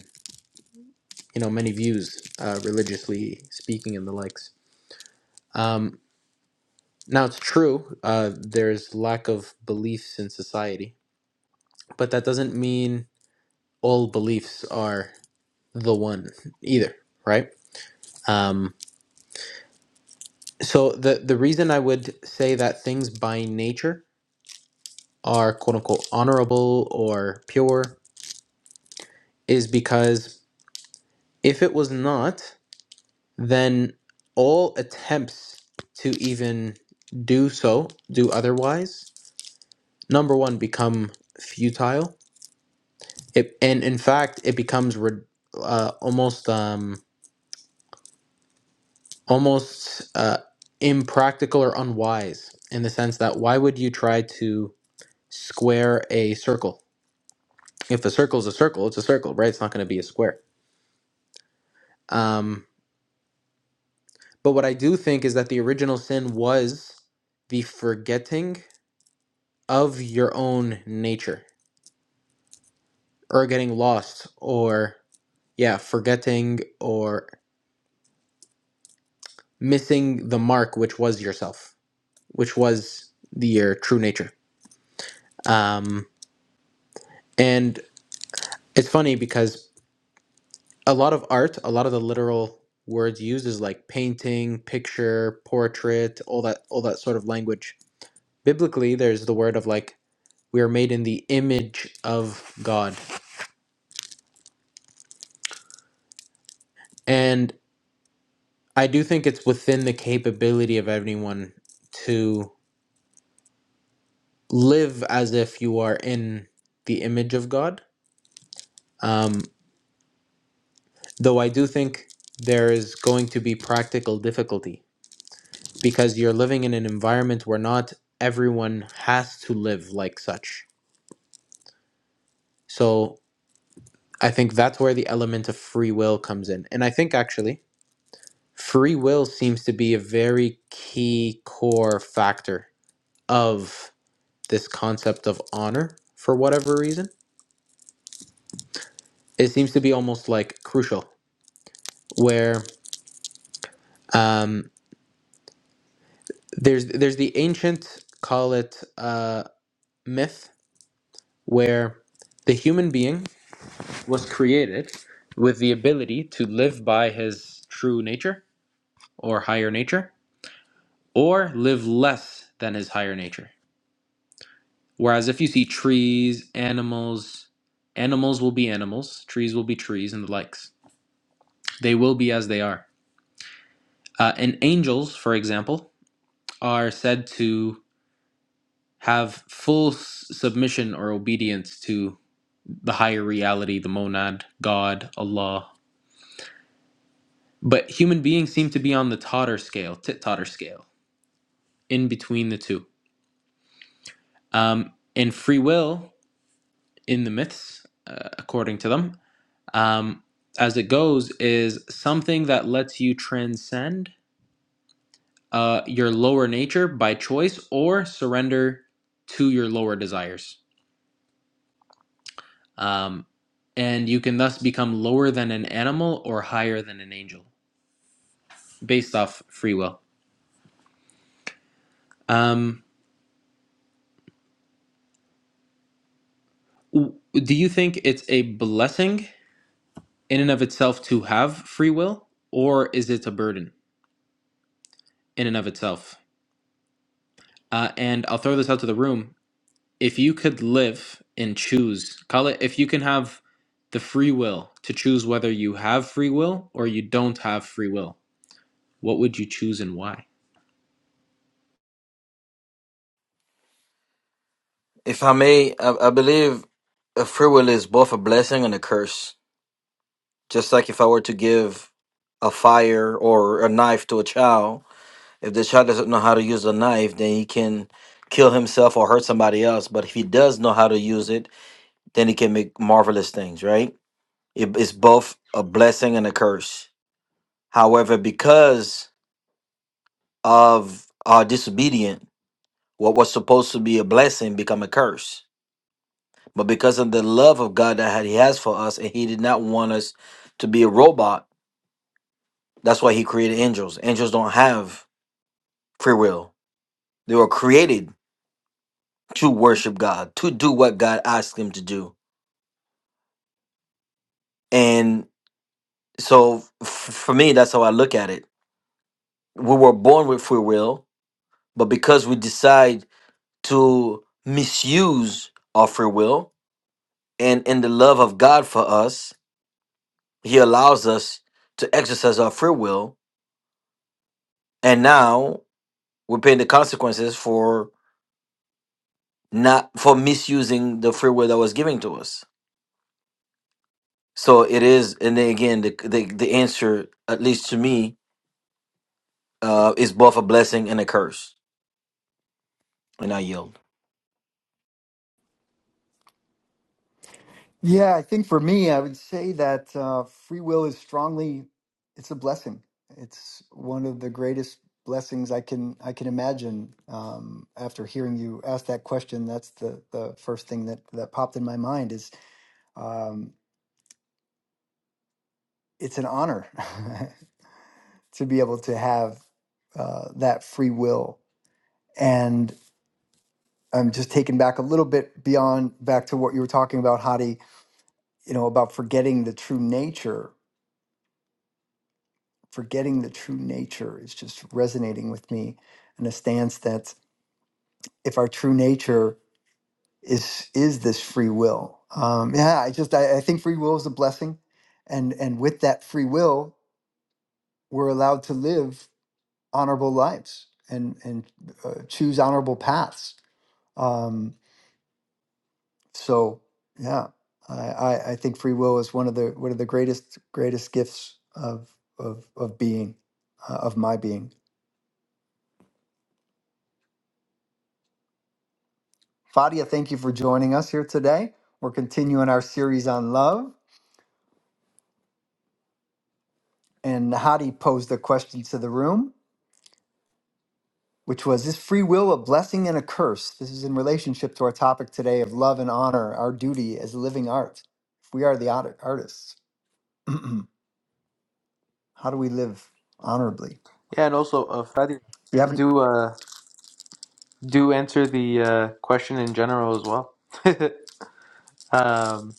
[SPEAKER 1] you know, many views, uh, religiously speaking and the likes. Um, now, it's true, uh, there's lack of beliefs in society, but that doesn't mean all beliefs are the one either, right? Um, So the the reason I would say that things by nature are quote unquote honorable or pure is because if it was not, then all attempts to even do so, do otherwise, number one, become futile. It, and in fact, it becomes re, uh, almost um, almost uh, impractical or unwise in the sense that why would you try to square a circle? if the circle is a circle, it's a circle, right? It's not going to be a square. Um, but what I do think is that the original sin was the forgetting of your own nature, or getting lost, or yeah, forgetting or missing the mark, which was yourself, which was the, your true nature. Um, and it's funny because a lot of art, a lot of the literal words used is like painting, picture, portrait, all that, all that sort of language biblically there's the word of like we are made in the image of god and i do think it's within the capability of anyone to live as if you are in the image of god um, though i do think there is going to be practical difficulty because you're living in an environment where not everyone has to live like such so i think that's where the element of free will comes in and i think actually free will seems to be a very key core factor of this concept of honor for whatever reason it seems to be almost like crucial where um, there's there's the ancient call it uh, myth where the human being was created with the ability to live by his true nature or higher nature or live less than his higher nature Whereas if you see trees, animals, animals will be animals, trees will be trees, and the likes. They will be as they are. Uh, and angels, for example, are said to have full s- submission or obedience to the higher reality, the monad, God, Allah. But human beings seem to be on the totter scale, tit totter scale, in between the two. Um, and free will in the myths, uh, according to them. um, as it goes is something that lets you transcend uh, your lower nature by choice or surrender to your lower desires. Um, and you can thus become lower than an animal or higher than an angel based off free will. Um, w- do you think it's a blessing in and of itself to have free will, or is it a burden in and of itself? Uh, and I'll throw this out to the room if you could live and choose, call it if you can have the free will to choose whether you have free will or you don't have free will, what would you choose and why?
[SPEAKER 7] If I may, I, I believe a free will is both a blessing and a curse. Just like if I were to give a fire or a knife to a child, If the child doesn't know how to use a knife, then he can kill himself or hurt somebody else. But if he does know how to use it, then he can make marvelous things, right? It is both a blessing and a curse. However, because of our disobedient, what was supposed to be a blessing become a curse. But because of the love of God that he has for us, and he did not want us to be a robot, that's why he created angels. Angels don't have free will. They were created to worship God, to do what God asked him to do. And so f- for me, that's how I look at it. We were born with free will, but because we decide to misuse our free will and in the love of God for us, he allows us to exercise our free will. And now we're paying the consequences for not for misusing the free will that was given to us. So it is, and then again, the the, the answer, at least to me, uh, is both a blessing and a curse. And I yield.
[SPEAKER 2] Yeah, I think for me, I would say that uh, free will is strongly, it's a blessing. It's one of the greatest blessings I can I can imagine. Um, after hearing you ask that question, that's the the first thing that that popped in my mind is um, it's an honor <laughs> to be able to have uh, that free will. And I'm just taken back a little bit beyond back to what you were talking about, Hadi. You know about forgetting the true nature forgetting the true nature is just resonating with me in a stance that if our true nature is is this free will um yeah i just i, I think free will is a blessing and and with that free will we're allowed to live honorable lives and and uh, choose honorable paths um so yeah I, I i think free will is one of the one of the greatest greatest gifts of of of being uh, of my being Fadia, thank you for joining us here today. We're continuing our series on love. And Hadi posed a question to the room, which was Is free will a blessing and a curse? This is in relationship to our topic today of love and honor, our duty as living art. If we are the art- artists, <clears throat> how do we live honorably?
[SPEAKER 1] Yeah, and also, uh, Fadi,
[SPEAKER 2] If you haven't.
[SPEAKER 1] do uh, do answer the uh, question in general as well. <laughs> um,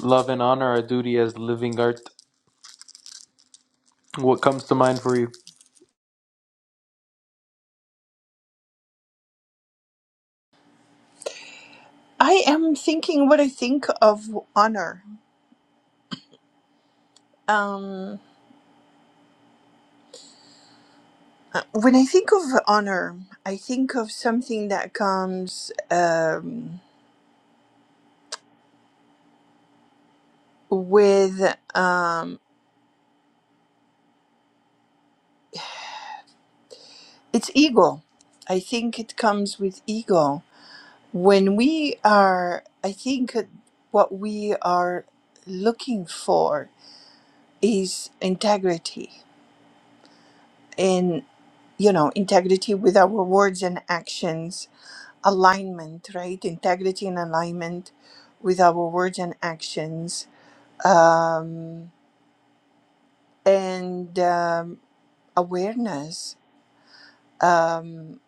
[SPEAKER 1] love and honor are duty as living art. What comes to mind for you?
[SPEAKER 8] I am thinking what I think of honor. Um, uh, when I think of honor, I think of something that comes um, with um, it's ego. I think it comes with ego. When we are, I think what we are looking for is integrity and, you know, integrity with our words and actions alignment, right? Integrity and alignment with our words and actions, um, and um, awareness. Um,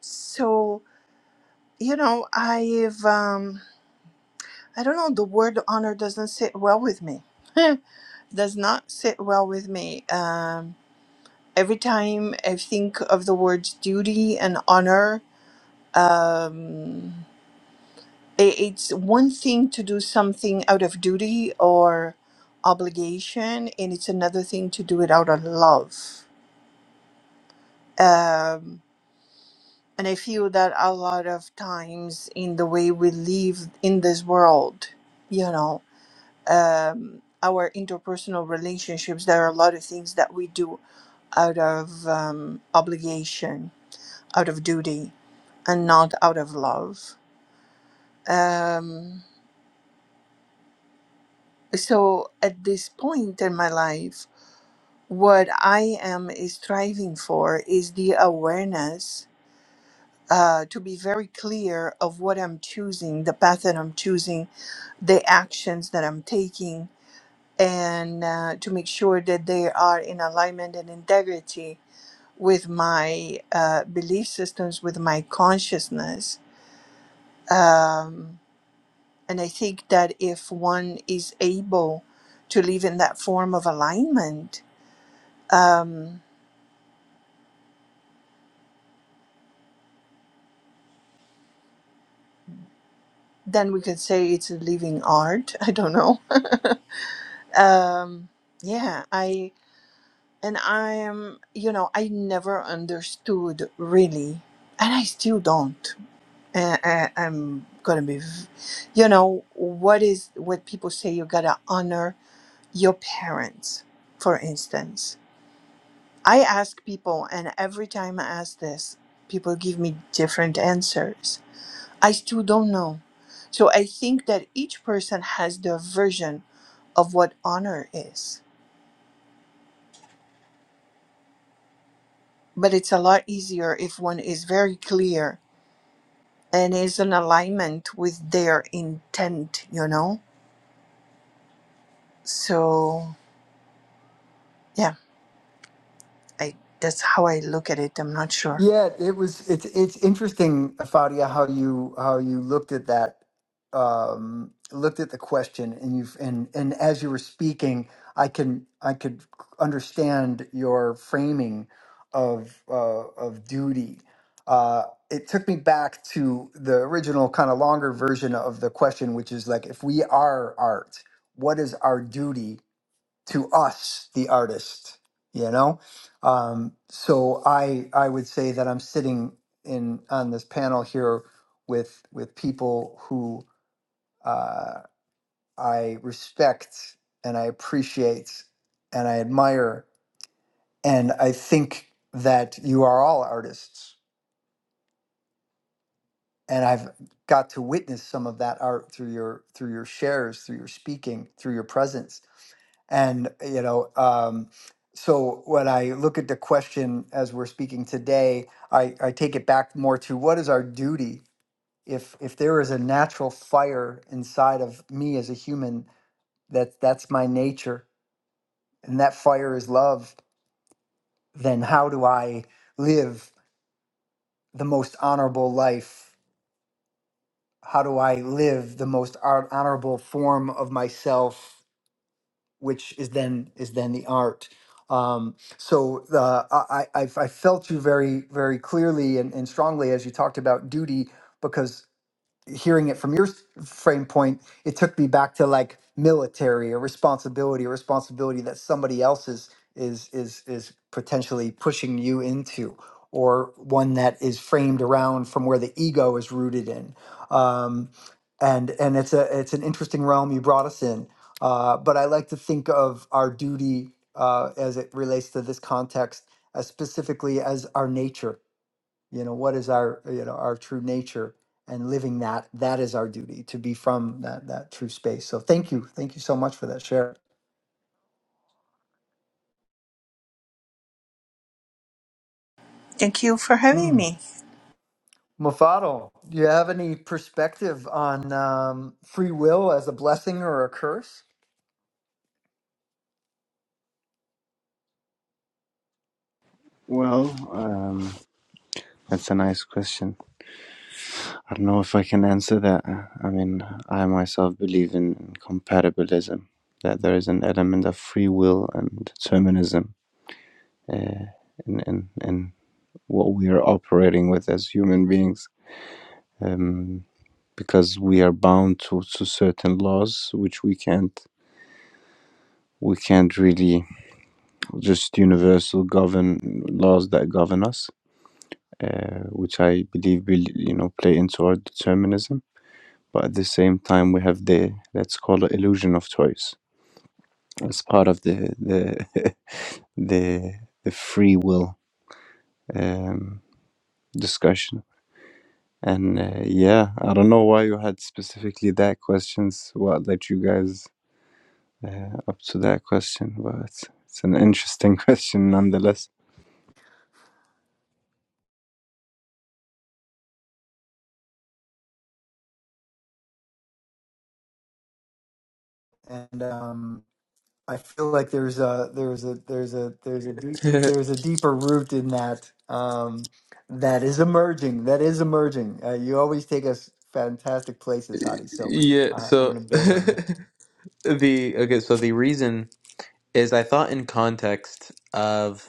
[SPEAKER 8] so you know, I've um, I don't know. The word honor doesn't sit well with me. <laughs> Does not sit well with me. Um, every time I think of the words duty and honor. Um, i- it's one thing to do something out of duty or obligation, and it's another thing to do it out of love. Um, and I feel that a lot of times in the way we live in this world, you know, um, our interpersonal relationships, there are a lot of things that we do out of um, obligation, out of duty, and not out of love. Um, so at this point in my life, What I am striving for is the awareness uh, to be very clear of what I'm choosing, the path that I'm choosing, the actions that I'm taking, and uh, to make sure that they are in alignment and integrity with my uh, belief systems, with my consciousness. Um, and I think that if one is able to live in that form of alignment, um, then we could say it's a living art <laughs> i don't know um yeah i and i am you know i never understood really and i still don't and I, i'm gonna be v- you know what is what people say you gotta honor your parents for instance i ask people and every time i ask this people give me different answers i still don't know so i think that each person has their version of what honor is. But it's a lot easier if one is very clear and is in alignment with their intent, you know? So, yeah, I, that's how I look at it. I'm not sure.
[SPEAKER 2] Yeah, it was. It's it's interesting, Fadia, how you how you looked at that, um, looked at the question, and you've and and as you were speaking, I can I could understand your framing of uh, of duty. Uh, it took me back to the original kind of longer version of the question, which is like, if we are art, what is our duty to us the artist you know um, so i i would say that i'm sitting in on this panel here with with people who uh, i respect and i appreciate and i admire and i think that you are all artists and I've got to witness some of that art through your through your shares, through your speaking, through your presence. And you know, um, so when I look at the question as we're speaking today, I, I take it back more to what is our duty if if there is a natural fire inside of me as a human that that's my nature and that fire is love, then how do I live the most honorable life how do I live the most art, honorable form of myself, which is then is then the art. Um, so the, I, I I I felt you very very clearly and, and strongly as you talked about duty, because hearing it from your s- frame point, it took me back to like military or responsibility or responsibility that somebody else is is is is potentially pushing you into or one that is framed around from where the ego is rooted in um, and and it's a it's an interesting realm you brought us in uh, but I like to think of our duty uh, as it relates to this context as specifically as our nature you know what is our you know our true nature and living that that is our duty to be from that that true space so thank you thank you so much for that share
[SPEAKER 8] Thank you for having
[SPEAKER 2] mm.
[SPEAKER 8] me.
[SPEAKER 2] Mafado, do you have any perspective on um, free will as a blessing or a curse
[SPEAKER 4] well um, that's a nice question i don't know if i can answer that i mean i myself believe in compatibilism that there is an element of free will and determinism uh, and, and and what we are operating with as human beings um, because we are bound to, to certain laws which we can't we can't really just universal govern laws that govern us uh, which I believe will you know play into our determinism but at the same time we have the let's call it illusion of choice as part of the the <laughs> the, the free will um, discussion And uh, yeah, I don't know why you had specifically that questions. What led you guys uh, up to that question? But it's, it's an interesting <laughs> question nonetheless.
[SPEAKER 2] and um, I feel like there's a there's a there's a there's a deep, there's a deeper root in that um, that is emerging that is emerging uh, you always take us fantastic places Hadi
[SPEAKER 1] <laughs>
[SPEAKER 2] so
[SPEAKER 1] yeah.
[SPEAKER 2] I, I'm
[SPEAKER 1] So
[SPEAKER 2] gonna
[SPEAKER 1] <laughs>
[SPEAKER 2] build on that
[SPEAKER 1] the okay. So the reason is I thought in context of.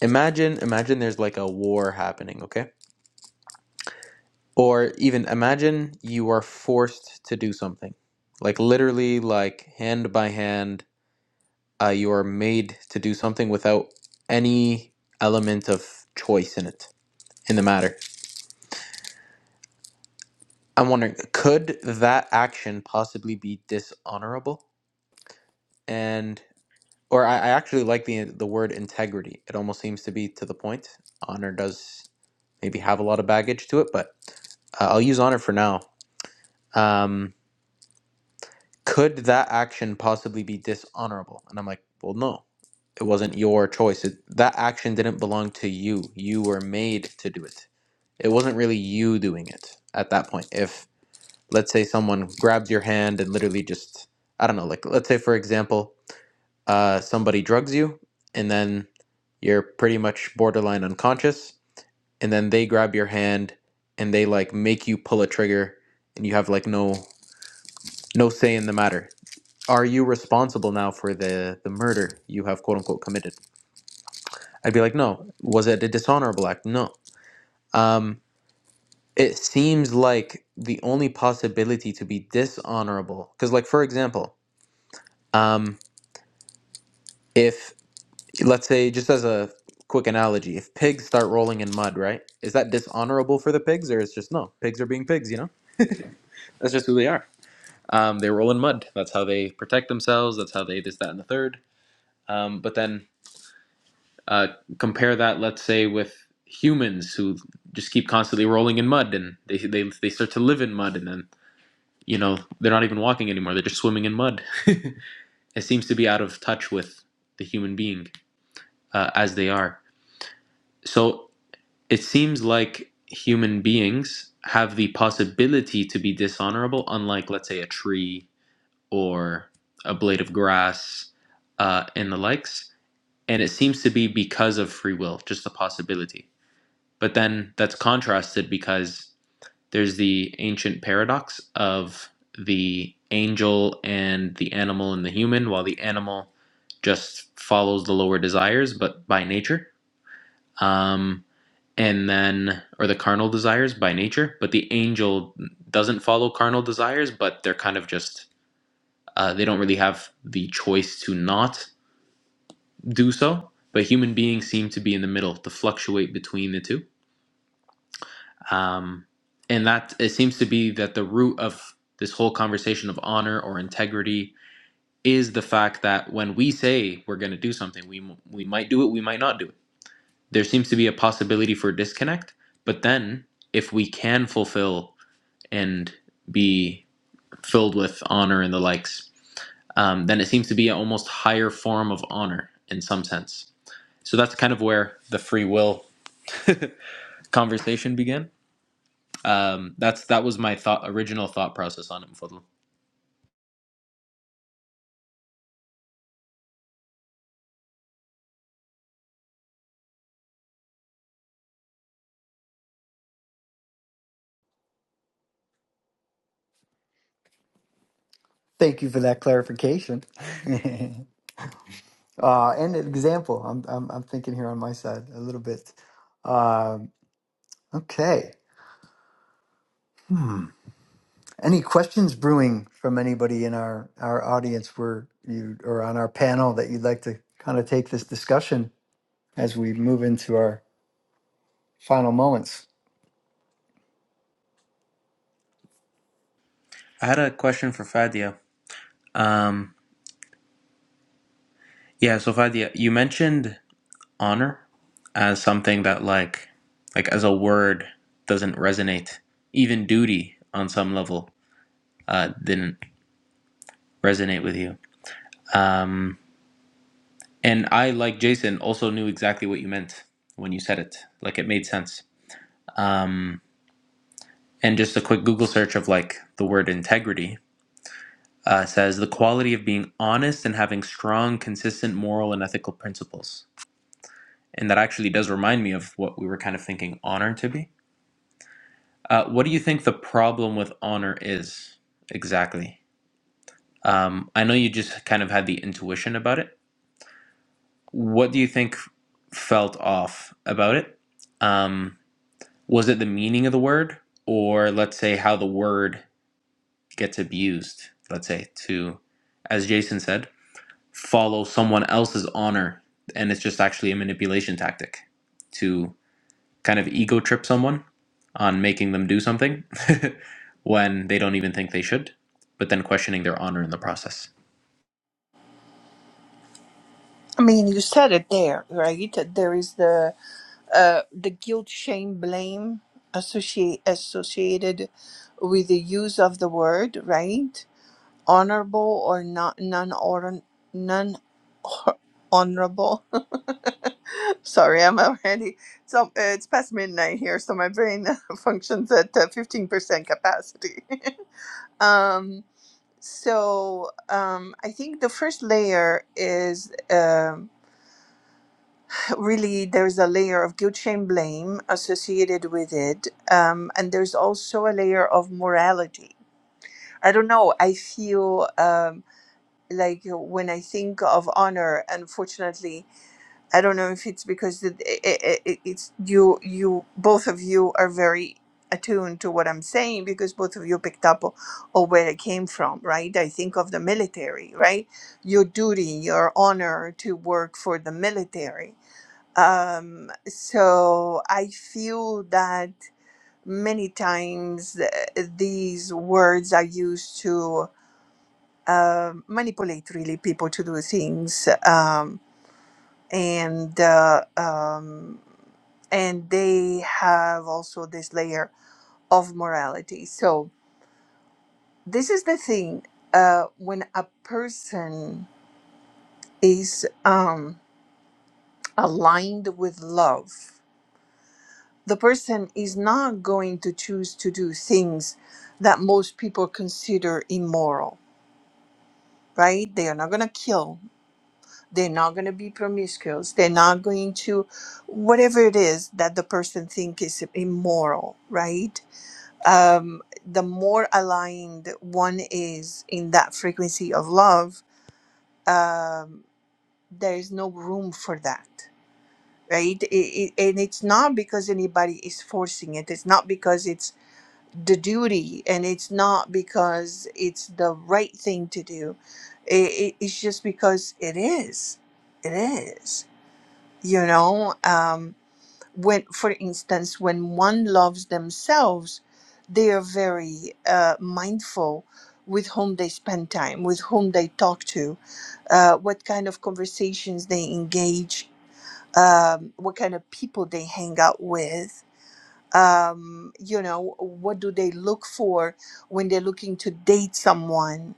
[SPEAKER 1] Imagine, imagine there's like a war happening, okay? Or even imagine you are forced to do something. Like literally like hand by hand, uh, you are made to do something without any element of choice in it, in the matter. I'm wondering, could that action possibly be dishonorable? And or I, I actually like the the word integrity. It almost seems to be to the point. Honor does maybe have a lot of baggage to it, but uh, I'll use honor for now um, could that action possibly be dishonorable? And I'm like, well, no, it wasn't your choice. It, that action didn't belong to you. You were made to do it. It wasn't really you doing it at that point. If, let's say, someone grabs your hand and literally just, I don't know, like, let's say, for example, uh, somebody drugs you and then you're pretty much borderline unconscious, and then they grab your hand and they like make you pull a trigger and you have like no no say in the matter are you responsible now for the the murder you have quote unquote committed i'd be like no was it a dishonorable act no um it seems like the only possibility to be dishonorable because like for example um if let's say just as a quick analogy if pigs start rolling in mud right is that dishonorable for the pigs or it's just no pigs are being pigs you know that's just who they are um, they roll in mud that's how they protect themselves that's how they this that and the third um, but then Uh, compare that, let's say, with humans who just keep constantly rolling in mud, and they they they start to live in mud, and then you know they're not even walking anymore; they're just swimming in mud. It seems to be out of touch with the human being uh, as they are. So it seems like human beings have the possibility to be dishonorable, unlike, let's say, a tree or a blade of grass uh, and the likes. And it seems to be because of free will, just a possibility. But then that's contrasted because there's the ancient paradox of the angel and the animal and the human, while the animal just follows the lower desires, but by nature. Um, and then, or the carnal desires by nature, but the angel doesn't follow carnal desires, but they're kind of just, uh, they don't really have the choice to not do so. But human beings seem to be in the middle, to fluctuate between the two um, and that it seems to be that the root of this whole conversation of honor or integrity is the fact that when we say we're going to do something we we might do it we might not do it there seems to be a possibility for disconnect but then if we can fulfill and be filled with honor and the likes um, then it seems to be an almost higher form of honor in some sense so that's kind of where the free will conversation began um, that's that was my thought original thought process on it Mfodlu.
[SPEAKER 2] Thank you for that clarification. <laughs> uh, and an example. I'm, I'm, I'm thinking here on my side a little bit. Um, okay. Any questions brewing from anybody in our, our audience where you or on our panel that you'd like to kind of take this discussion as we move into our final moments?
[SPEAKER 1] I had a question for Fadia. Um, yeah, so Fadia, you mentioned honor as something that like like as a word doesn't resonate. Even duty on some level uh, didn't resonate with you. Um, and I, like Jason, also knew exactly what you meant when you said it. Like it made sense. Um, and just a quick Google search of like the word integrity uh, says the quality of being honest and having strong, consistent moral and ethical principles. And that actually does remind me of what we were kind of thinking honor to be. Uh, what do you think the problem with honor is exactly? Um, I know you just kind of had the intuition about it. What do you think felt off about it? Um, was it the meaning of the word, or let's say how the word gets abused? Let's say to, as Jason said, follow someone else's honor, and it's just actually a manipulation tactic to. kind of ego trip someone on making them do something <laughs> when they don't even think they should, but then questioning their honor in the process.
[SPEAKER 8] I mean, you said it there, right? There is the uh, the guilt, shame, blame associate, associated with the use of the word, right? Honorable or not non non honorable Sorry, I'm already. So uh, it's past midnight here, so my brain <laughs> functions at uh, fifteen percent capacity. <laughs> um, so um, I think the first layer is um <laughs> really there's a layer of guilt, shame, blame associated with it, um, and there's also a layer of morality. I don't know. I feel um, like when I think of honor, unfortunately. I don't know if it's because it, it, it, it's you you both of you are very attuned to what I'm saying because both of you picked up o- on where it came from, right? I think of the military, right? Your duty, your honor to work for the military. Um, so I feel that many times uh, these words are used to uh, manipulate really people to do things. Um, and uh, um, and they have also this layer of morality. So this is the thing uh, when a person is um, aligned with love, the person is not going to choose to do things that most people consider immoral. Right? They are not going to kill. They're not going to be promiscuous. They're not going to, whatever it is that the person think is immoral. Right? um, the more aligned one is in that frequency of love, um, there is no room for that, right? It, it, and it's not because anybody is forcing it. It's not because it's the duty, and it's not because it's the right thing to do. It, it, it's just because it is. It is. You know. Um, when for instance when one loves themselves they are very uh, mindful with whom they spend time with whom they talk to uh, what kind of conversations they engage um, what kind of people they hang out with um, you know, what do they look for when they're looking to date someone,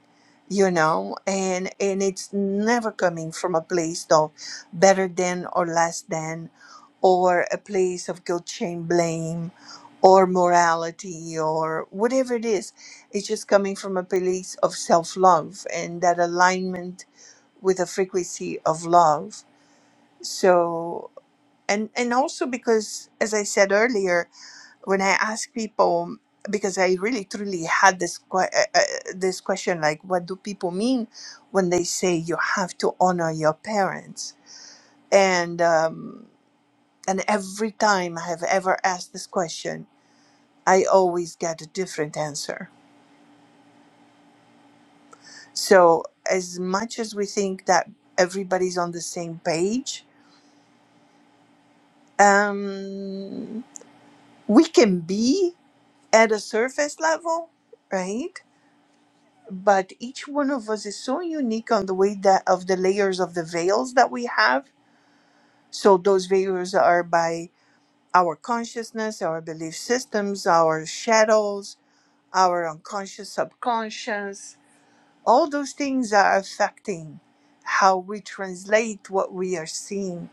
[SPEAKER 8] you know, and and it's never coming from a place of better than or less than, or a place of guilt, shame, blame, or morality, or whatever it is. It's just coming from a place of self love and that alignment with a frequency of love. So. And, and also because, as I said earlier, when I ask people, because I really truly had this que- uh, uh, this question, like, what do people mean when they say you have to honor your parents? And um, and every time I have ever asked this question, I always get a different answer. So as much as we think that everybody's on the same page, um, we can be at a surface level, right? but each one of us is so unique on the way that of the layers of the veils that we have so those veils are by our consciousness our belief systems our shadows our unconscious subconscious all those things are affecting how we translate what we are seeing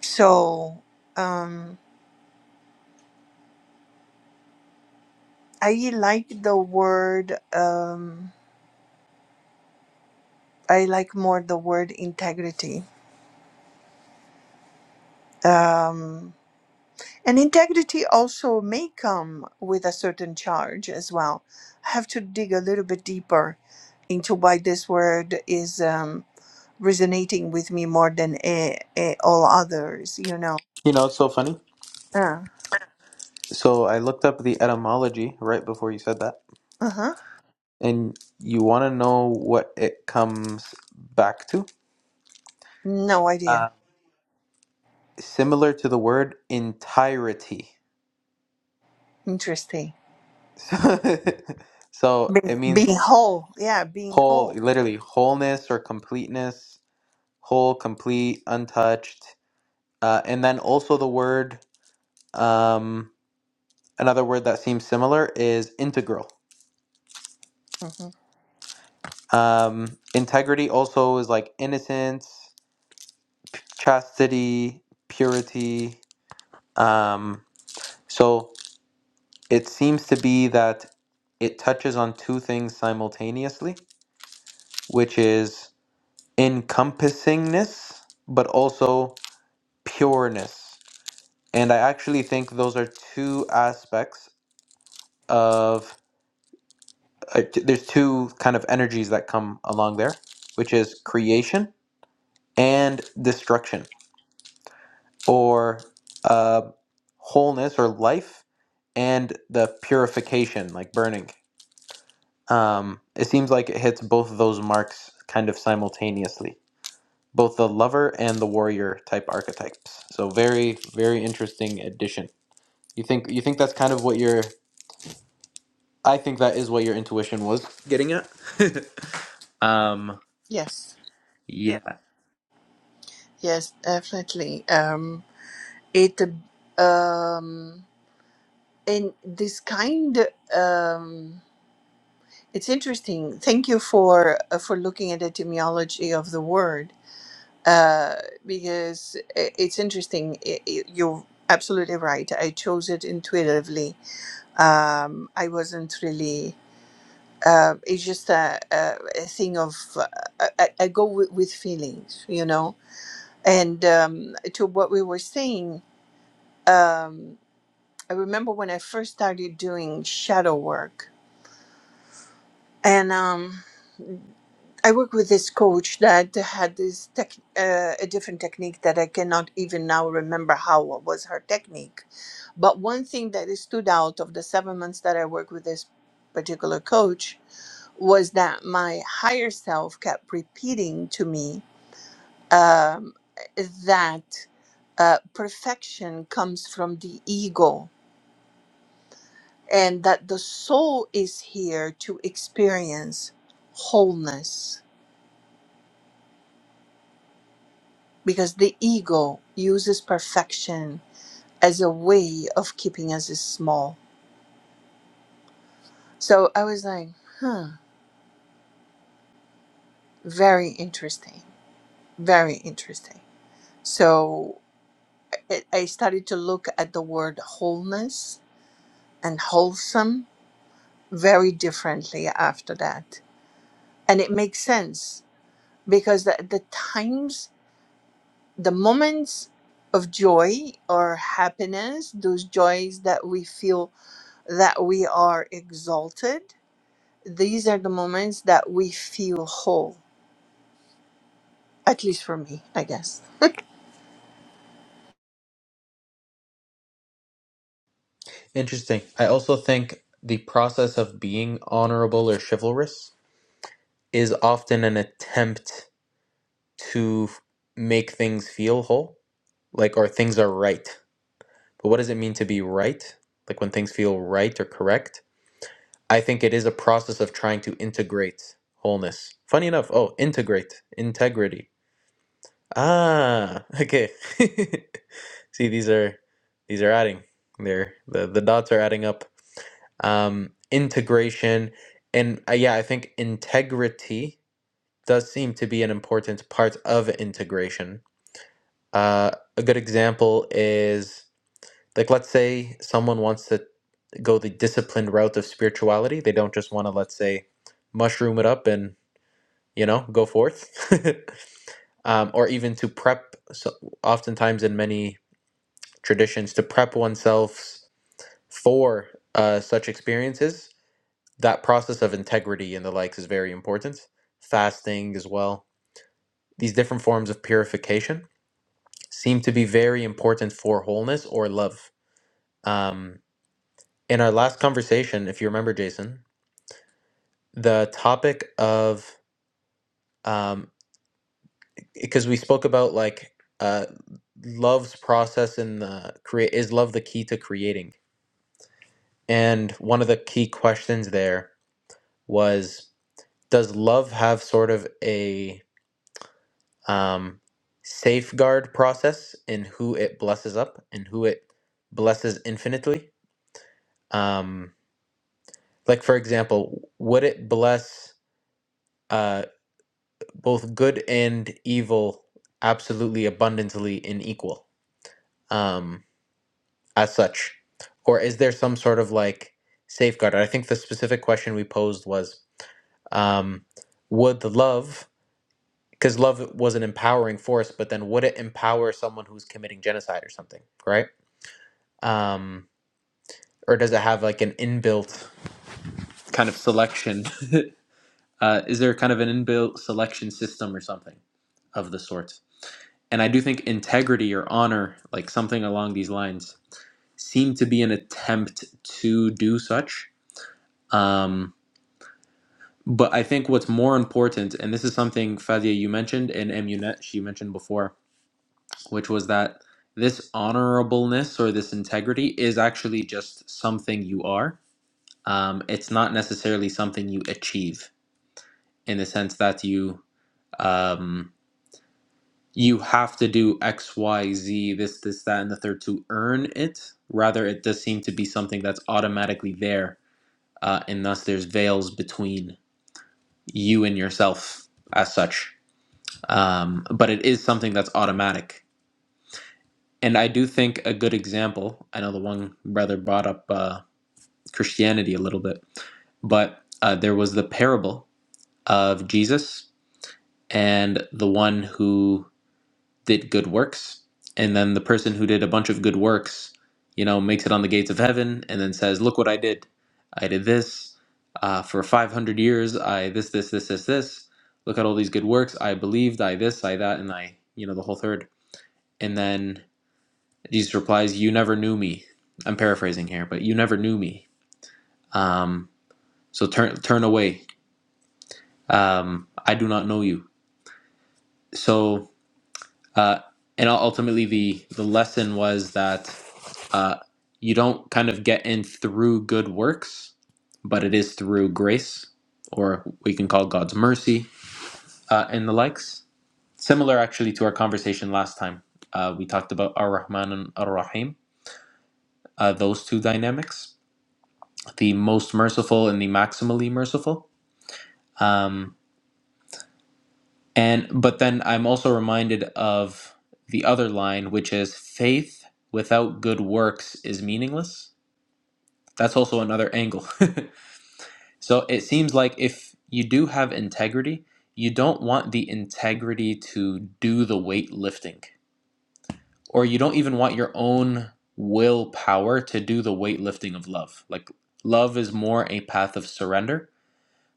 [SPEAKER 8] so um i like the word um i like more the word integrity um And integrity also may come with a certain charge as well. I have to dig a little bit deeper into why this word is um, resonating with me more than eh, eh, all others, you know.
[SPEAKER 1] You know, it's so funny.
[SPEAKER 8] Uh,
[SPEAKER 1] So I looked up the etymology right before you said that,
[SPEAKER 8] uh-huh.
[SPEAKER 1] and you want to know what it comes back to?
[SPEAKER 8] No
[SPEAKER 1] Uh,
[SPEAKER 8] idea.
[SPEAKER 1] similar to the word entirety.
[SPEAKER 8] Interesting.
[SPEAKER 1] <laughs> so it
[SPEAKER 8] Being,
[SPEAKER 1] means
[SPEAKER 8] being whole. Yeah, being
[SPEAKER 1] whole,
[SPEAKER 8] whole.
[SPEAKER 1] literally wholeness or completeness, whole, complete, untouched. Uh, and then also the word um, another word that seems similar is integral.
[SPEAKER 8] hmm
[SPEAKER 1] Um, integrity also is like innocence, chastity, purity. Um, so it seems to be that it touches on two things simultaneously, which is encompassingness, but also pureness. And I actually think those are two aspects of, uh, there's two kind of energies that come along there, which is creation and destruction, or uh, wholeness or life and the purification, like burning. Um, it seems like it hits both of those marks kind of simultaneously, both the lover and the warrior type archetypes. So very, very interesting addition. You think you think that's kind of what your I think that is what your intuition was getting at. <laughs> um,
[SPEAKER 8] Yes.
[SPEAKER 1] yeah.
[SPEAKER 8] Yes, definitely. Um, it, um, and this kind, um, It's interesting. Thank you for uh, for looking at the etymology of the word uh, because i- it's interesting. I- i- You're absolutely right. I chose it intuitively. Um, I wasn't really. Uh, it's just a, a, a thing of uh, I, I I go with, with feelings, you know. And um, to what we were saying, um, I remember when I first started doing shadow work, and um, I work with this coach that had this tech, uh, a different technique that I cannot even now remember how what was her technique. But one thing that stood out of the seven months that I worked with this particular coach was that my higher self kept repeating to me um, that uh, perfection comes from the ego and that the soul is here to experience wholeness because the ego uses perfection as a way of keeping us small. So I was like, hmm, very interesting, very interesting. So it, I started to look at the word wholeness and wholesome very differently after that. And it makes sense because the, the times, the moments of joy or happiness, those joys that we feel that we are exalted these are the moments that we feel whole at least for me i guess
[SPEAKER 1] Interesting. I also think the process of being honorable or chivalrous is often an attempt to f- make things feel whole, like, or things are right. But what does it mean to be right? Like, when things feel right or correct? I think it is a process of trying to integrate wholeness. Funny enough, oh, integrate, integrity. Ah, okay. <laughs> See, these are these are adding. They're the, the dots are adding up um, integration, and uh, yeah, I think integrity does seem to be an important part of integration. Uh, a good example is like, let's say someone wants to go the disciplined route of spirituality. They don't just want to, let's say, mushroom it up and, you know, go forth. <laughs> um, or even to prep, so oftentimes in many traditions, to prep oneself for uh, such experiences. That process of integrity and the likes is very important. Fasting as well. These different forms of purification seem to be very important for wholeness or love. Um, in our last conversation, if you remember, Jason, the topic of um, because we spoke about like uh, love's process in the create is love the key to creating, and one of the key questions there was does love have sort of a um, safeguard process in who it blesses up and who it blesses infinitely? Um, Like, for example, would it bless uh, both good and evil absolutely abundantly and equal um, as such? Or is there some sort of like safeguard? I think the specific question we posed was um, would the love, because love was an empowering force, but then would it empower someone who's committing genocide or something, right? Um, or does it have like an inbuilt kind of selection? <laughs> uh, is there kind of an inbuilt selection system or something? of the sort. And I do think integrity or honor, like something along these lines, seem to be an attempt to do such. Um, but I think what's more important, and this is something Fadia you mentioned and Emunet she mentioned before, which was that this honorableness or this integrity is actually just something you are. Um, it's not necessarily something you achieve in the sense that you. Um, you have to do X, Y, Z, this, this, that, and the third to earn it. Rather, it does seem to be something that's automatically there, uh, and thus there's veils between you and yourself as such. Um, but it is something that's automatic. And I do think a good example, I know the one brother brought up uh, Christianity a little bit, but uh, there was the parable of Jesus and the one who did good works and then the person who did a bunch of good works you know makes it on the gates of heaven and then says look what i did i did this uh, for 500 years i this this this this this look at all these good works i believed i this i that and i you know the whole third." and then jesus replies you never knew me i'm paraphrasing here but you never knew me um, so turn turn away um, i do not know you so uh, and ultimately the the lesson was that uh, you don't kind of get in through good works, but it is through grace, or we can call God's mercy uh, and the likes. Similar, actually, to our conversation last time, uh, we talked about Ar Rahman and Ar Rahim, uh, those two dynamics, the most merciful and the maximally merciful. Um, And but then I'm also reminded of the other line, which is faith without good works is meaningless. That's also another angle. <laughs> so it seems like if you do have integrity, you don't want the integrity to do the weightlifting, or you don't even want your own willpower to do the weightlifting of love. Like love is more a path of surrender,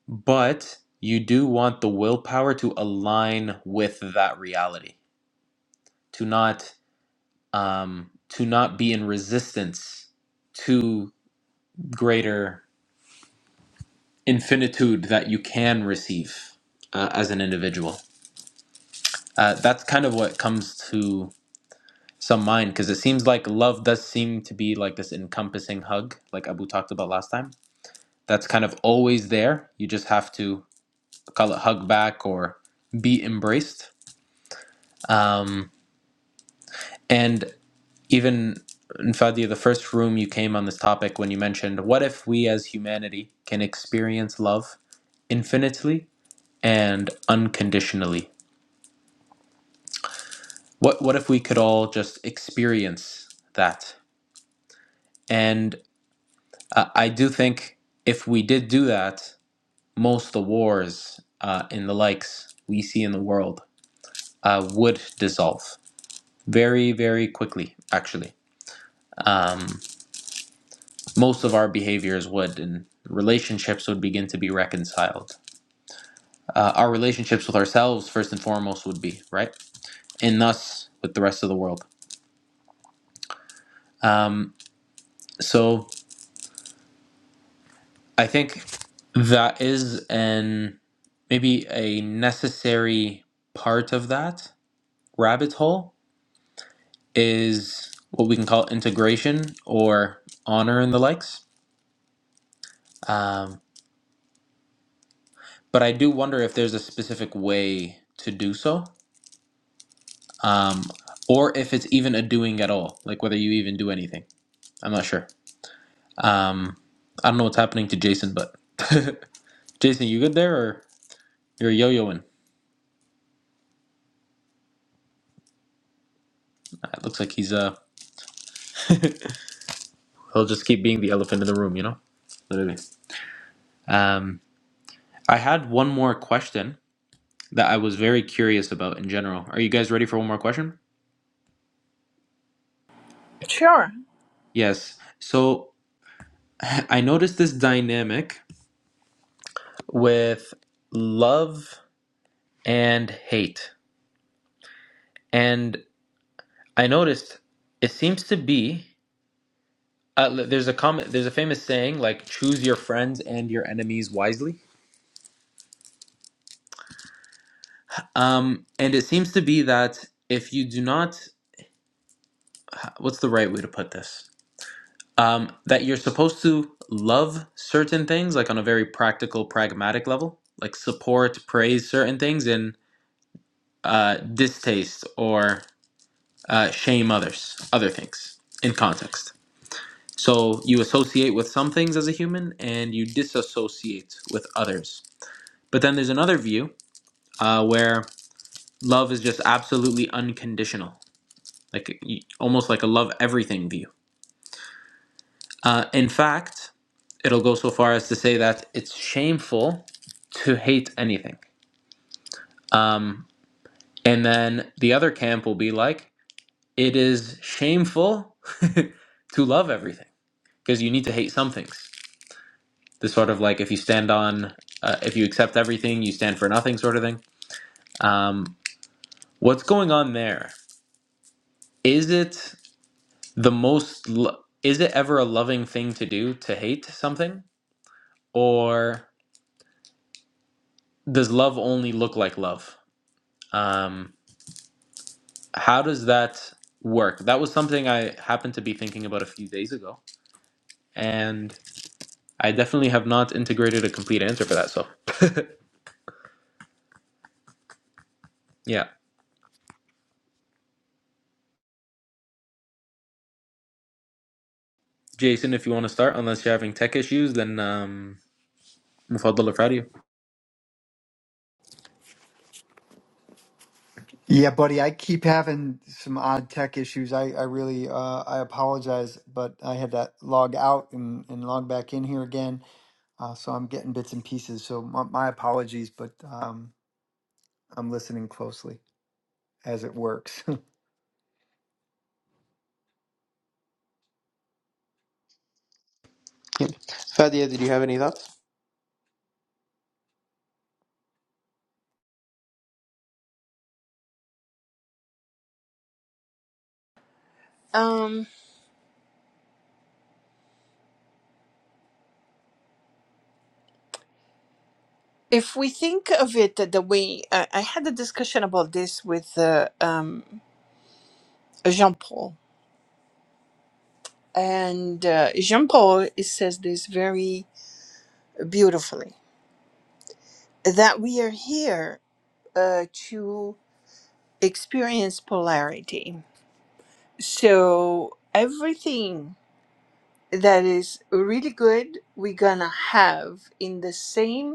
[SPEAKER 1] but you do want the willpower to align with that reality to not um, to not be in resistance to greater infinitude that you can receive uh, as an individual. Uh, that's kind of what comes to some mind because it seems like love does seem to be like this encompassing hug, like Abu talked about last time. That's kind of always there. You just have to call it hug back or be embraced. Um, and Even in Fadia, the first room you came on this topic when you mentioned, what if we as humanity can experience love infinitely and unconditionally? What what if we could all just experience that? And uh, I do think if we did do that, most of the wars uh, and the likes we see in the world uh, would dissolve very very quickly. Actually, most of our behaviors would, and relationships would begin to be reconciled uh, our relationships with ourselves first and foremost would be right and thus with the rest of the world um, so i think that is an maybe a necessary part of that rabbit hole is what we can call integration or honor and the likes um, but i do wonder if there's a specific way to do so um, or if it's even a doing at all like whether you even do anything i'm not sure Um, I don't know what's happening to Jason, but <laughs> Jason, you good there or you're yo-yoing? It looks like he's uh he'll just keep being the elephant in the room, you know? Literally. Um, I had one more question that I was very curious about in general. Are you guys ready for one more question?
[SPEAKER 8] Sure.
[SPEAKER 1] Yes. So <clears throat> I noticed this dynamic with love and hate. And I noticed it seems to be Uh, l- there's a comment. There's a famous saying like "choose your friends and your enemies wisely," um, and it seems to be that if you do not, what's the right way to put this? Um, that you're supposed to love certain things, like on a very practical, pragmatic level, like support, praise certain things, and uh, distaste or uh, shame others, other things in context. So you associate with some things as a human, and you disassociate with others. But then there's another view uh, where love is just absolutely unconditional, like almost like a love everything view. Uh, in fact, it'll go so far as to say that it's shameful to hate anything. Um, and then the other camp will be like, it is shameful <laughs> to love everything because you need to hate some things. This sort of like if you stand on, uh, if you accept everything, you stand for nothing sort of thing. Um, what's going on there? Is it? the most lo- is it ever a loving thing to do to hate something or does love only look like love um how does that work that was something i happened to be thinking about a few days ago and i definitely have not integrated a complete answer for that so yeah jason if you want to start unless you're having tech issues then um مفضل Friday.
[SPEAKER 2] Yeah, buddy, I keep having some odd tech issues. I, I really uh, I apologize, but I had to log out and, and log back in here again. Uh, so I'm getting bits and pieces. So my, my apologies, but um, I'm listening closely as it works.
[SPEAKER 1] Yeah. Fadia, did you have any thoughts?
[SPEAKER 8] <laughs> um if we think of it the way i i had a discussion about this with uh, um jean paul and uh, jean paul says this very beautifully that we are here uh, to experience polarity so everything that is really good we're gonna have in the same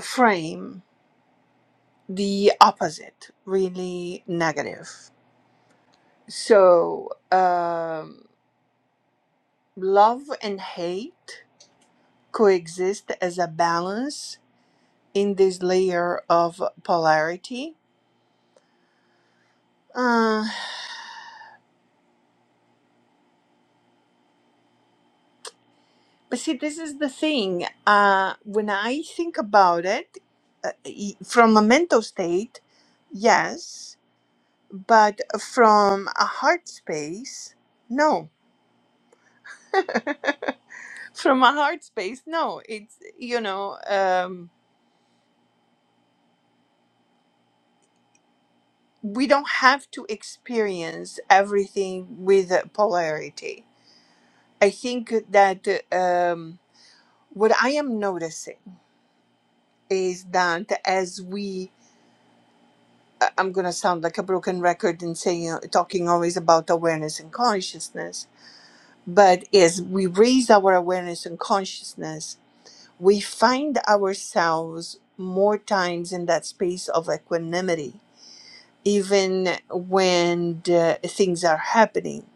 [SPEAKER 8] frame the opposite really negative. So, um, love and hate coexist as a balance in this layer of polarity. Uh, but see, this is the thing. Uh, when I think about it, uh, e- from a mental state, yes, but from a heart space, no. <laughs> from a heart space no it's you know um we don't have to experience everything with polarity i think that um what i am noticing is that as we I- i'm going to sound like a broken record in saying uh, talking always about awareness and consciousness but as we raise our awareness and consciousness we find ourselves more times in that space of equanimity even when the things are happening,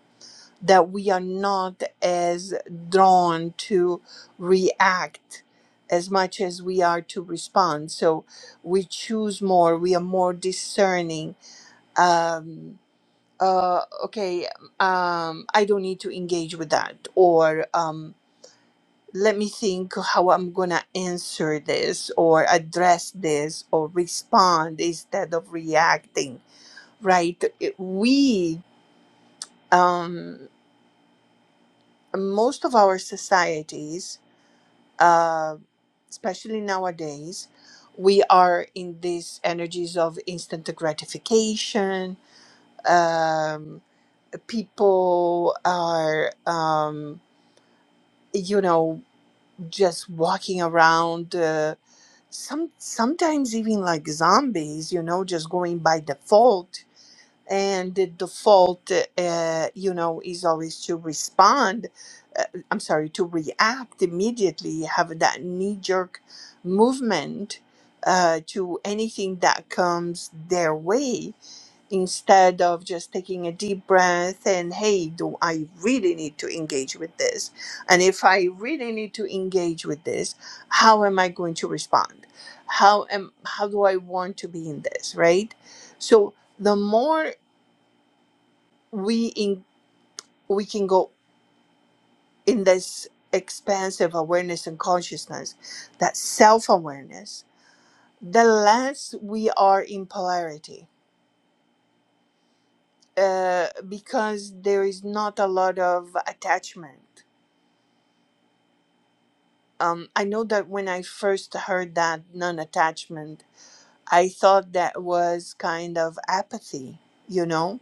[SPEAKER 8] that we are not as drawn to react as much as we are to respond. So we choose more, we are more discerning. Um, uh, okay, um, I don't need to engage with that, or um, let me think how I'm gonna answer this, or address this, or respond instead of reacting Right. We, um, most of our societies, uh, especially nowadays, we are in these energies of instant gratification. Um, people are, um, you know, just walking around. Uh, some sometimes even like zombies, you know, just going by default and the default uh, you know is always to respond uh, i'm sorry to react immediately have that knee jerk movement uh, to anything that comes their way instead of just taking a deep breath and hey do i really need to engage with this and if i really need to engage with this how am i going to respond how am how do i want to be in this right so the more we in we can go in this expansive awareness and consciousness that self-awareness the less we are in polarity uh, because there is not a lot of attachment um, i know that when i first heard that non-attachment i thought that was kind of apathy you know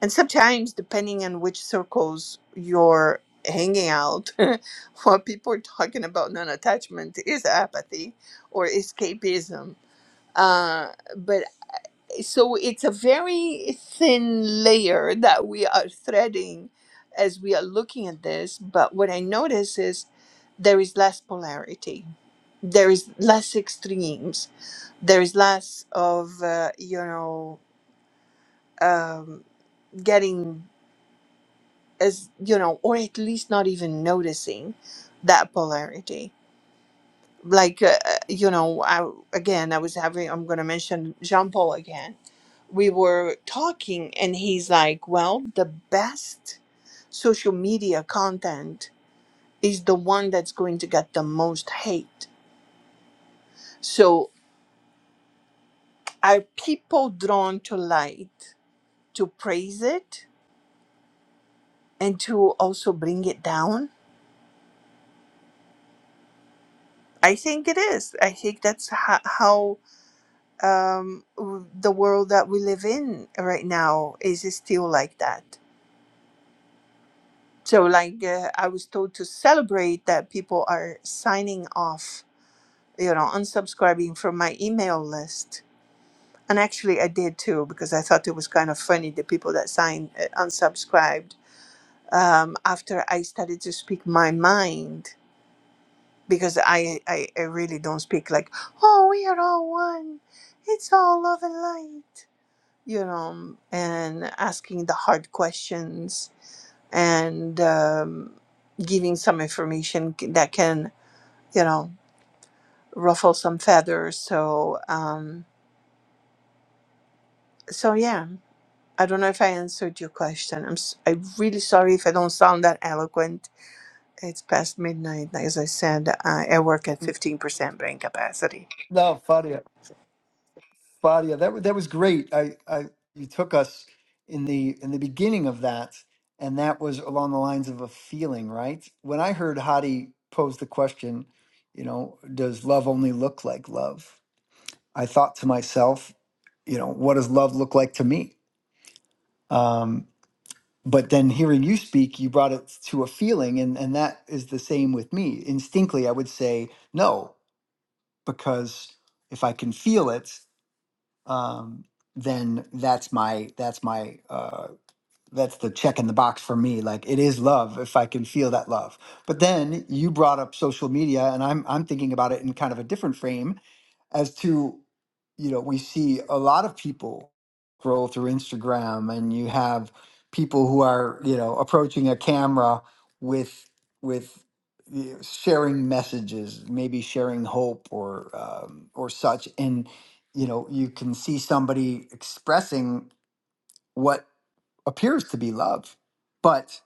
[SPEAKER 8] And sometimes, depending on which circles you're hanging out, <laughs> what people are talking about non attachment is apathy or escapism. Uh, but so it's a very thin layer that we are threading as we are looking at this. But what I notice is there is less polarity, there is less extremes, there is less of, uh, you know, um, getting as you know or at least not even noticing that polarity like uh, uh, you know i again i was having i'm going to mention jean paul again we were talking and he's like well the best social media content is the one that's going to get the most hate so are people drawn to light to praise it and to also bring it down i think it is i think that's ho- how um, w- the world that we live in right now is still like that. So, like, uh, I was told to celebrate that people are signing off, you know, unsubscribing from my email list. And actually, I did too, because I thought it was kind of funny the people that signed uh, unsubscribed um, after I started to speak my mind, because I, I, I really don't speak like, oh, we are all one, it's all love and light you know, and asking the hard questions and um, giving some information c- that can, you know, ruffle some feathers. So, um, so yeah, I don't know if I answered your question. I'm s- I'm really sorry if I don't sound that eloquent. It's past midnight, as I said. I I work at fifteen percent brain capacity.
[SPEAKER 2] <laughs> no, Fadia, Fadia, that wa- that was great. I, I you took us in the in the beginning of that, and that was along the lines of a feeling, right? When I heard Hadi pose the question, you know, does love only look like love? I thought to myself, you know, what does love look like to me? Um, but then hearing you speak you brought it to a feeling and and that is the same with me instinctively i would say no because if i can feel it um then that's my that's my uh that's the check in the box for me like it is love if i can feel that love but then you brought up social media and i'm i'm thinking about it in kind of a different frame as to you know we see a lot of people scroll through instagram and you have people who are you know approaching a camera with with you know, sharing messages maybe sharing hope or um, or such and you know you can see somebody expressing what appears to be love but.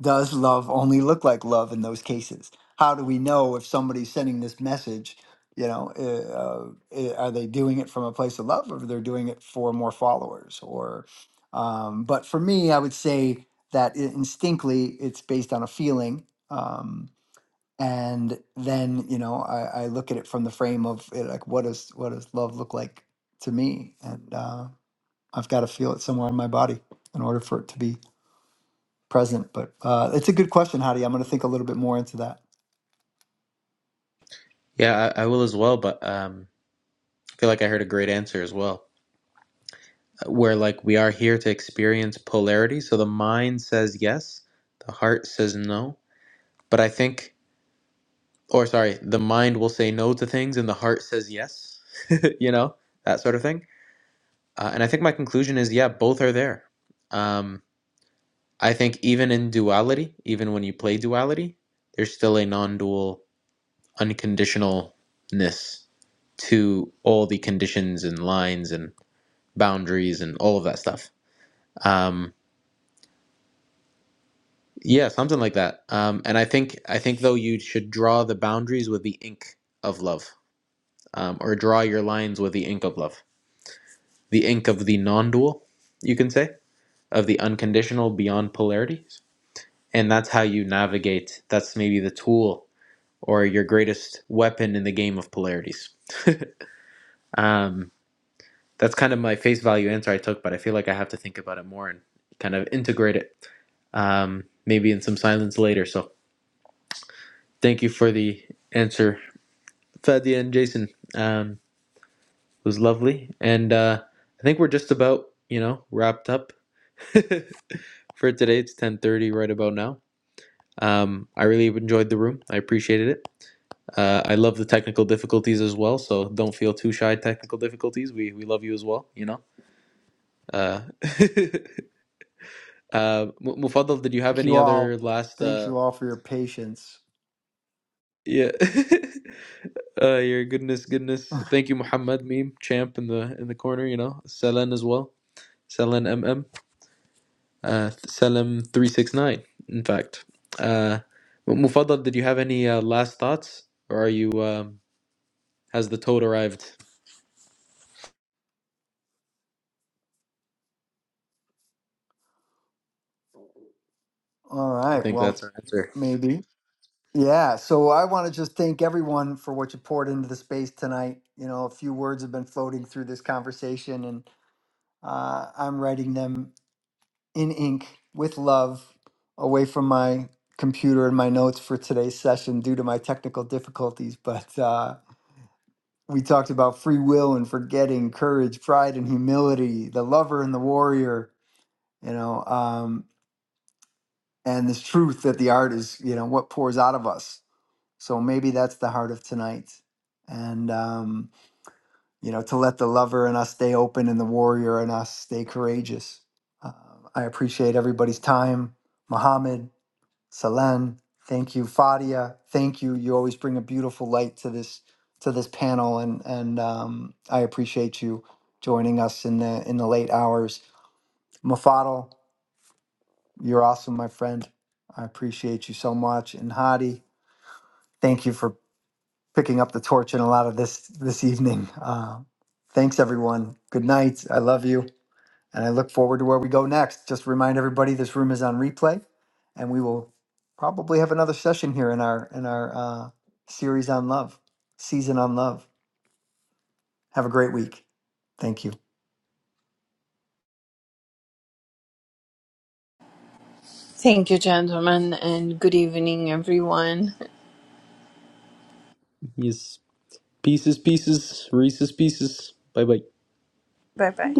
[SPEAKER 2] Does love only look like love in those cases? How do we know if somebody's sending this message? You know, uh, uh, eh, are they doing it from a place of love, or they're doing it for more followers? Or, um, but for me, I would say that i- instinctly it's based on a feeling, um, and then you know I, I look at it from the frame of eh, like what does what does love look like to me, and uh, I've got to feel it somewhere in my body in order for it to be present. But uh, it's a good question, Hadi. I'm going to think a little bit more into that.
[SPEAKER 1] yeah I, I will as well but um i feel like i heard a great answer as well where like we are here to experience polarity. So the mind says yes, the heart says no. But I think, or sorry, the mind will say no to things and the heart says yes, <laughs> you know, that sort of thing. Uh, and I think my conclusion is yeah, both are there. Um, I think even in duality, even when you play duality, there's still a non dual unconditionalness to all the conditions and lines and boundaries and all of that stuff. Um, Yeah, something like that. Um, and I think I think though you should draw the boundaries with the ink of love, um, or draw your lines with the ink of love, the ink of the non-dual, you can say, of the unconditional beyond polarities. And that's how you navigate. That's maybe the tool or your greatest weapon in the game of polarities. Um, that's kind of my face value answer I took, but I feel like I have to think about it more and kind of integrate it, um, maybe in some silence later. So thank you for the answer Fadia and Jason. Um, it was lovely, and uh, I think we're just about you know wrapped up <laughs> for today. It's ten thirty right about now. Um, I really enjoyed the room. I appreciated it. Uh, I love the technical difficulties as well. So don't feel too shy. Technical difficulties. We we love you as well. You know. Uh, <laughs> uh, Mufaddal, did you have
[SPEAKER 2] Thank
[SPEAKER 1] any
[SPEAKER 2] you
[SPEAKER 1] other
[SPEAKER 2] all.
[SPEAKER 1] last?
[SPEAKER 2] Thank
[SPEAKER 1] Uh,
[SPEAKER 2] you all for your patience.
[SPEAKER 1] yeah. <laughs> uh, your goodness, goodness. Thank you, Muhammad Meme Champ in the in the corner. You know, Selen as well. Selen M. M. uh, Salam 369, in fact. Uh, Mufaddal, did you have any uh, last thoughts? Or are you, um, has the toad arrived?
[SPEAKER 2] All
[SPEAKER 1] I
[SPEAKER 2] right.
[SPEAKER 1] think
[SPEAKER 2] Well,
[SPEAKER 1] that's our answer.
[SPEAKER 2] maybe. Yeah. So I want to just thank everyone for what you poured into the space tonight. You know, a few words have been floating through this conversation, and uh, I'm writing them in ink with love away from my computer and my notes for today's session due to my technical difficulties. But uh, we talked about free will and forgetting courage pride and humility the lover and the warrior you know um, and this truth that the art is you know what pours out of us so maybe that's the heart of tonight and um, you know to let the lover in us stay open and the warrior in us stay courageous uh, i appreciate everybody's time Muhammad. Salen, thank you, Fadia, thank you. You always bring a beautiful light to this to this panel, and and um, I appreciate you joining us in the in the late hours. Mafadal, you're awesome, my friend. I appreciate you so much, and Hadi, thank you for picking up the torch in a lot of this this evening. Uh, thanks, everyone. Good night. I love you. And I look forward to where we go next. Just remind everybody this room is on replay, and we will probably have another session here in our in our uh, series on love, season on love. Have a great week. Thank you.
[SPEAKER 8] Thank you, gentlemen, and good evening, everyone.
[SPEAKER 1] Yes. Pieces, pieces, Reese's pieces. Bye bye.
[SPEAKER 8] Bye bye.